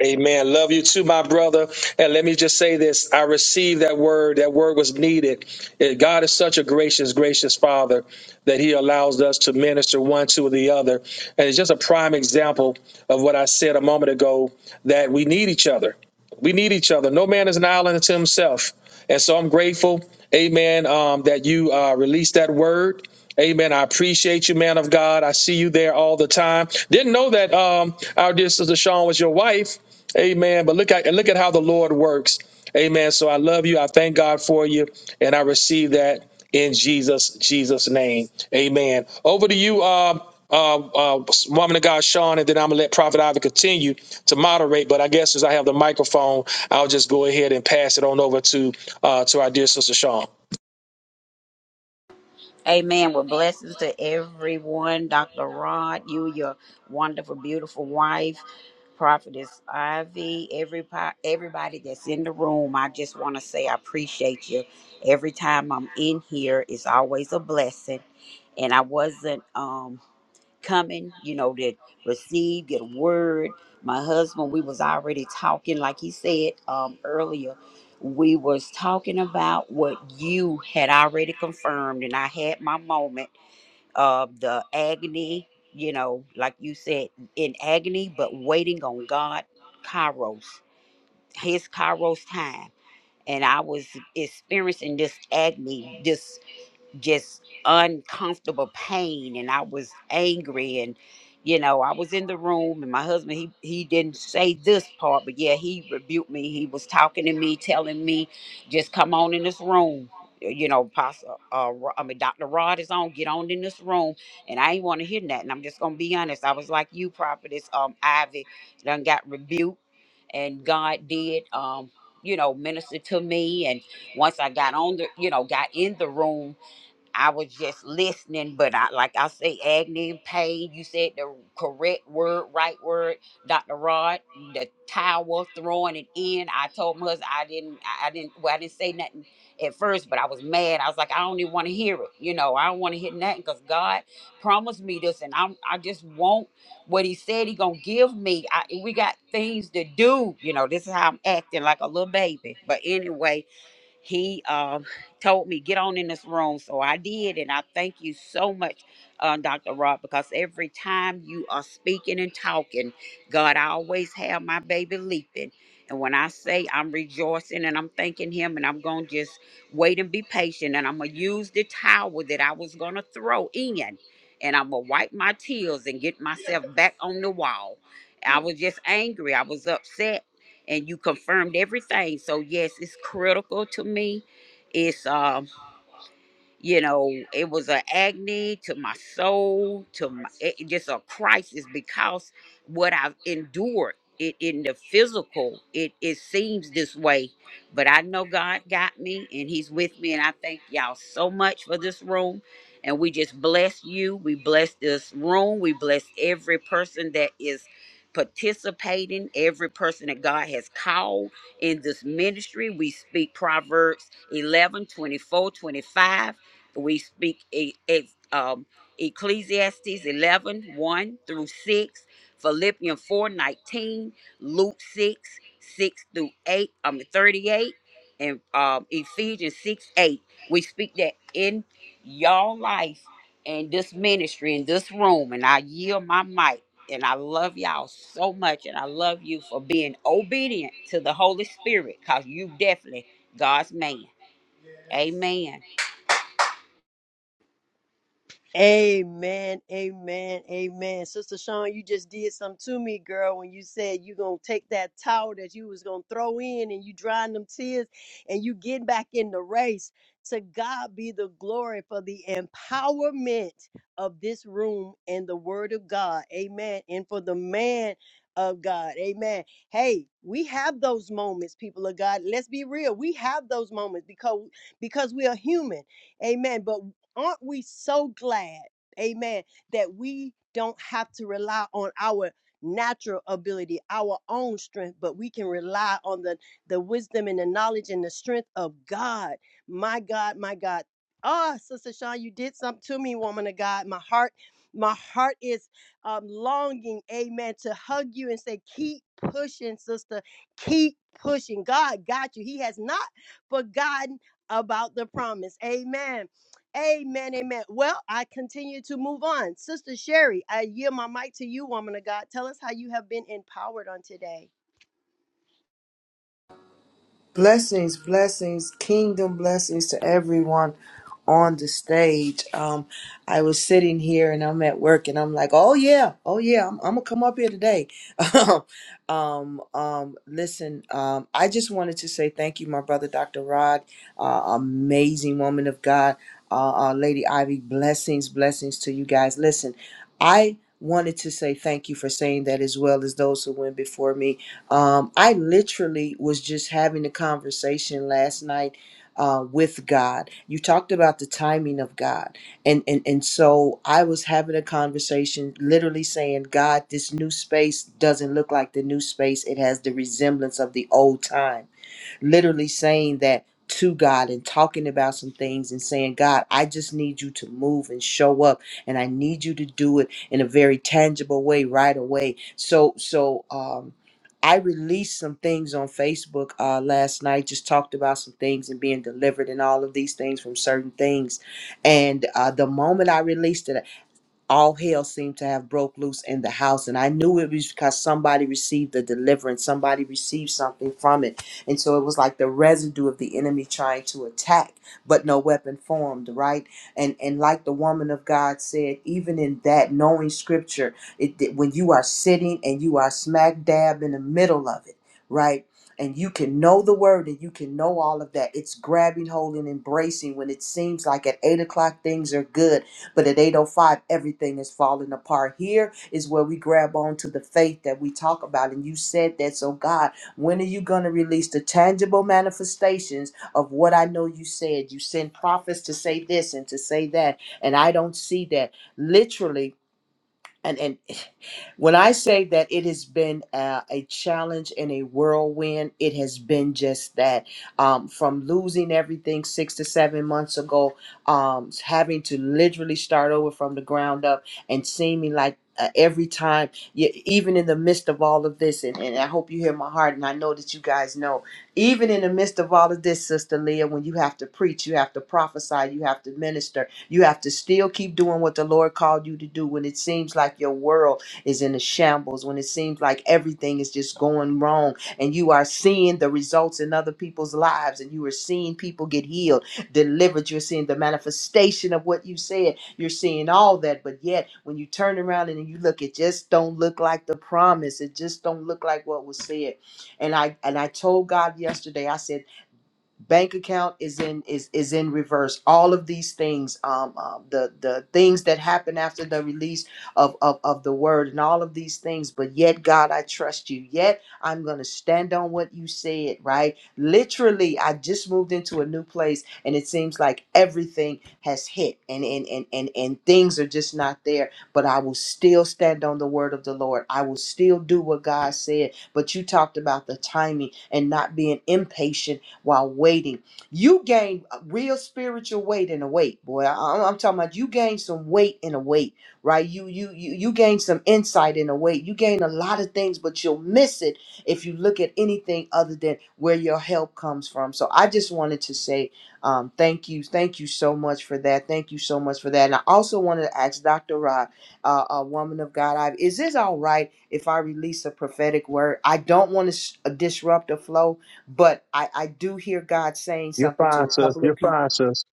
[SPEAKER 1] Amen. Love you too, my brother. And let me just say this. I received that word. That word was needed. Eh, God is such a gracious, gracious Father that He allows us to minister one to the other. And it's just a prime example of what I said a moment ago that we need each other. We need each other. No man is an island unto himself. And so I'm grateful, amen, um, that you uh, released that word. Amen. I appreciate you, man of God. I see you there all the time. Didn't know that um, our dear sister Sean was your wife. Amen. But look at and look at how the Lord works. Amen. So I love you. I thank God for you, and I receive that in Jesus Jesus name. Amen. Over to you, uh, uh, uh, woman of God, Sean, and then I'm gonna let Prophet Ivy continue to moderate. But I guess as I have the microphone, I'll just go ahead and pass it on over. Uh,
[SPEAKER 5] Amen. Well, blessings to everyone. Dr. Rod, you, your wonderful, beautiful wife, Prophetess Ivy, everybody, everybody that's in the room. I just want to say I appreciate you. Every time I'm in here, it's always a blessing. And I wasn't. Um, coming, you know, that receive, get a word. My husband, we was already talking, like he said um, earlier, we was talking about what you had already confirmed, and I had my moment of the agony, you know, like you said, in agony, but waiting on God, Kairos, his Kairos time. And I was experiencing this agony, this just uncomfortable pain and I was angry and you know I was in the room and my husband he he didn't say this part but yeah he rebuked me he was talking to me telling me just come on in this room you know Apostle uh, Ro- I mean Dr. Rod is on get on in this room and I ain't want to hear that and I'm just gonna be honest I was like you prophetess um Ivy done got rebuked and God did um you know minister to me and once I got on the you know got in the room I was just listening, but I like I say, agony and pain. You said the correct word, right word, Doctor Rod. The towel throwing it in. I told my husband I didn't, I I didn't, well, I didn't say nothing at first, but I was mad. I was like, I don't even want to hear it. You know, I don't want to hear nothing because God promised me this, and I'm, I just want what He said He gonna give me. I, we got things to do. You know, this is how I'm acting like a little baby. But anyway, he um, told me get on in this room so i did and i thank you so much uh, dr rob because every time you are speaking and talking god i always have my baby leaping and when i say i'm rejoicing and i'm thanking him and i'm gonna just wait and be patient and i'm gonna use the towel that i was gonna throw in and i'm gonna wipe my tears and get myself back on the wall i was just angry i was upset and you confirmed everything. So yes, it's critical to me. It's um you know it was an agony to my soul to my, it, it just a crisis because what i've endured it in the physical it it seems this way but i know god got me and he's with me and i thank y'all so much for this room and we just bless you we bless this room we bless every person that is participating every person that god has called in this ministry we speak proverbs 11 24 25 we speak e- ex- um, Ecclesiastes eleven one through 6, Philippians 4 19, Luke 6, 6 through 8, I mean 38, and um, Ephesians 6, 8. We speak that in y'all life and this ministry in this room, and I yield my mic. And I love y'all so much, and I love you for being obedient to the Holy Spirit, because you definitely God's man. Amen.
[SPEAKER 2] Amen, amen, amen. Sister Sean, you just did something to me, girl, when you said you gonna take that towel that you was gonna throw in and you drying them tears and you get back in the race. To God be the glory for the empowerment of this room and the word of God. Amen. And for the man of God. Amen. Hey, we have those moments, people of God. Let's be real. We have those moments because because we are human. Amen. But aren't we so glad, amen, that we don't have to rely on our natural ability, our own strength, but we can rely on the, the wisdom and the knowledge and the strength of God. My God, my God. Ah, Sister Shawn, you did something to me, woman of God. My heart, my heart is um, longing, amen, to hug you and say, keep pushing, sister. Keep pushing. God got you. He has not forgotten about the promise. Amen. Amen, amen. Well, I continue to move on. Sister Sherry, I yield my mic to you, woman of God. Tell us how you have been empowered on today.
[SPEAKER 6] Blessings, blessings, kingdom blessings to everyone on the stage. Um, I was sitting here and I'm at work and I'm like, oh yeah, oh yeah, I'm, I'm gonna come up here today. (laughs) um, um, listen, um, I just wanted to say thank you, my brother, Dr. Rod, uh, amazing woman of God, uh, uh, Lady Ivy. Blessings, blessings to you guys. Listen, I wanted to say thank you for saying that as well as those who went before me um, I literally was just having a conversation last night uh, with God. You talked about the timing of God, and and and so I was having a conversation, literally saying, "God, this new space doesn't look like the new space. It has the resemblance of the old time." literally saying that to God and talking about some things and saying, God, I just need you to move and show up and I need you to do it in a very tangible way right away. So, so, um, I released some things on Facebook uh, last night, just talked about some things and being delivered and all of these things from certain things. And uh, the moment I released it, all hell seemed to have broke loose in the house and i knew it was because somebody received a deliverance somebody received something from it and so it was like the residue of the enemy trying to attack but no weapon formed right and and like the woman of god said even in that knowing scripture it that when you are sitting and you are smack dab in the middle of it right and you can know the word and you can know all of that. It's grabbing hold and embracing when it seems like at eight o'clock things are good but at 805, everything is falling apart. Here is where we grab on to the faith that we talk about. And you said that. So, God, when are you going to release the tangible manifestations of what I know you said? You send prophets to say this and to say that. And I don't see that. Literally. And, and when I say that it has been uh, a challenge and a whirlwind, it has been just that. Um, from losing everything six to seven months ago, um, having to literally start over from the ground up, and seeming like uh, every time, y- even in the midst of all of this, and, and I hope you hear my heart, and I know that you guys know, even in the midst of all of this, Sister Leah, when you have to preach, you have to prophesy, you have to minister, you have to still keep doing what the Lord called you to do when it seems like your world is in a shambles, when it seems like everything is just going wrong and you are seeing the results in other people's lives and you are seeing people get healed, delivered, you're seeing the manifestation of what you said, you're seeing all that, but yet when you turn around and you look, it just don't look like the promise. It just don't look like what was said. And I and I told God yesterday, I said, bank account is in is is in reverse all of these things um, um the the things that happen after the release of, of of the word and all of these things but yet god i trust you yet i'm gonna stand on what you said right literally i just moved into a new place and it seems like everything has hit and and and and, and things are just not there but i will still stand on the word of the lord i will still do what god said but you talked about the timing and not being impatient while waiting. You gain real spiritual weight in a weight, boy. I- I'm talking about you gain some weight in a weight, right? You you you you gain some insight in a weight. You gain a lot of things, but you'll miss it if you look at anything other than where your help comes from. So I just wanted to say um, thank you, thank you so much for that. Thank you so much for that. And I also wanted to ask Dr. Rod, uh, a woman of God, I, is this all right if I release a prophetic word? I don't want to s- disrupt the flow, but I, I do hear God saying
[SPEAKER 1] You're
[SPEAKER 6] something to
[SPEAKER 1] fine,
[SPEAKER 6] a
[SPEAKER 1] sis.
[SPEAKER 6] couple of
[SPEAKER 1] You're fine,
[SPEAKER 6] people.
[SPEAKER 1] sis.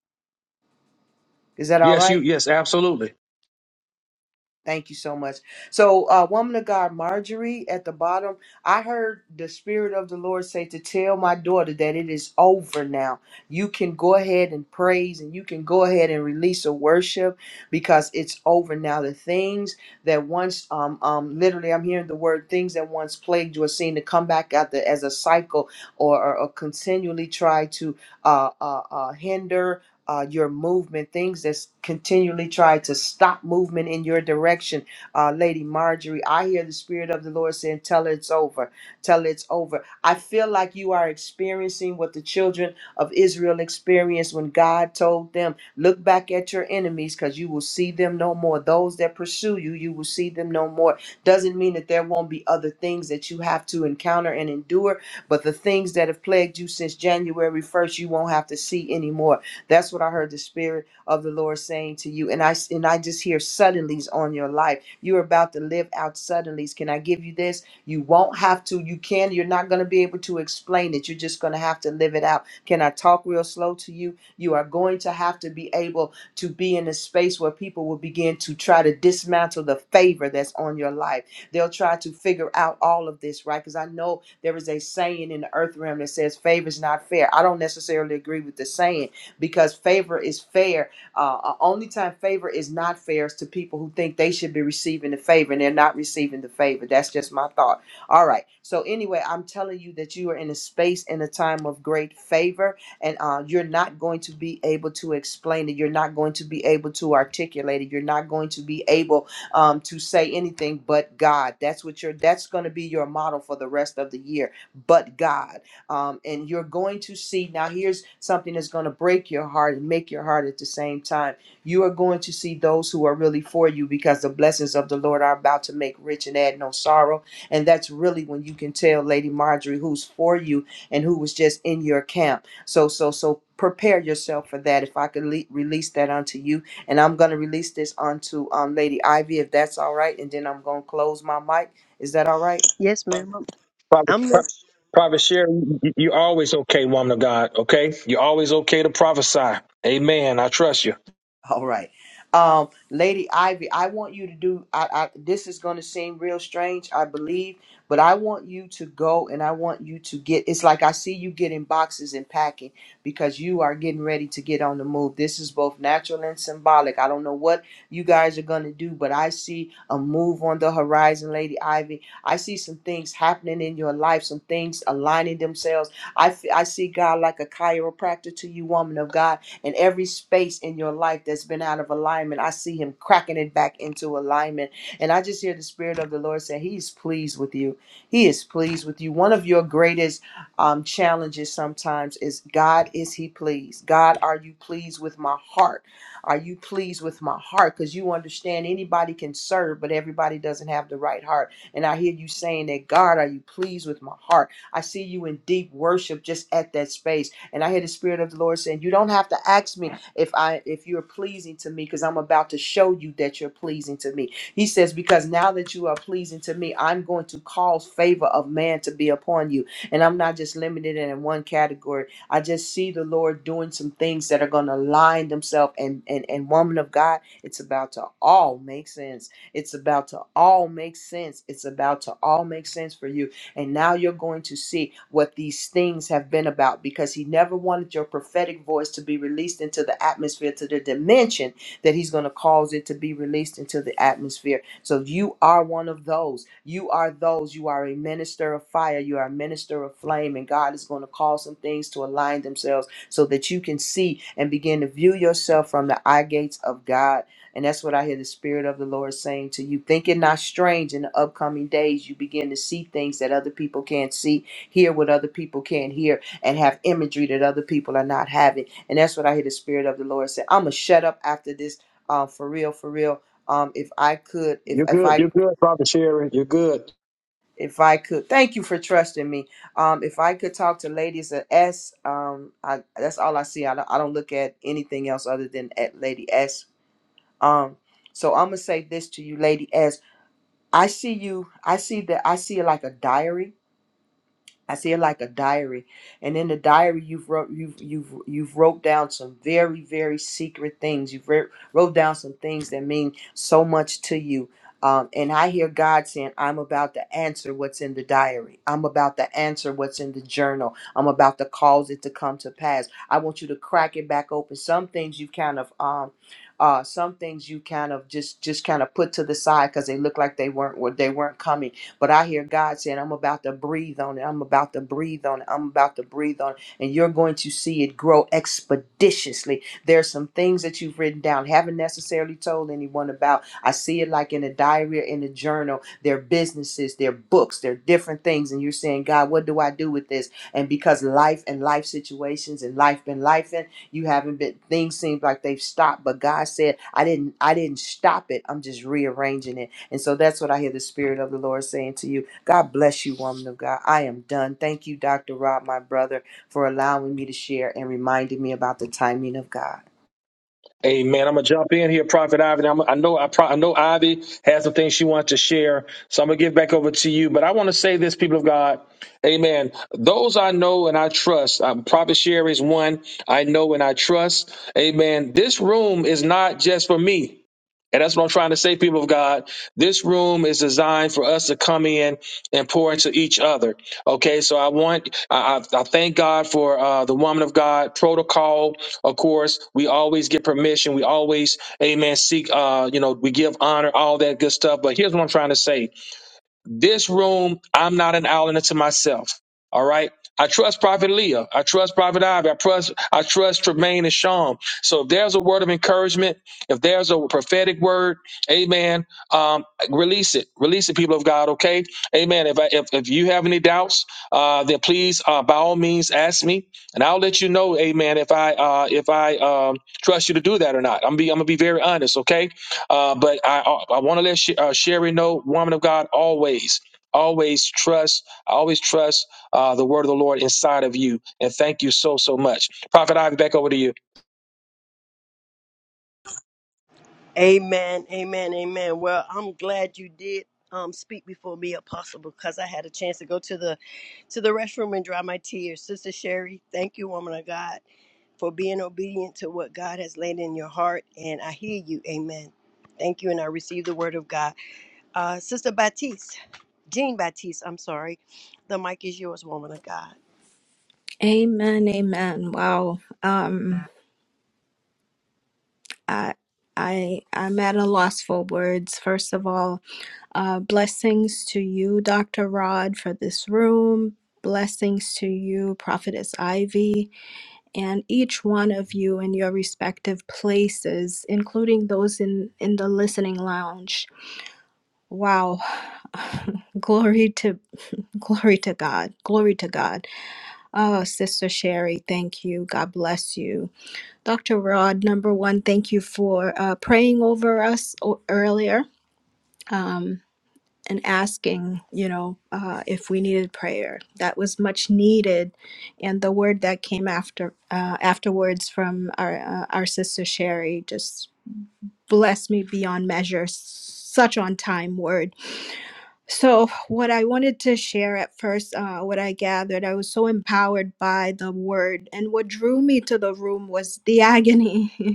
[SPEAKER 6] Is that all
[SPEAKER 1] yes, you.
[SPEAKER 6] right?
[SPEAKER 1] Yes, absolutely.
[SPEAKER 6] Thank you so much. So, uh, woman of God, Marjorie, at the bottom, I heard the Spirit of the Lord say to tell my daughter that it is over now. You can go ahead and praise and you can go ahead and release a worship because it's over now. The things that once, um, um, literally, I'm hearing the word things that once plagued you are seen to come back out the, as a cycle or, or, or continually try to uh, uh, uh, hinder uh, your movement, things that's continually try to stop movement in your direction. Uh, Lady Marjorie, I hear the Spirit of the Lord saying, Tell it's over, tell it's over. I feel like you are experiencing what the children of Israel experienced when God told them, Look back at your enemies because you will see them no more. Those that pursue you, you will see them no more. Doesn't mean that there won't be other things that you have to encounter and endure, but the things that have plagued you since January 1st, you won't have to see anymore that's what I heard the Spirit of the Lord saying to you. And I and I just hear suddenlies on your life. You're about to live out suddenlies. Can I give you this? You won't have to. You can. You're not going to be able to explain it. You're just going to have to live it out. Can I talk real slow to you? You are going to have to be able to be in a space where people will begin to try to dismantle the favor that's on your life. They'll try to figure out all of this, right? Because I know there is a saying in the earth realm that says favor is not fair. I don't necessarily agree with the saying because favor is fair. Uh, uh, only time favor is not fair is to people who think they should be receiving the favor and they're not receiving the favor. That's just my thought. All right. So anyway, I'm telling you that you are in a space in a time of great favor, and uh, you're not going to be able to explain it. You're not going to be able to articulate it. You're not going to be able um, to say anything but God. That's what you're. That's going to be your model for the rest of the year. But God. Um, and you're going to see now, here's something that's going to break your heart and make your heart at the same time. You are going to see those who are really for you because the blessings of the Lord are about to make rich and add no sorrow. And that's really when you can tell Lady Marjorie who's for you and who was just in your camp. So, so, so prepare yourself for that. If I could le- release that onto you, and I'm going to release this onto um, Lady Ivy, if that's all right. And then I'm going to close my mic. Is that all right?
[SPEAKER 2] Yes, ma'am. I'm I'm listening.
[SPEAKER 6] All right. Um, Lady Ivy, I want you to do I, I this is gonna seem real strange, I believe, but I want you to go and I want you to get it's like I see you getting boxes and packing because you are getting ready to get on the move. This is both natural and symbolic. I don't know what you guys are gonna do, but I see a move on the horizon, Lady Ivy. I see some things happening in your life, some things aligning themselves. I, f- I see God like a chiropractor to you, woman of God and every space in your life that's been out of alignment, I see him cracking it back into alignment. And I just hear the Spirit of the Lord say, He's pleased with you. He is pleased with you. One of your greatest um, challenges sometimes is God, is He pleased? God, are you pleased with my heart? Are you pleased with my heart? Because you understand anybody can serve, but everybody doesn't have the right heart. And I hear you saying that, God, are you pleased with my heart? I see you in deep worship just at that space. And I hear the Spirit of the Lord saying, You don't have to ask me if I if you're pleasing to me, because I'm about to show you that you're pleasing to me. He says, Because now that you are pleasing to me, I'm going to cause favor of man to be upon you. And I'm not just limited in one category. I just see the Lord doing some things that are gonna align themselves and and, and woman of God, it's about to all make sense. It's about to all make sense. It's about to all make sense for you and now you're going to see what these things have been about because he never wanted your prophetic voice to be released into the atmosphere, to the dimension that he's going to cause it to be released into the atmosphere. So you are one of those. You are those. You are a minister of fire. You are a minister of flame. And God is going to cause some things to align themselves so that you can see and begin to view yourself from the eye gates of God and that's what I hear the Spirit of the Lord saying to you. Think it not strange in the upcoming days. You begin to see things that other people can't see, hear what other people can't hear, and have imagery that other people are not having. And that's what I hear the Spirit of the Lord say. I'm going to shut up after this. Um, for real, for real. Um, if I could, if,
[SPEAKER 1] You're
[SPEAKER 6] if
[SPEAKER 1] good.
[SPEAKER 6] I.
[SPEAKER 1] You're good, Brother Sherry. You're good.
[SPEAKER 6] If I could, thank you for trusting me. Um, if I could talk to ladies at S, um, I, that's all I see. I don't, I don't look at anything else other than at Lady S um, so I'm gonna say this to you, lady, as I see you, I see that I see like a diary I see it like a diary, and in the diary you've wrote you've you've you've wrote down some very very secret things. You've wrote wrote down some things that mean so much to you. Um, and I hear God saying, "I'm about to answer what's in the diary. I'm about to answer what's in the journal. I'm about to cause it to come to pass. I want you to crack it back open. Some things you've kind of um." Uh, some things you kind of just just kind of put to the side because they look like they weren't they weren't coming but I hear God saying, I'm about to breathe on it. I'm about to breathe on it. I'm about to breathe on it. And you're going to see it grow expeditiously. There's some things that you've written down, haven't necessarily told anyone about. I see it like in a diary or in a journal, their businesses, their books, their different things. And you're saying, God, what do I do with this? And because life and life situations and life been life and you haven't been things seem like they've stopped. But God said, I didn't I didn't stop it. I'm just rearranging it and so that's what I hear the Spirit of the Lord saying to you. God bless you, woman of God. I am done. Thank you, Dr. Rob, my brother, for allowing me to share and reminding me about the timing of God.
[SPEAKER 1] Amen. I'm gonna jump in here, Prophet Ivy. I'm, I know I, pro, I know Ivy has some things she wants to share, so I'm gonna give back over to you. But I want to say this, people of God, Amen. Those I know and I trust. Um, Prophet Sherry is one I know and I trust. Amen. This room is not just for me. And that's what I'm trying to say, people of God. This room is designed for us to come in and pour into each other. Okay, so I want, I, I I thank God for uh, the woman of God protocol. Of course, we always get permission. We always, amen, seek, uh, you know, we give honor, all that good stuff. But here's what I'm trying to say this room, I'm not an island unto myself. All right. I trust Prophet Leah. I trust Prophet Ivy. I trust I trust Tremaine and Sean. So if there's a word of encouragement, if there's a prophetic word, amen. Um, release it. Release it, people of God, okay? Amen. If I, if, if you have any doubts, uh, then please uh, by all means ask me and I'll let you know, amen, if I uh if I um trust you to do that or not. I'm be I'm gonna be very honest, okay? Uh, but I I want to let Sh- uh, Sherry know, woman of God, always, always trust, always trust uh, the word of the Lord inside of you. And thank you so so much, Prophet Ivy. Back over to you.
[SPEAKER 2] Amen, amen, amen. Well, I'm glad you did um speak before me, Apostle, because I had a chance to go to the to the restroom and dry my tears. Sister Sherry, thank you, woman of God, for being obedient to what God has laid in your heart. And I hear you. Amen. Thank you. And I receive the word of God. Uh, Sister Baptiste, Jean Baptiste, I'm sorry. The mic is yours, woman of God.
[SPEAKER 7] Amen, amen. Wow. Um I I I'm at a loss for words. First of all, uh blessings to you, Dr. Rod, for this room. Blessings to you, Prophetess Ivy, and each one of you in your respective places, including those in in the listening lounge. Wow. (laughs) glory to glory to God. Glory to God. Oh, Sister Sherry, thank you. God bless you. Dr. Rod, number one, thank you for uh, praying over us o- earlier um, and asking, you know, uh, if we needed prayer. That was much needed, and the word that came after uh, afterwards from our uh, our sister Sherry just blessed me beyond measure. Such on time word. So, what I wanted to share at first, uh, what I gathered, I was so empowered by the word. And what drew me to the room was the agony. (laughs)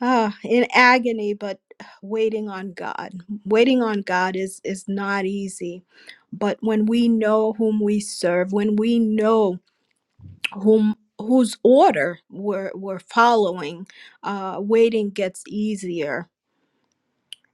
[SPEAKER 7] uh, in agony, but waiting on God. Waiting on God is is not easy, but when we know whom we serve, when we know whom whose order we're we're following, uh, waiting gets easier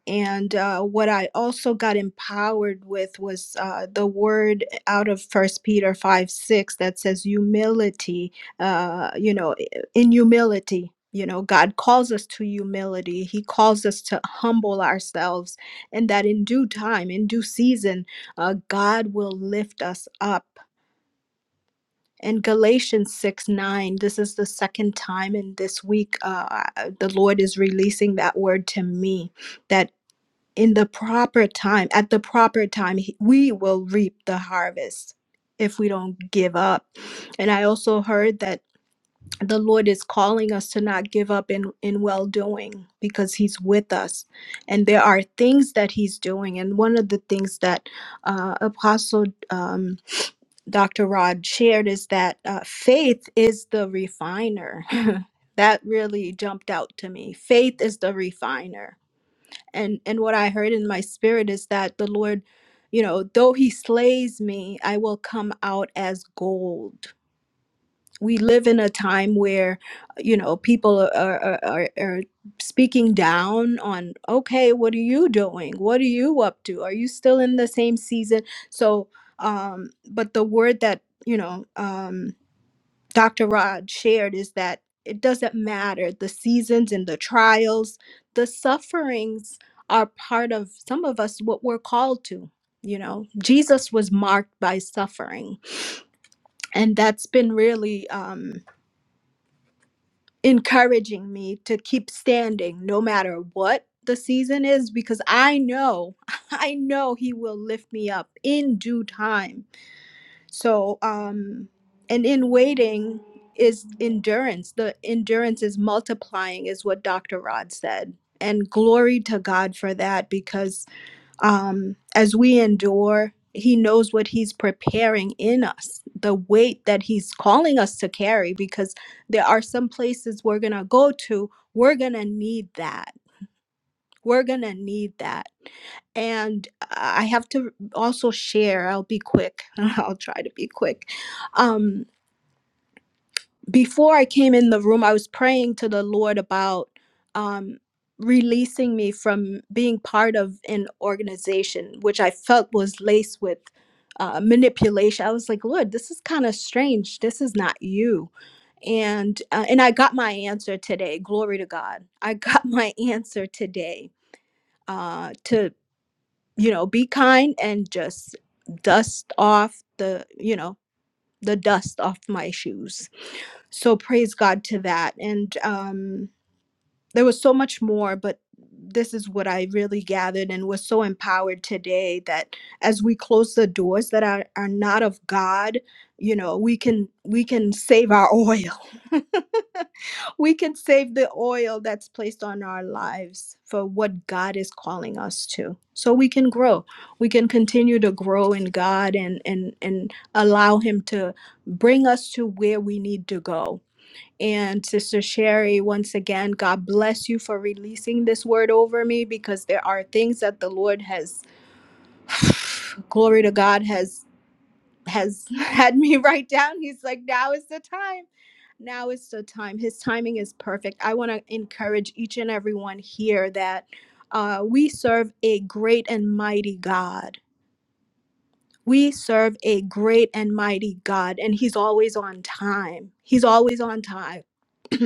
[SPEAKER 7] and uh, what i also got empowered with was uh, the word out of first peter 5 6 that says humility uh, you know i- in humility you know god calls us to humility he calls us to humble ourselves and that in due time in due season uh, god will lift us up and galatians 6 9 this is the second time in this week uh, the lord is releasing that word to me that in the proper time, at the proper time, he- we will reap the harvest if we don't give up. And I also heard that the Lord is calling us to not give up in, in well doing because He's with us. And there are things that He's doing. And one of the things that uh, Apostle um, Dr. Rod shared is that uh, faith is the refiner. (laughs) that really jumped out to me. Faith is the refiner and and what i heard in my spirit is that the lord you know though he slays me i will come out as gold we live in a time where you know people are are, are, are speaking down on okay what are you doing what are you up to are you still in the same season so um but the word that you know um, Dr. Rod shared is that it doesn't matter the seasons and the trials, the sufferings are part of some of us what we're called to. You know, Jesus was marked by suffering, and that's been really um, encouraging me to keep standing no matter what the season is because I know, (laughs) I know He will lift me up in due time So, um, and in waiting is endurance. The endurance is multiplying, is what Dr. Rod said. And glory to God for that, because um, as we endure, He knows what He's preparing in us, the weight that He's calling us to carry, because there are some places we're going to go to, we're going to need that we're going to need that. And I have to also share, I'll be quick. (laughs) I'll try to be quick. Um, before I came in the room, I was praying to the Lord about um, releasing me from being part of an organization, which I felt was laced with uh, manipulation. I was like, Lord, this is kind of strange. This is not you. And uh, and I got my answer today. Glory to God. I got (laughs) my answer today uh, to you know be kind and just dust off the you know the dust off my shoes so praise god to that and um there was so much more but this is what i really gathered and was so empowered today that as we close the doors that are, are not of god you know we can we can save our oil (laughs) we can save the oil that's placed on our lives for what God is calling us to. So we can grow. We can continue to grow in God and and and allow him to bring us to where we need to go. And Sister Sherry, once again, God bless you for releasing this word over me because there are things that the Lord has (sighs) glory to God has has (laughs) had me write down. He's like, now is the time. Now is the time. His timing is perfect. I want to encourage each and everyone here that uh, we serve a great and mighty God. We serve a great and mighty God, and He's always on time. He's always on time. (clears throat)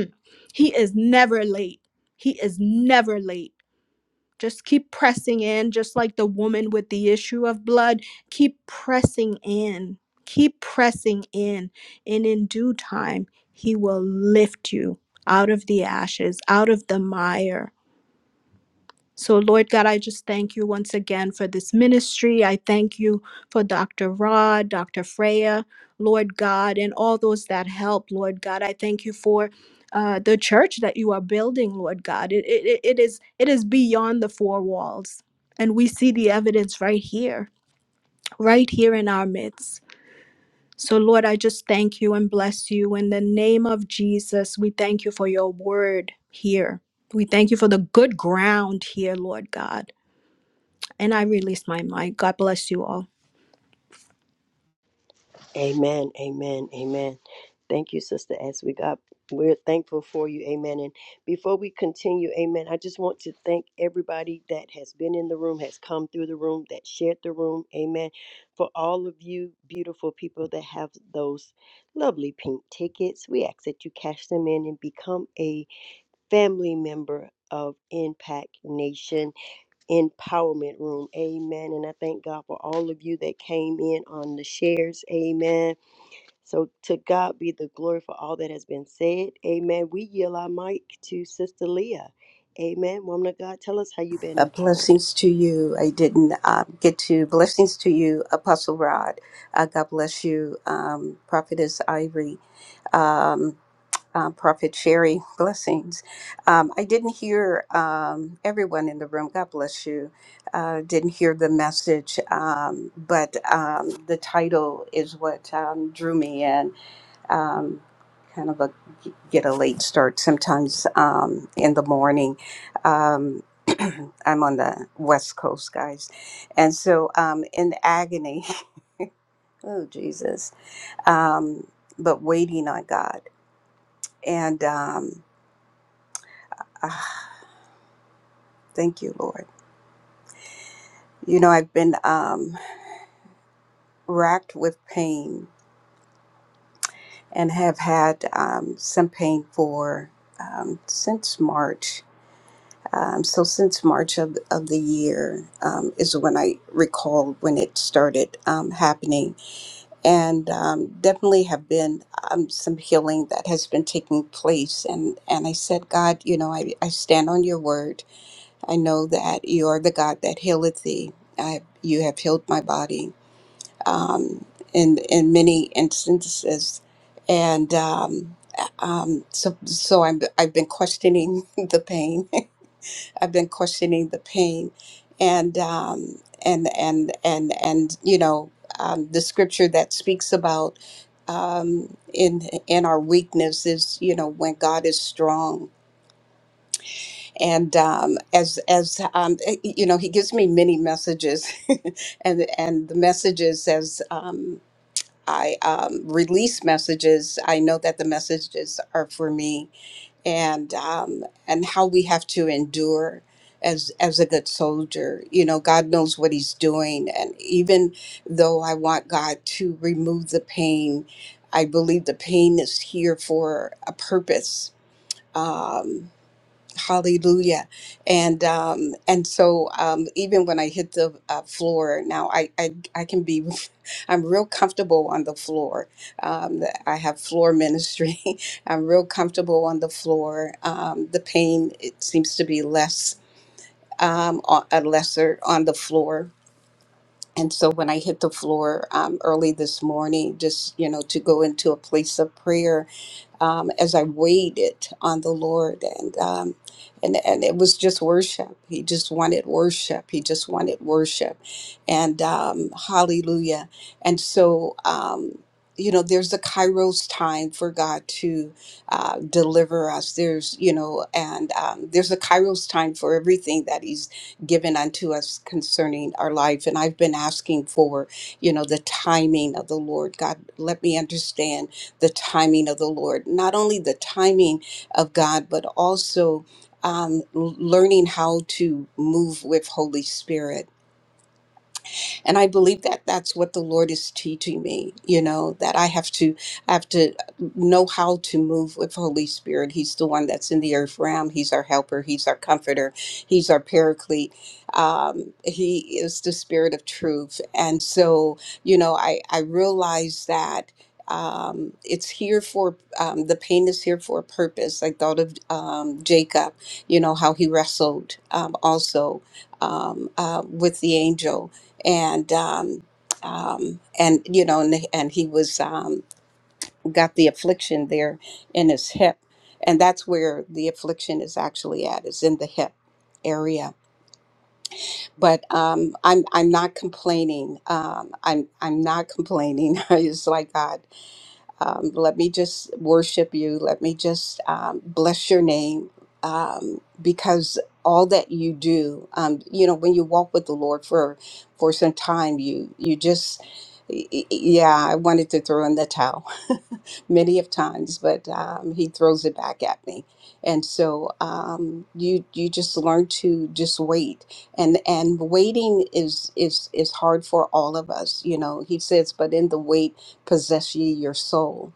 [SPEAKER 7] he is never late. He is never late. Just keep pressing in, just like the woman with the issue of blood. Keep pressing in, keep pressing in. And in due time, He will lift you out of the ashes, out of the mire so, Lord God, I just thank you once again for this ministry. I thank you for Dr. Rod, Dr. Freya, Lord God, and all those that help, Lord God. I thank you for. Uh, the church that you are building, Lord God, it, it, it is it is beyond the four walls, and we see the evidence right here, right here in our midst. So, Lord, I just thank you and bless you in the name of Jesus. We thank you for your word here. We thank you for the good ground here, Lord God. And I release my mic. God bless you all.
[SPEAKER 2] Amen. Amen. Amen. Thank you, Sister As we got we're thankful for you. Amen. And before we continue, amen, I just want to thank everybody that has been in the room, has come through the room, that shared the room. Amen. For all of you beautiful people that have those lovely pink tickets, we ask that you cash them in and become a family member of Impact Nation. empowerment room. Amen. And I thank God for all of you that came in on the shares. Amen. So to God be the glory for all that has been said. Amen. We yield our mic to Sister Leah. Amen. Woman of God, tell us how you've been
[SPEAKER 8] Uh,
[SPEAKER 2] empowered.
[SPEAKER 8] blessings to you. I didn't uh, get to. Blessings to you, Apostle Rod. Uh, God bless you, um, Prophetess Ivory, um, uh, Prophet Sherry. Blessings. Um, I didn't hear um, everyone in the room. God bless you. Uh, didn't hear the message, um, but um, the title is what um, drew me in um, kind of a get a late start sometimes um, in the morning. Um, (clears throat) I'm on the West Coast, guys, and so um, in agony. (laughs) oh Jesus! Um, but waiting on God, and um, ah, thank you, Lord. You know, I've been um, racked with pain and have had um, some pain for um, since March Um, so since March of, of the year um, is when I recall when it started um, happening, and um, definitely have been um, some healing that has been taking place. And and I said, God, you know, I, I stand on your word. I know that you are the God that healeth thee. I, you have healed my body um, in in many instances, and. Um, um, so, so I'm, I've been questioning (laughs) the pain I've been questioning the pain, and um, and and and and you know um, the scripture that speaks about um, in in our weakness is you know when God is strong, and um, as as um, eh, you know He gives me many messages, (laughs) and and the messages as um, I um, release messages, I know that the messages are for me and um, and how we have to endure as as a good soldier. You know, God knows what He's doing, and even though I want God to remove the pain, I believe the pain is here for a purpose. Um, Hallelujah. And um, and so um, even when I hit the uh, floor now, I, I I can be (laughs) I'm real comfortable on the floor. Um, the- I have floor ministry. (laughs) I'm real comfortable on the floor. Um, the pain it seems to be less um, o- a lesser on the floor. And so when I hit the floor um, early this morning, just you know to go into a place of prayer um, as I waited on the Lord, and um, and and it was just worship. He just wanted worship. He just wanted worship, and um, Hallelujah. And so, um, you know, there's a Kairos time for God to uh, deliver us. There's you know, and um, there's a Kairos time for everything that He's given unto us concerning our life. And I've been asking for, you know, the timing of the Lord. God, let me understand the timing of the Lord, not only the timing of God, but also um, learning how to move with Holy Spirit and i believe that that's what the lord is teaching me you know that i have to i have to know how to move with holy spirit he's the one that's in the earth realm he's our helper he's our comforter he's our paraclete um, he is the spirit of truth and so you know i i realize that um, it's here for um, the pain is here for a purpose. I thought of um, Jacob, you know how he wrestled um, also um, uh, with the angel, and um, um, and you know, and, and he was um, got the affliction there in his hip, and that's where the affliction is actually at is in the hip area. But um, I'm I'm not complaining. Um, I'm I'm not complaining. (laughs) it's like God. Um, let me just worship you. Let me just um, bless your name um, because all that you do, um, you know, when you walk with the Lord for for some time, you you just y- y- yeah, I wanted to throw in the towel (laughs) many of times, but um, he throws it back at me. And so um, you you just learn to just wait, and and waiting is is is hard for all of us. You know, he says, but in the wait possess ye your soul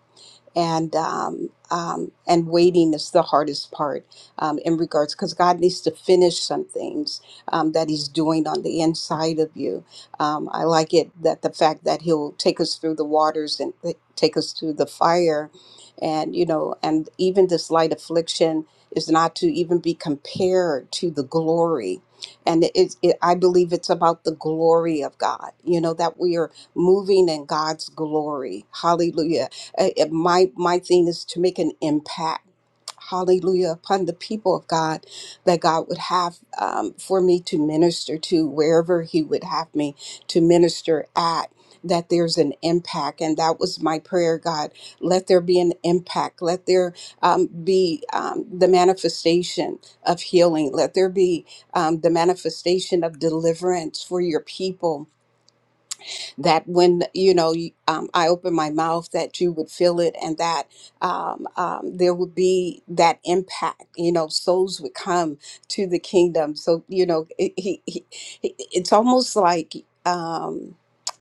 [SPEAKER 8] and um, um, and waiting is the hardest part um, in regards because God needs to finish some things um, that He's doing on the inside of you. Um, I like it that the fact that He'll take us through the waters and th- take us through the fire, and you know, and even this light affliction is not to even be compared to the glory. And it, it, it- I believe it's about the glory of God, you know, that we are moving in God's glory. Hallelujah uh, uh, my my thing is to make an impact. Hallelujah upon the people of God that God would have um, for me to minister to wherever He would have me to minister at. That there's an impact, and that was my prayer, God. Let there be an impact. Let there um, be um, the manifestation of healing. Let there be um, the manifestation of deliverance for your people that when you know you- um, I open my mouth, that you would feel it, and that um, um, there would be that impact. You know, souls would come to the kingdom. So you know, it, he, he, he- it's almost like. Um,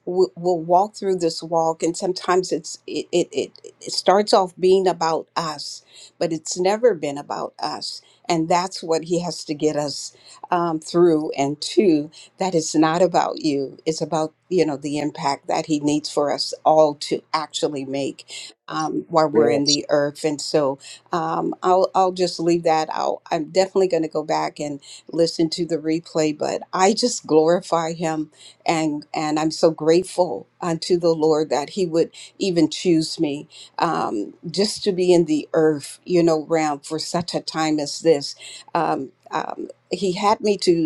[SPEAKER 8] we- We'll walk through this walk, and sometimes it's it, it it it starts off being about us, but it's never been about us, and that's what he has to get us um, through and to that it's not about you it's about you know the impact that he needs for us all to actually make um, while we're in
[SPEAKER 1] Yes.
[SPEAKER 8] the earth and so um, I'll, I'll just leave that out i'm definitely going to go back and listen to the replay but i just glorify him and and i'm so grateful unto the lord that he would even choose me um, just to be in the earth you know realm for such a time as this um, um, he had me to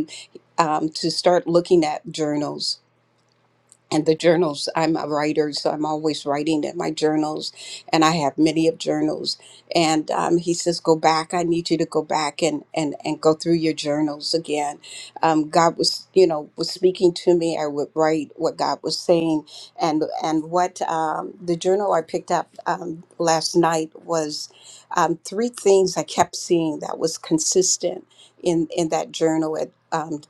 [SPEAKER 8] um, to start looking at journals and the journals i'm a writer so i'm always writing in my journals and i have many of journals and um, he says go back i need you to go back and and and go through your journals again um, god was you know was speaking to me i would write what god was saying and and what um, the journal i picked up um, last night was um, three things i kept seeing that was consistent in in that journal at um,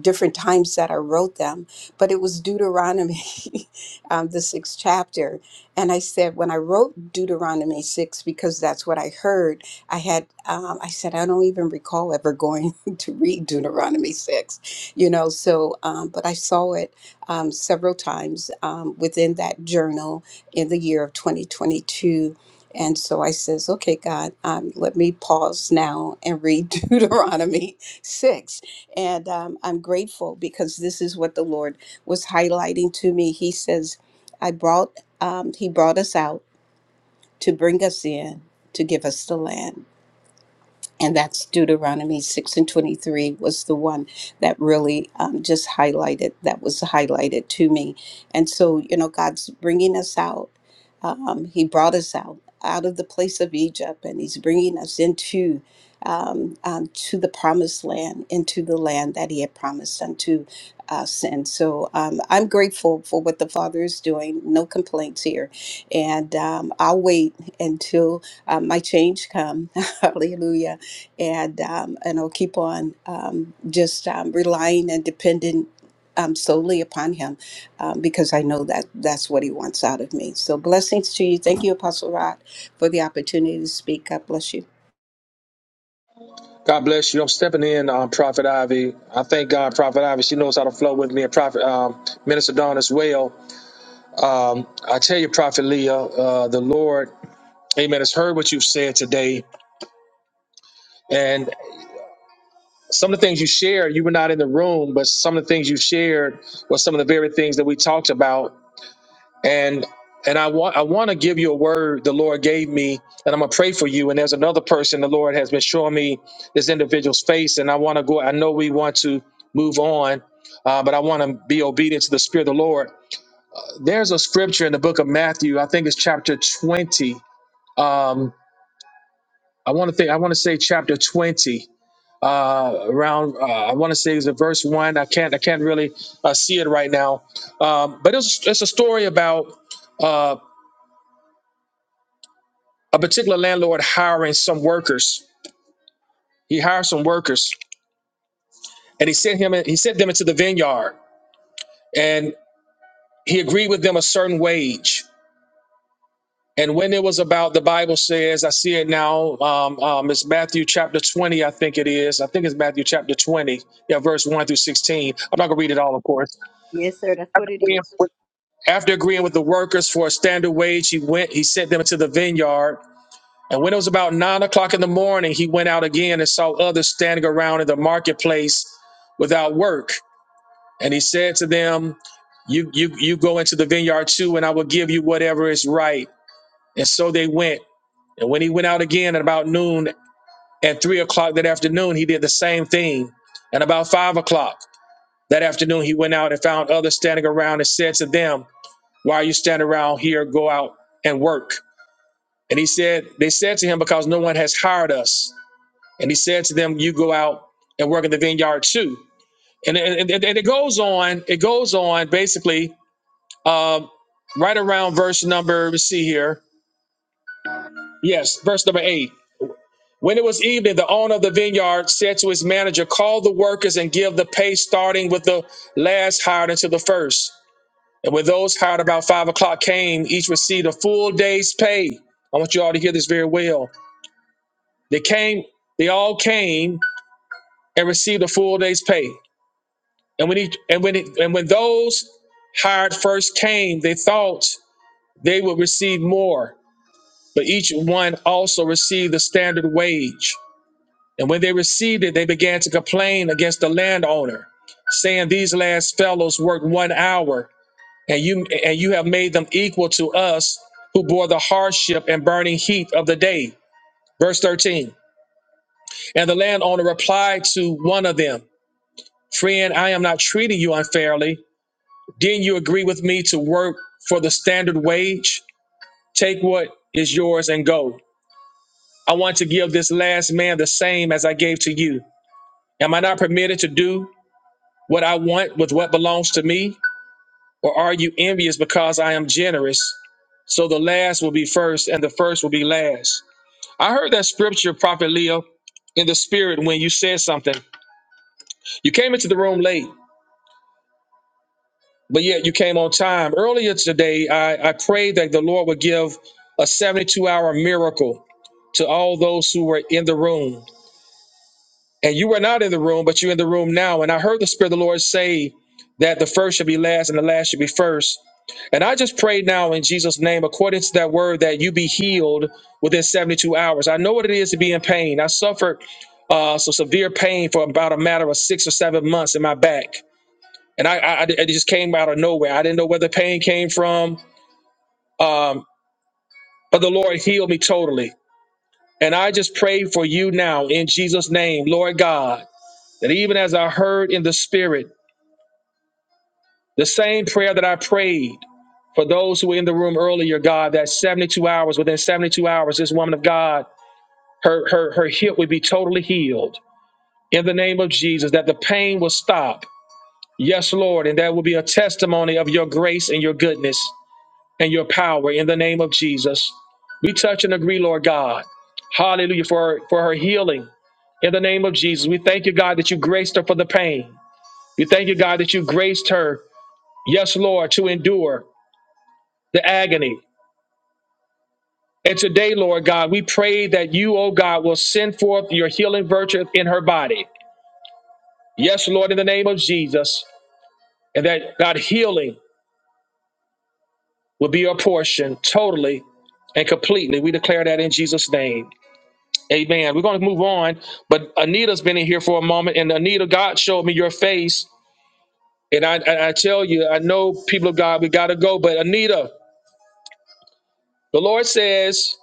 [SPEAKER 8] different times that i wrote them but it was Deuteronomy, (laughs) um, the sixth chapter. And I said, when I wrote Deuteronomy six, because that's what I heard, I had, um, I said, I don't even recall ever going (laughs) to read Deuteronomy six, you know, so, um, but I saw it um, several times um, within that journal in the year of 2022. And so I says, okay, God, um, let me pause now and read (laughs) Deuteronomy 6. And um, I'm grateful because this is what the Lord was highlighting to me. He says, I brought, um, he brought us out to bring us in, to give us the land and that's Deuteronomy 6 and 23 was the one that really um, just highlighted, that was highlighted to me. And so, you know, God's bringing us out. Um, he brought us out, out of the place of Egypt, and He's bringing us into. Um, um, to the promised land, into the land that he had promised unto us. And so um, I'm grateful for what the Father is doing. No complaints here. And um, I'll wait until uh, my change come. (laughs) Hallelujah and um, and I'll keep on um, just um, relying and depending um, solely upon Him um, because I know that that's what He wants out of me. So blessings to you. Thank you, Apostle Rod, for the opportunity to speak. God bless you.
[SPEAKER 1] God bless you. I'm stepping in, um, Prophet Ivy. I thank God, Prophet Ivy. She knows how to flow with me, and Prophet um, Minister Dawn as well. Um, I tell you, Prophet Leah, uh, the Lord, Amen, has heard what you've said today, and. some of the things you shared, you were not in the room, but some of the things you shared were some of the very things that we talked about. And and I want I want to give you a word the Lord gave me, and I'm gonna pray for you. And there's another person the Lord has been showing me this individual's face, and I want to go. I know we want to move on, uh, but I want to be obedient to the Spirit of the Lord. There's a scripture in the book of Matthew, I think it's chapter 20. Um, I want to think I want to say chapter 20 uh, around uh, I want to say it's a verse one. I can't I can't really uh, see it right now, um, but it's it's a story about uh, a particular landlord hiring some workers. He hired some workers, and he sent him in, he sent them into the vineyard, and he agreed with them a certain wage. And when it was about, the Bible says, I see it now. Um, um, it's Matthew chapter 20, I think it is. I think it's Matthew chapter 20, yeah, verse 1 through 16. I'm not going to read it all, of course
[SPEAKER 2] Yes, sir. That's what it is.
[SPEAKER 1] After agreeing with the workers for a standard wage, he went, he sent them into the vineyard. And when it was about nine o'clock in the morning, he went out again and saw others standing around in the marketplace without work. And he said to them, You you you go into the vineyard too, and I will give you whatever is right. And so they went. And when he went out again at about noon and three o'clock that afternoon, he did the same thing. And about five o'clock that afternoon, he went out and found others standing around and said to them, Why are you standing around here? Go out and work. And he said, They said to him, Because no one has hired us. And he said to them, You go out and work in the vineyard too. And, and, and it goes on, it goes on basically um, right around verse number, let's see here. Yes, verse number eight. When it was evening, the owner of the vineyard said to his manager, Call the workers and give the pay starting with the last hired until the first. And when those hired about five o'clock came, each received a full day's pay. I want you all to hear this very well. They came, they all came and received a full day's pay. And when he and when it, and when those hired first came, they thought they would receive more, but each one also received the standard wage. When they received it, they began to complain against the landowner. And these last fellows worked one hour, and you have made them equal the hardship of paying them is yours and go. I want to give this last man the same as I gave to you. Am I not permitted to do what I want with what belongs to me? Or are you envious because I am generous? So the last will be first and the first will be last. I heard that scripture, Prophet Leo, in the spirit when you said something. You came into the room late, but yet you came on time. Earlier today, I, I prayed that the Lord would give a 72 hour miracle to all those who were in the room. And you were not in the room, but you're in the room now. And I heard the Spirit of the Lord say that the first should be last and the last should be first. And I just pray now in Jesus' name, according to that word, that you be healed within 72 hours. I know what it is to be in pain. I suffered uh, some severe pain for about a matter of six or seven months in my back. And I, I, I- it just came out of nowhere. I didn't know where the pain came from, um, but the Lord healed me totally. And I just pray for you now in Jesus' name, Lord God, that even as I heard in the Spirit, the same prayer that I prayed for those who were in the room earlier, God, that 72 hours, within 72 hours, this woman of God Her, her, her hip would be totally healed in the name of Jesus, that the pain will stop. Yes, Lord. And that will be a testimony of your grace and your goodness and your power in the name of Jesus. We touch and agree, Lord God. Hallelujah for for her healing in the name of Jesus. We thank you, God, that you graced her for the pain. We thank you, God, that you graced her, yes, Lord, to endure the agony. And today, Lord God, we pray that you, oh God, will send forth your healing. Yes, and that God healing will be your portion totally and completely. We declare that in Jesus' name. Amen. We're going to move on, but Anita's been in here for a moment, and Anita, God showed me your face. And I, I, I tell you, I know people of God, we got to go. But Anita, the Lord says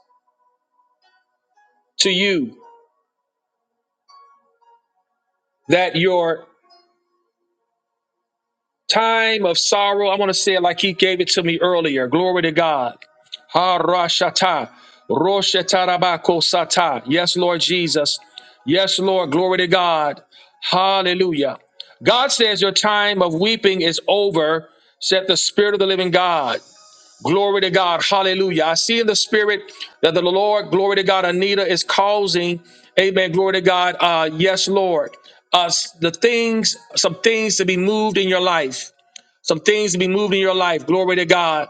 [SPEAKER 1] to you that your time of sorrow, I want to say it like He gave it to me earlier. Glory to God Harashata. Roshetarabako sata. Yes, Lord Jesus. Yes, Lord. Glory to God. Hallelujah. God says your time of weeping is over, said the Spirit of the living God. Glory to God. Hallelujah. I see in the Spirit that the Lord, glory to God, Anita is causing, amen, glory to God. Uh, yes, Lord. Uh, the things, some things to be moved in your life, in your life. Glory to God.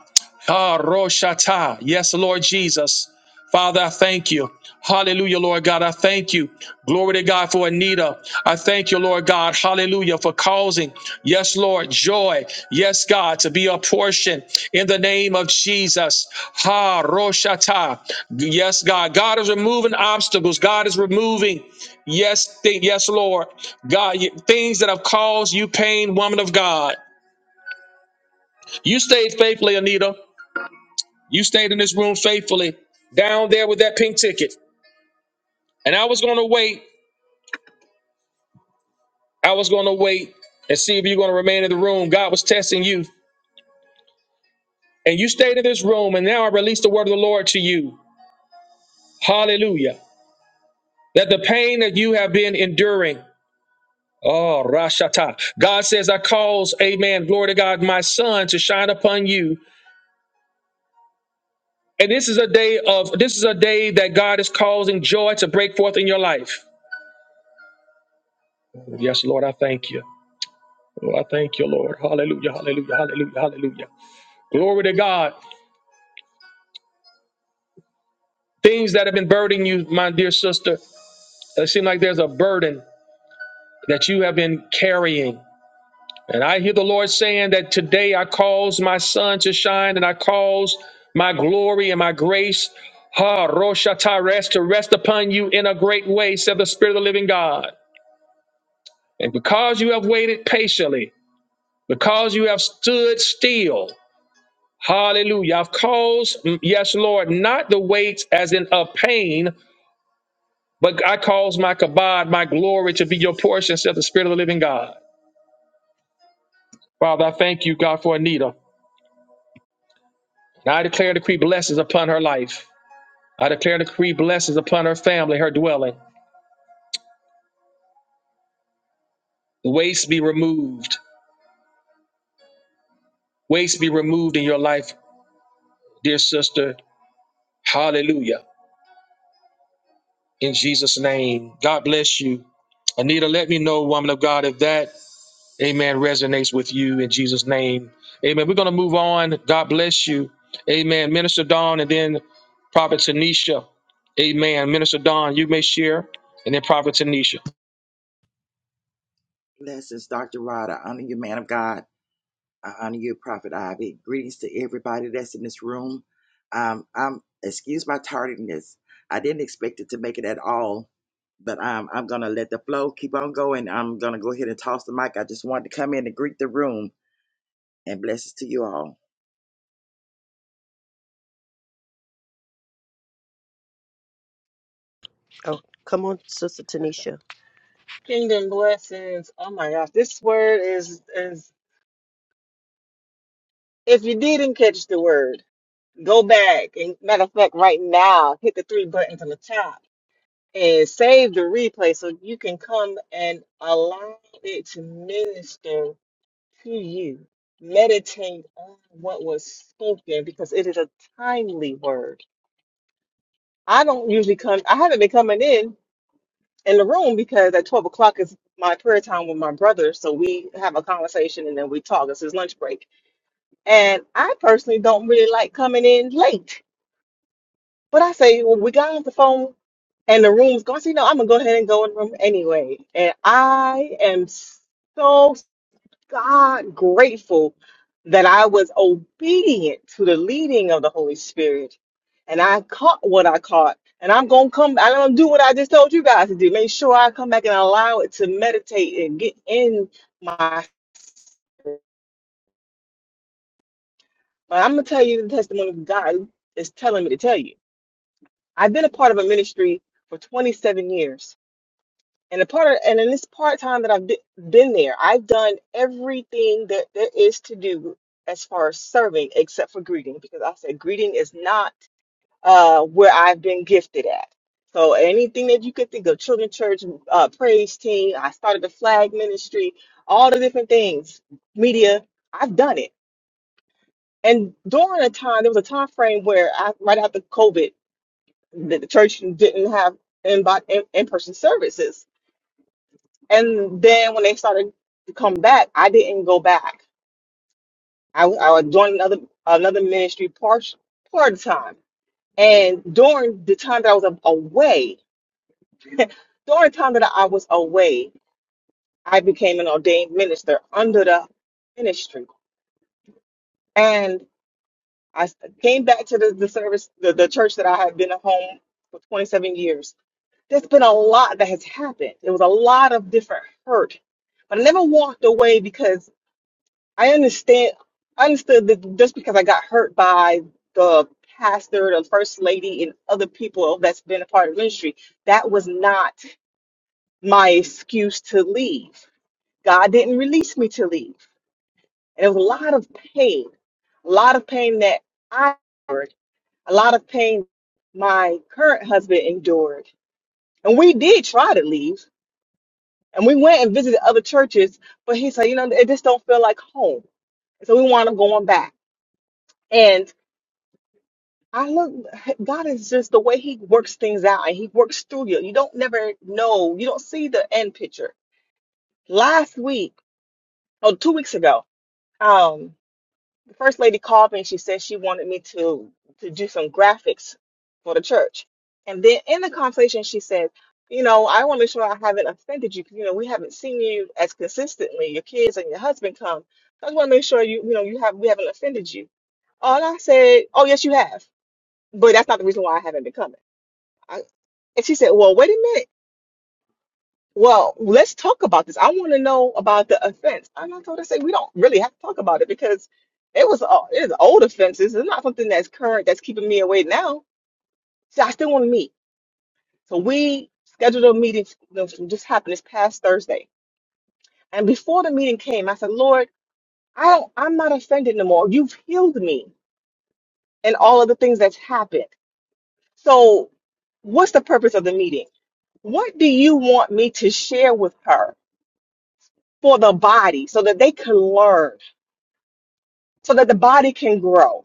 [SPEAKER 1] Ah, Roshata. Yes, Lord Jesus. Father, I thank you. Hallelujah, Lord God. I thank you. Glory to God for Anita. I thank you, Lord God. Hallelujah for causing, yes, Lord, joy. Yes, God, to be a portion in the name of Jesus. Ha Roshata. Yes, God. God is removing obstacles. God is removing, yes, thi- yes, Lord. God, y- things that have caused you pain, woman of God. You stayed faithfully, Anita. You stayed in this room faithfully down there with that pink ticket. And I was going to wait. I was going to wait. Yeah. Frank, God, you. Yes, yeah, yeah. Glory to God. Things that have been burdening you, my dear sister, it seems like there's a burden that you have been carrying. And I hear the Lord saying that today I cause my sun to shine and I cause my glory and my grace, ha, Rosha to rest upon you in a great way, said the Spirit of the living God. And because you have waited patiently, because you have stood still, Hallelujah. I've caused, mm, yes, Lord, not the weights as in of pain, but I cause my kabod, my glory to be your portion, says the Spirit of the living God. Father, I thank you, God, for Anita. And I declare and decree blessings upon her life. I declare and decree blessings upon her family, her dwelling. Waste be removed. Waste be removed in your life, dear sister. Hallelujah. In Jesus' name. God bless you. Anita, let me know, woman of God, if that Amen. Resonates with you in Jesus' name. Amen. We're going to move on. God bless you. Amen. Minister Don and then Prophet Tanisha. Amen. Minister Don, you may share. And then Prophet Tanisha.
[SPEAKER 9] Blessings, Dr. Rod. I honor you, man of God. I honor you, Prophet Ivy. Greetings to everybody that's in this room. Um, I'm excuse my tardiness. I didn't expect it to make it at all, but um, I'm gonna let the flow keep on going. I'm gonna go ahead and toss the mic. I just wanted to come in and greet the room and blessings to you all.
[SPEAKER 2] Oh, come on, Sister Tanisha.
[SPEAKER 10] Kingdom blessings. Oh my gosh, this word is is if you didn't catch the word, go back and matter of fact, right now, hit the three buttons on the top and save the replay so you can come and allow it to minister to you. Meditate on what was spoken because it is a timely word. I don't usually come, I haven't been coming in in the room because at 12 o'clock is my prayer time with my brother. So we have a conversation and then we talk. It's his lunch break. And I personally don't really like coming in late. But I say, well, we got off the phone and the room's going. So, you know, I'm going to go ahead and go in the room anyway. And I am so God grateful that I was obedient to the leading of the Holy Spirit. And I caught what I caught. And I'm gonna come, I'm gonna do what I just told you guys to do. Make sure I come back and allow it to meditate and get in my spirit. But I'm gonna tell you the testimony God is telling me to tell you. I've been a part of a ministry for 27 years And the part of, and in this part time that I've be- been there, I've done everything that there is to do as far as serving, except for greeting, because I said greeting is not uh, where I've been gifted at. So anything that you could think of, children church, uh, praise team, I started the flag ministry, all the different things, media, I've done it. And during a time, there was a time frame where I, right after COVID, the, the church didn't have in, in person services. And then when they started to come back, I didn't go back. I, I joined another another ministry part part time. And during the time that I was a- away, during the time that I was away, I became an ordained minister under the ministry. And I s- came back to the, the service, the, the church that I had been at home for 27 years. There's been a lot that has happened. It was a lot of different hurt, but I never walked away because I understand. I understood that just because I got hurt by the pastor, the first lady, and other people that's been a part of ministry, that was not my excuse to leave. God didn't release me to leave, and it was a lot of pain, a lot of pain that I endured, a lot of pain my current husband endured, and we did try to leave, and we went and visited other churches, but he said, you know, it just don't feel like home, so we want to go on back, and I look, God is just the way He works things out and He works through you. You don't never know, you don't see the end picture. Last week, or two weeks ago, um, the first lady called me and she said she wanted me to to do some graphics for the church. And then in the conversation, she said, You know, I want to make sure I haven't offended you because, you know, we haven't seen you as consistently. Your kids and your husband come. So I just want to make sure you, you know, you have we haven't offended you. Oh, and I said, Oh, yes, you have. But that's not the reason why I haven't been coming. I, and she said, Well, wait a minute. Well, let's talk about this. I want to know about the offense. And I told her, say, we don't really have to talk about it because it was uh, it is old offenses. It's not something that's current that's keeping me away now. So I still want to meet. So we scheduled a meeting that just happened this past Thursday. And before the meeting came, I said, Lord, I don't, I'm not offended no more. You've healed me and all of the things that's happened. So what's the purpose of the meeting? What do you want me to share with her? for the body so that they can learn, so that the body can grow.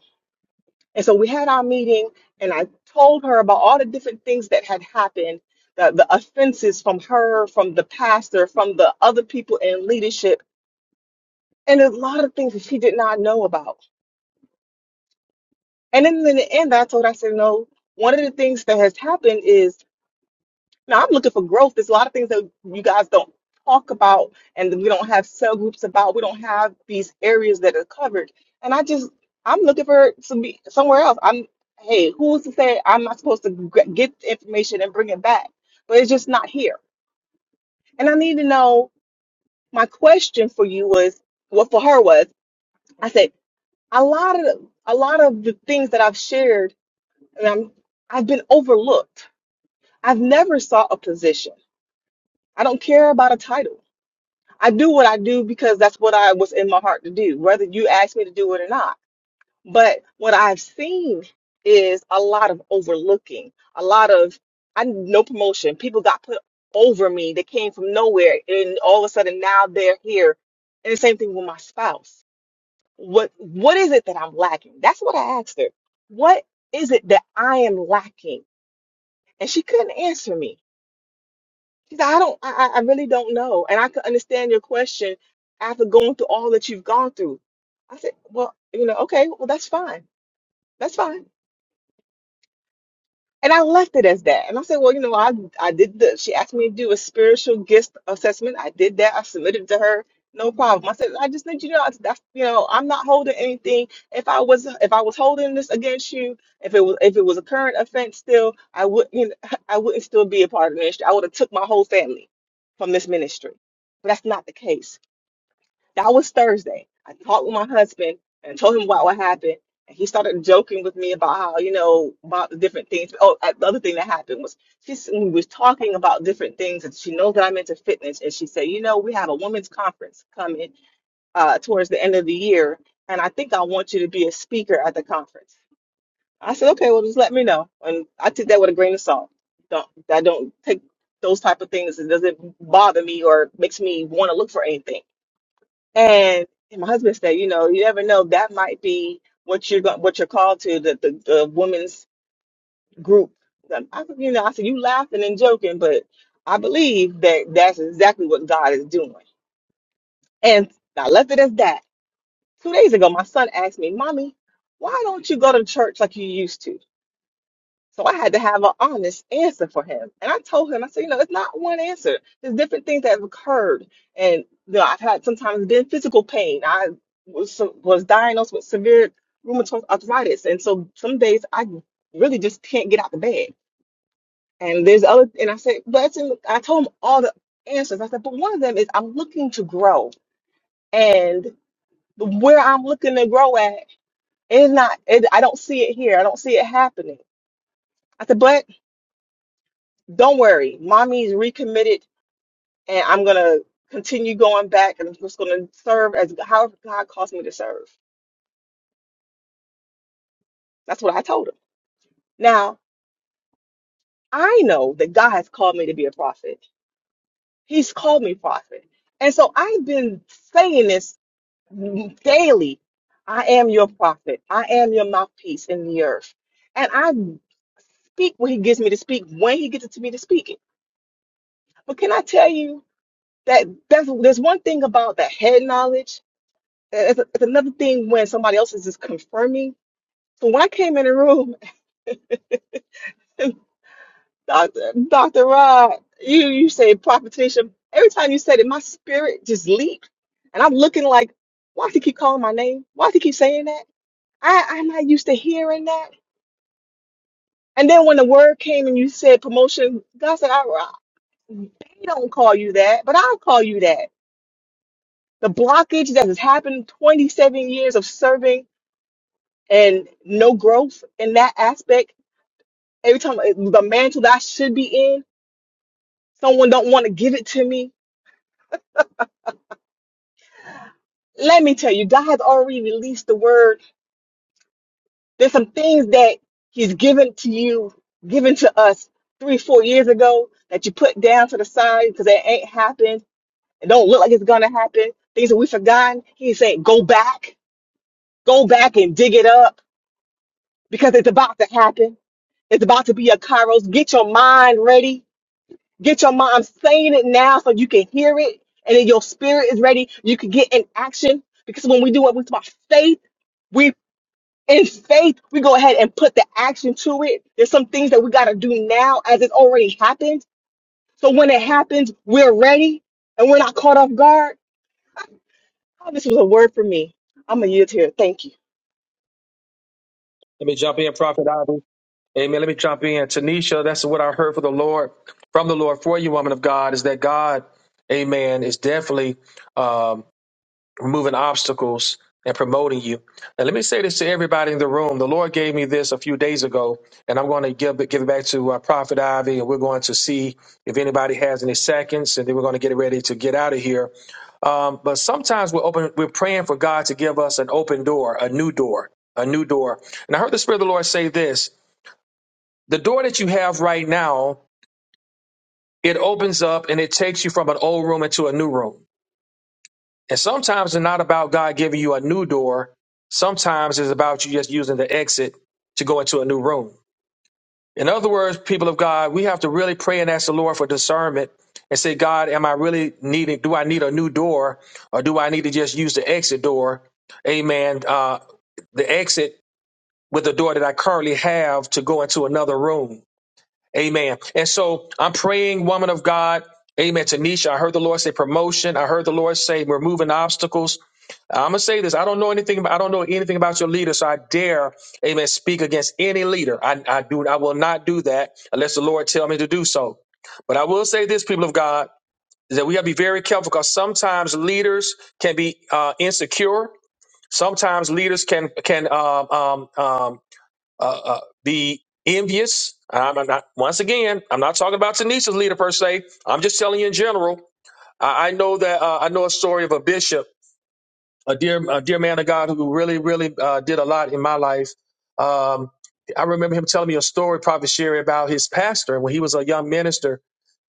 [SPEAKER 10] And so we had our meeting, and I told her about all the different things that had happened the, the offenses from her, from the pastor, from the other people in leadership, and a lot of things that she did not know about. And then in the end, I told her, I said, No, one of the things that has happened is Now I'm looking for growth. There's a lot of things that you guys don't talk about, and we don't have cell groups about. We don't have these areas that are covered. And I just I'm looking for some be somewhere else. I'm hey, who's to say I'm not supposed to g- get the information and bring it back? But it's just not here. And I need to know. My question for you was, what for her was, I said a lot of a lot of the things that I've shared, and I'm I've been overlooked. I've never saw a position. I don't care about a title. I do what I do because that's what I was in my heart to do, whether you ask me to do it or not. But what I've seen is a lot of overlooking, a lot of I no promotion. People got put over me. They came from nowhere, and all of a sudden now they're here. And the same thing with my spouse. What what is it that I'm lacking? That's what I asked her. What is it that I am lacking? And she couldn't answer me. She said, I don't, I, I I really don't know. And I could understand your question after going through all that you've gone through. I said, well, you know, okay, well, that's fine. That's fine. And I left it as that. And I said, well, you know, I I did the she asked me to do a spiritual gift assessment. I did that. I submitted it to her. No problem. I said, I just need you to know that's you know, I'm not holding anything. If I was if I was holding this against you, if it was if it was a current offense still, I wouldn't you know, (laughs) I wouldn't still be a part of the ministry. I would have took my whole family from this ministry. But that's not the case. That was Thursday. I talked with my husband and told him about what happened. And he started joking with me about how, you know, about the different things. Oh, uh, the other thing that happened was she s- we was talking about different things and she knows that I'm into fitness. And she said, you know, we have a women's conference coming uh, towards the end of the year. And I think I want you to be a speaker at the conference. I said, okay, well, just let me know. And I took that with a grain of salt. Don't, I don't take those type of things. It doesn't bother me or makes me want to look for anything. And, and my husband said, you know, you never know. That might be what you're go- what you're called to the the, the women's group. Um, I, said, you know, I said you laughing and joking, but I believe that that's exactly what God is doing. And I left it as that. Two days ago, my son asked me, "Mommy, why don't you go to church like you used to?" So I had to have an honest answer for him. And I told him, I said, you know, it's not one answer. There's different things that have occurred. And you know, I've had sometimes been physical pain. I was, was diagnosed with severe rheumatoid arthritis. And so some days I really just can't get out of bed. And there's other, and I said, but that's in, I told him all the answers. I said, but one of them is I'm looking to grow. And where I'm looking to grow at is not, it, I don't see it here. I don't see it happening. I said, but Don't worry, mommy's recommitted, and I'm gonna continue going back, and I'm just gonna serve as however God calls me to serve. That's what I told him. Now I know that God has called me to be a prophet. He's called me prophet, and so I've been saying this daily. I am your prophet. I am your mouthpiece in the earth, and I speak what He gives me to speak when He gets it to me to speak it. But can I tell you that that's, there's one thing about that head knowledge it's, it's another thing when somebody else is just confirming. So when I came in the room, (laughs) Doctor Doctor Rod, you you say Tanisha. Every time you said it, my spirit just leaped, and I'm looking like, why does he keep calling my name? Why does he keep saying that? I I'm not used to hearing that. And then when the word came and you said promotion, God said, I, I- they don't call you that, but I'll call you that. The blockage that has happened 27 years of serving and no growth in that aspect every time uh, the mantle that I should be in, someone don't want to give it to me. Let me tell you, God has already released the word. There's some things that He's given to you, given to us three, four years ago that you put down to the side because it ain't happened. It don't look like it's gonna happen. Things that we forgotten. He's saying, go back, go back and dig it up because it's about to happen. It's about to be a kairos. Get your mind ready Get your mind saying it now so you can hear it and then your spirit is ready. You can get in action because when we do what we talk about faith, we in faith, we go ahead and put the action to it. There's some things that we got to do now as it's already happened. So when it happens, we're ready and we're not caught off guard. Oh, this was a word for me. I'm a yield here. Thank you.
[SPEAKER 1] Let me jump in, Prophet Ivy. Amen. Let me jump in. Tanisha, that's what I heard for the Lord, from the Lord for you, woman of God, is that God, Amen, is definitely um, removing obstacles and promoting you. Now, let me say this to everybody in the room. The Lord gave me this a few days ago, and I'm going to give it, give it back to uh, Prophet Ivy, and we're going to see if anybody has any seconds, and then we're going to get ready to get out of here. Um, but sometimes we're open, we're praying for God to give us an open door, a new door, a new door. And I heard the Spirit of the Lord say this: the door that you have right now, it opens up and it takes you from an old room into a new room. And sometimes it's not about God giving you a new door. Sometimes it's about you just using the exit to go into a new room. In other words, people of God, we have to really pray and ask the Lord for discernment and say, God, am I really needing, do I need a new door or do I need to just use the exit door? Amen. Uh, the exit with the door that I currently have to go into another room. Amen. And so I'm praying, woman of God. Amen. Tanisha, I heard the Lord say promotion. I heard the Lord say removing obstacles. I'm gonna say this. I don't know anything. About, I don't know anything about your leader, so I dare, Amen, speak against any leader. I, I do. I will not do that unless the Lord tell me to do so. But I will say this, people of God, is that we gotta be very careful because sometimes leaders can be uh, insecure. Sometimes leaders can can um, um, um, uh, uh, be envious. I'm I'm not. Once again, I'm not talking about Tanisha's leader per se. I'm just telling you in general. I, I know that uh, I know a story of a bishop a dear a dear man of God who really really uh, did a lot in my life. Um, I remember him telling me a story, Prophet Sherry, about his pastor when he was a young minister,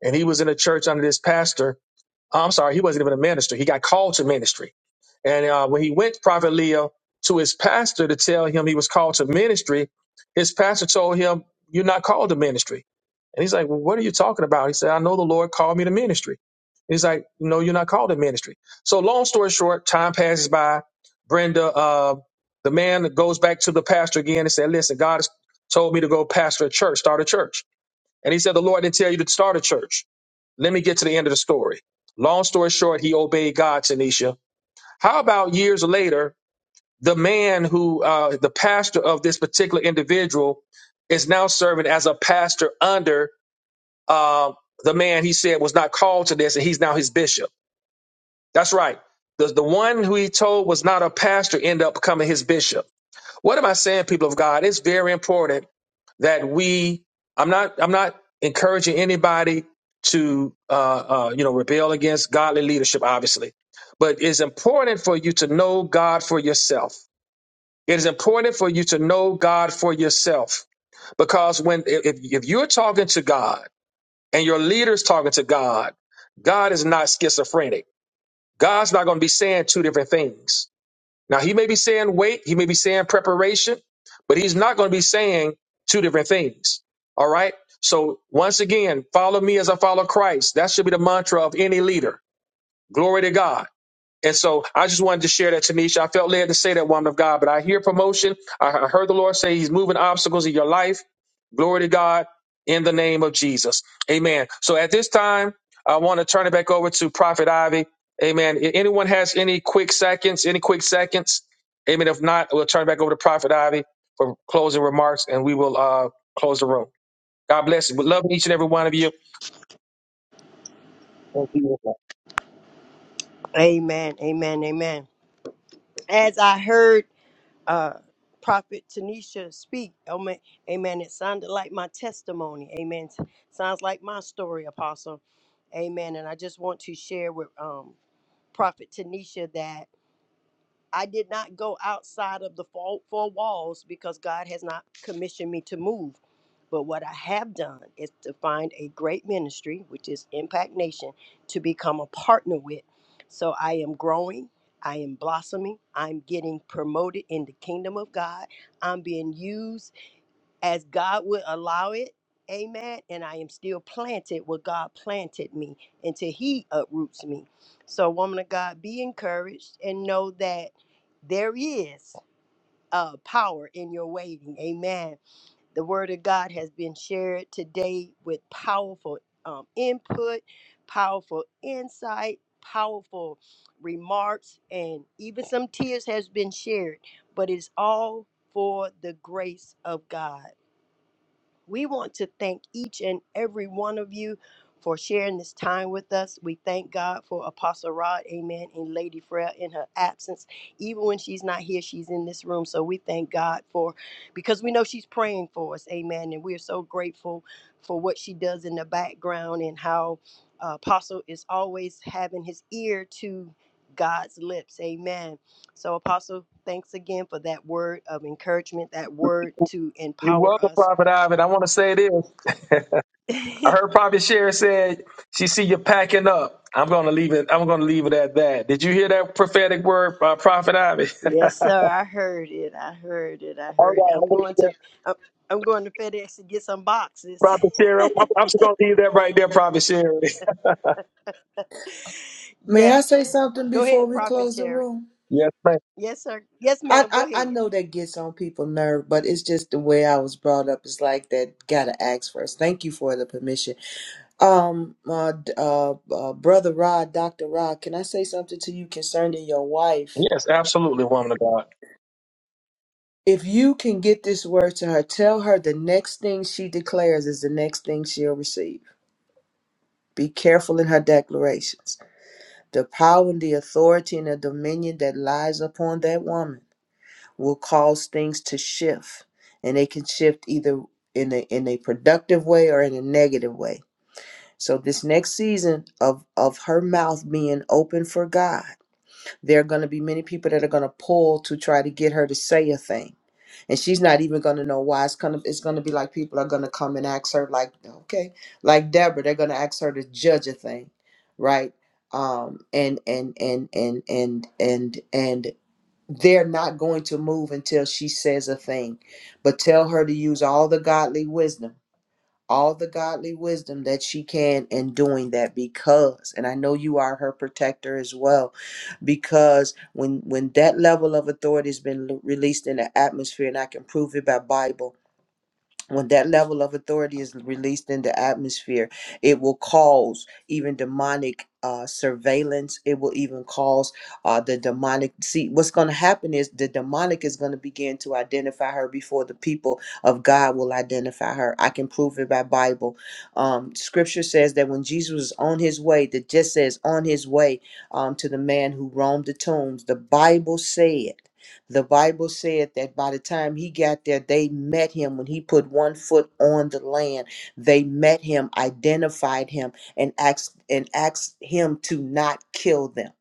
[SPEAKER 1] and he was in a church under this pastor. Uh, I'm sorry, he wasn't even a minister. He got called to ministry, and uh, when he went, Prophet Leo, to his pastor to tell him he was called to ministry, his pastor told him, "You're not called to ministry." And he's like, well, "What are you talking about?" He said, "I know the Lord called me to ministry." He's like, no, you're not called to ministry. So long story short, time passes by. Brenda, uh, the man goes back to the pastor again and said, listen, God has told me to go pastor a church, start a church. And he said, the Lord didn't tell you to start a church. Let me get to the end of the story. Long story short, he obeyed God, Tanisha. How about years later, the man who, uh, the pastor of this particular individual is now serving as a pastor under, um, the man he said was not called to this and he's now his bishop. That's right. The, the one who he told was not a pastor end up becoming his bishop. What am I saying, people of God? It's very important that we. I'm not. I'm not encouraging anybody to, uh, uh, you know, rebel against godly leadership, obviously. But it's important for you to know God for yourself. It is important for you to know God for yourself because when if, if you're talking to God and your leader's talking to God, God is not schizophrenic. God's not going to be saying two different things. Now, he may be saying wait, he may be saying preparation, but he's not going to be saying two different things. All right. So, once again, follow me as I follow Christ. That should be the mantra of any leader. Glory to God. And so I just wanted to share that, Tanisha. I felt led to say that, woman of God, but I hear promotion. I I heard the Lord say he's moving obstacles in your life. Glory to God in the name of Jesus. Amen. So at this time, I want to turn it back over to Prophet Ivy. Amen. If anyone has any quick seconds, any quick seconds? Amen. If not, we'll turn it back over to Prophet Ivy for closing remarks and we will uh, close the room. God bless you. We love each and every one of you.
[SPEAKER 2] Amen. Amen. Amen. As I heard. uh, Prophet Tanisha speak. Amen. Amen. It sounded like my testimony. Amen. Sounds like my story, Apostle. Amen. And I just want to share with um, Prophet Tanisha that. I did not go outside of the four, four walls because God has not commissioned me to move. But what I have done is to find a great ministry, which is Impact Nation, to become a partner with. So I am growing, I am blossoming, I'm getting promoted in the kingdom of God, I'm being used as God would allow it. Amen. And I am still planted where God planted me until He uproots me. So, woman of God, be encouraged and know that there is uh, power in your waiting. Amen. The word of God has been shared today with powerful um, input, powerful insight, powerful remarks, and even some tears has been shared. But it's all for the grace of God. We want to thank each and every one of you for sharing this time with us. We thank God for Apostle Rod, amen, and Lady Freya in her absence. Even when she's not here, she's in this room. So we thank God for, because we know she's praying for us, amen. And we are so grateful for what she does in the background and how uh, Apostle is always having his ear to God's lips, amen. So, Apostle, thanks again for that word of encouragement, that word to empower us
[SPEAKER 1] Yes.
[SPEAKER 2] (laughs) yes, sir. I heard it. I heard it. I
[SPEAKER 1] All
[SPEAKER 2] heard it. I'm going
[SPEAKER 1] right.
[SPEAKER 2] to I'm, I'm going to FedEx to get some boxes.
[SPEAKER 1] Prophet Sarah, I'm,
[SPEAKER 2] (laughs)
[SPEAKER 1] I'm just going to leave that right.
[SPEAKER 6] May
[SPEAKER 2] yes.
[SPEAKER 6] I say something
[SPEAKER 2] Go
[SPEAKER 6] before
[SPEAKER 2] ahead,
[SPEAKER 6] we
[SPEAKER 2] Prophet
[SPEAKER 6] close the
[SPEAKER 2] Sherry.
[SPEAKER 6] room?
[SPEAKER 2] Yes, sir. Yes,
[SPEAKER 6] I,
[SPEAKER 2] ma'am. Go
[SPEAKER 6] I, I
[SPEAKER 2] ahead.
[SPEAKER 6] know that gets on people's nerve, but it's just the way I was brought up. It's like that. Gotta ask first. Thank you for the permission. Um, uh, d- uh, uh, brother Rod, Doctor Rod, can I say something to you concerning your wife?
[SPEAKER 1] Woman of God.
[SPEAKER 6] If you can get this word to her, tell her the next thing she declares is the next thing she'll receive. Be careful in her declarations. The power and the authority and the dominion that lies upon that woman will cause things to shift, and they can shift either in a in a productive way or in a negative way. So this next season of of her mouth being open for God, there are going to be many people that are going to pull to try to get her to say a thing and she's not even gonna know why. It's gonna it's gonna be like people are gonna come and ask her like, okay, like Deborah, they're gonna ask her to judge a thing, right? Um, and and and and and and and they're not going to move until she says a thing, but tell her to use all the godly wisdom all the godly wisdom that she can in doing that because and I know you are her protector as well because when when that level of authority has been l- released in the atmosphere and I can prove it by Bible when that level of authority is released in the atmosphere, it will cause even demonic uh, surveillance. It will even cause uh, the demonic. See, what's going to happen is the demonic is going to begin to identify her before the people of God will identify her. I can prove it by Bible. Um, scripture says that when Jesus was on his way, that just says on his way um, to the man who roamed the tombs, the Bible said. The Bible said that by the time he got there, they met him when he put one foot on the land. They met him, identified him, and asked and asked him to not kill them.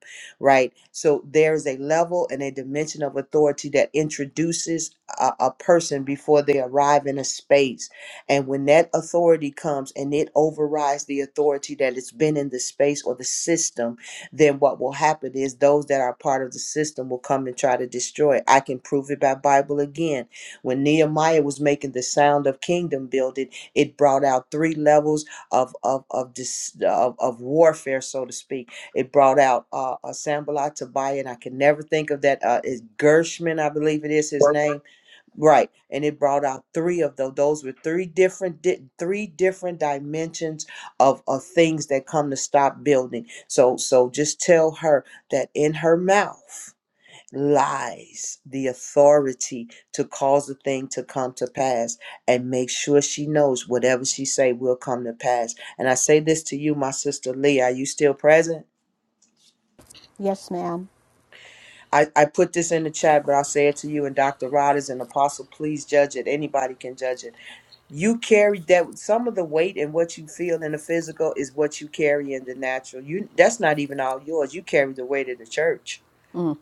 [SPEAKER 6] Right. So there is a level and a dimension of authority that introduces a, a person before they arrive in a space. And when that authority comes and it overrides the authority that has been in the space or the system then what will happen is those that are part of the system will come and try to destroy it. I can prove it by Bible again. When Nehemiah was making the sound of kingdom building, it brought out three levels of of of dis, of, of warfare, so to speak. It brought out uh, a Sambalat Tobiah, and I can never think of that. Uh, is Gershman, I believe it is his name Right, and it brought out three of those. Those were three different, di- three different dimensions of of things that come to stop building. So, so just tell her that in her mouth lies the authority to cause a thing to come to pass, and make sure she knows whatever she say will come to pass. And I say this to you, my sister Lee. Are you still present?
[SPEAKER 8] Yes, ma'am.
[SPEAKER 6] I, I put this in the chat, but I'll say it to you and Dr. Rod is an apostle. Please judge it. Anybody can judge it you carry that some of the weight and what you feel in the physical is what you carry in the natural you that's not even all yours you carry the weight of the church
[SPEAKER 8] Mm,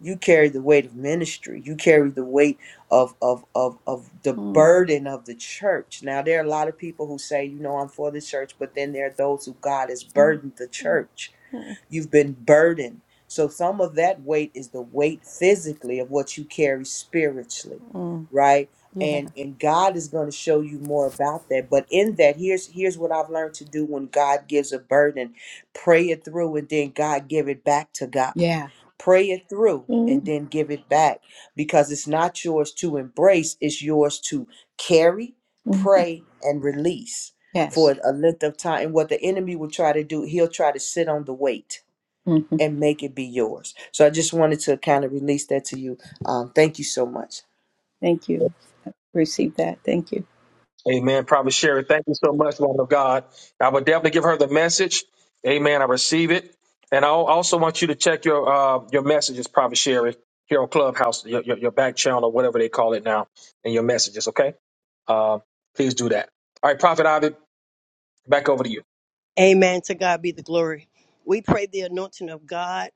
[SPEAKER 6] you carry the weight of ministry you carry the weight of of of of the burden of the church now there are a lot of people who say you know i'm for the church but then there are those who god has burdened the church You've been burdened. So some of that weight is the weight physically of what you carry spiritually, right? And and God is going to show you more about that. But in that, here's here's what I've learned to do when God gives a burden. Pray it through and then God give it back to God. Pray it through
[SPEAKER 8] Mm.
[SPEAKER 6] and then give it back because it's not yours to embrace, it's yours to carry, pray, and release for
[SPEAKER 8] yes.
[SPEAKER 6] a length of time. And what the enemy will try to do, he'll try to sit on the weight
[SPEAKER 8] hmm
[SPEAKER 6] and make it be yours. So I just wanted to kind of release that to you. Um, thank you so much.
[SPEAKER 8] Thank you. Receive that. Thank you.
[SPEAKER 1] Amen. Prophet Sherry, thank you so much, woman of God. I will definitely give her the message. Amen. I receive it. And I al- also
[SPEAKER 2] Amen. To God be the glory. We pray the anointing of God.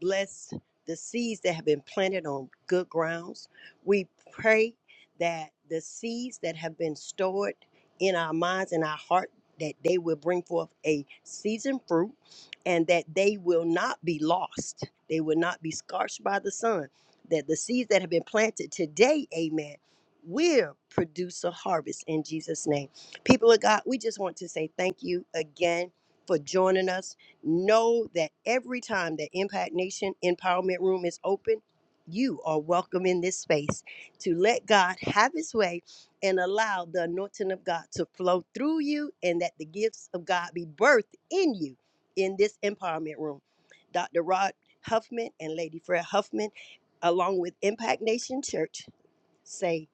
[SPEAKER 2] bless the seeds that have been planted on good grounds. We pray that the seeds that have been stored in our minds and our heart that they will bring forth a seasoned fruit and that they will not be lost. They will not be scorched by the sun. That the seeds that have been planted today, amen, will produce a harvest in Jesus' name. People of God, we just want to say thank you again for joining us. Know that every time the Impact Nation Empowerment Room is open, you are welcome in this space to let God have his way and allow the anointing of God to flow through you and that the gifts of God be birthed in you in this empowerment room. Dr. Rod Huffman and Lady Fred Huffman, along with Impact Nation Church, say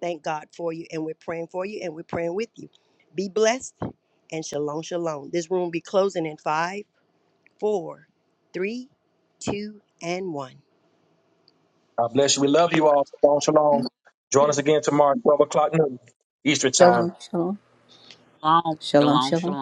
[SPEAKER 2] thank God for you and we're praying for you and we're praying with you. Be blessed and shalom, shalom. This room will be closing in five four, three, two, and one.
[SPEAKER 1] God bless you. We love you all. Shalom, shalom. Join us again tomorrow.
[SPEAKER 8] Shalom. Shalom.
[SPEAKER 5] Shalom,
[SPEAKER 8] Shalom.
[SPEAKER 5] shalom,
[SPEAKER 8] Shalom.
[SPEAKER 5] shalom.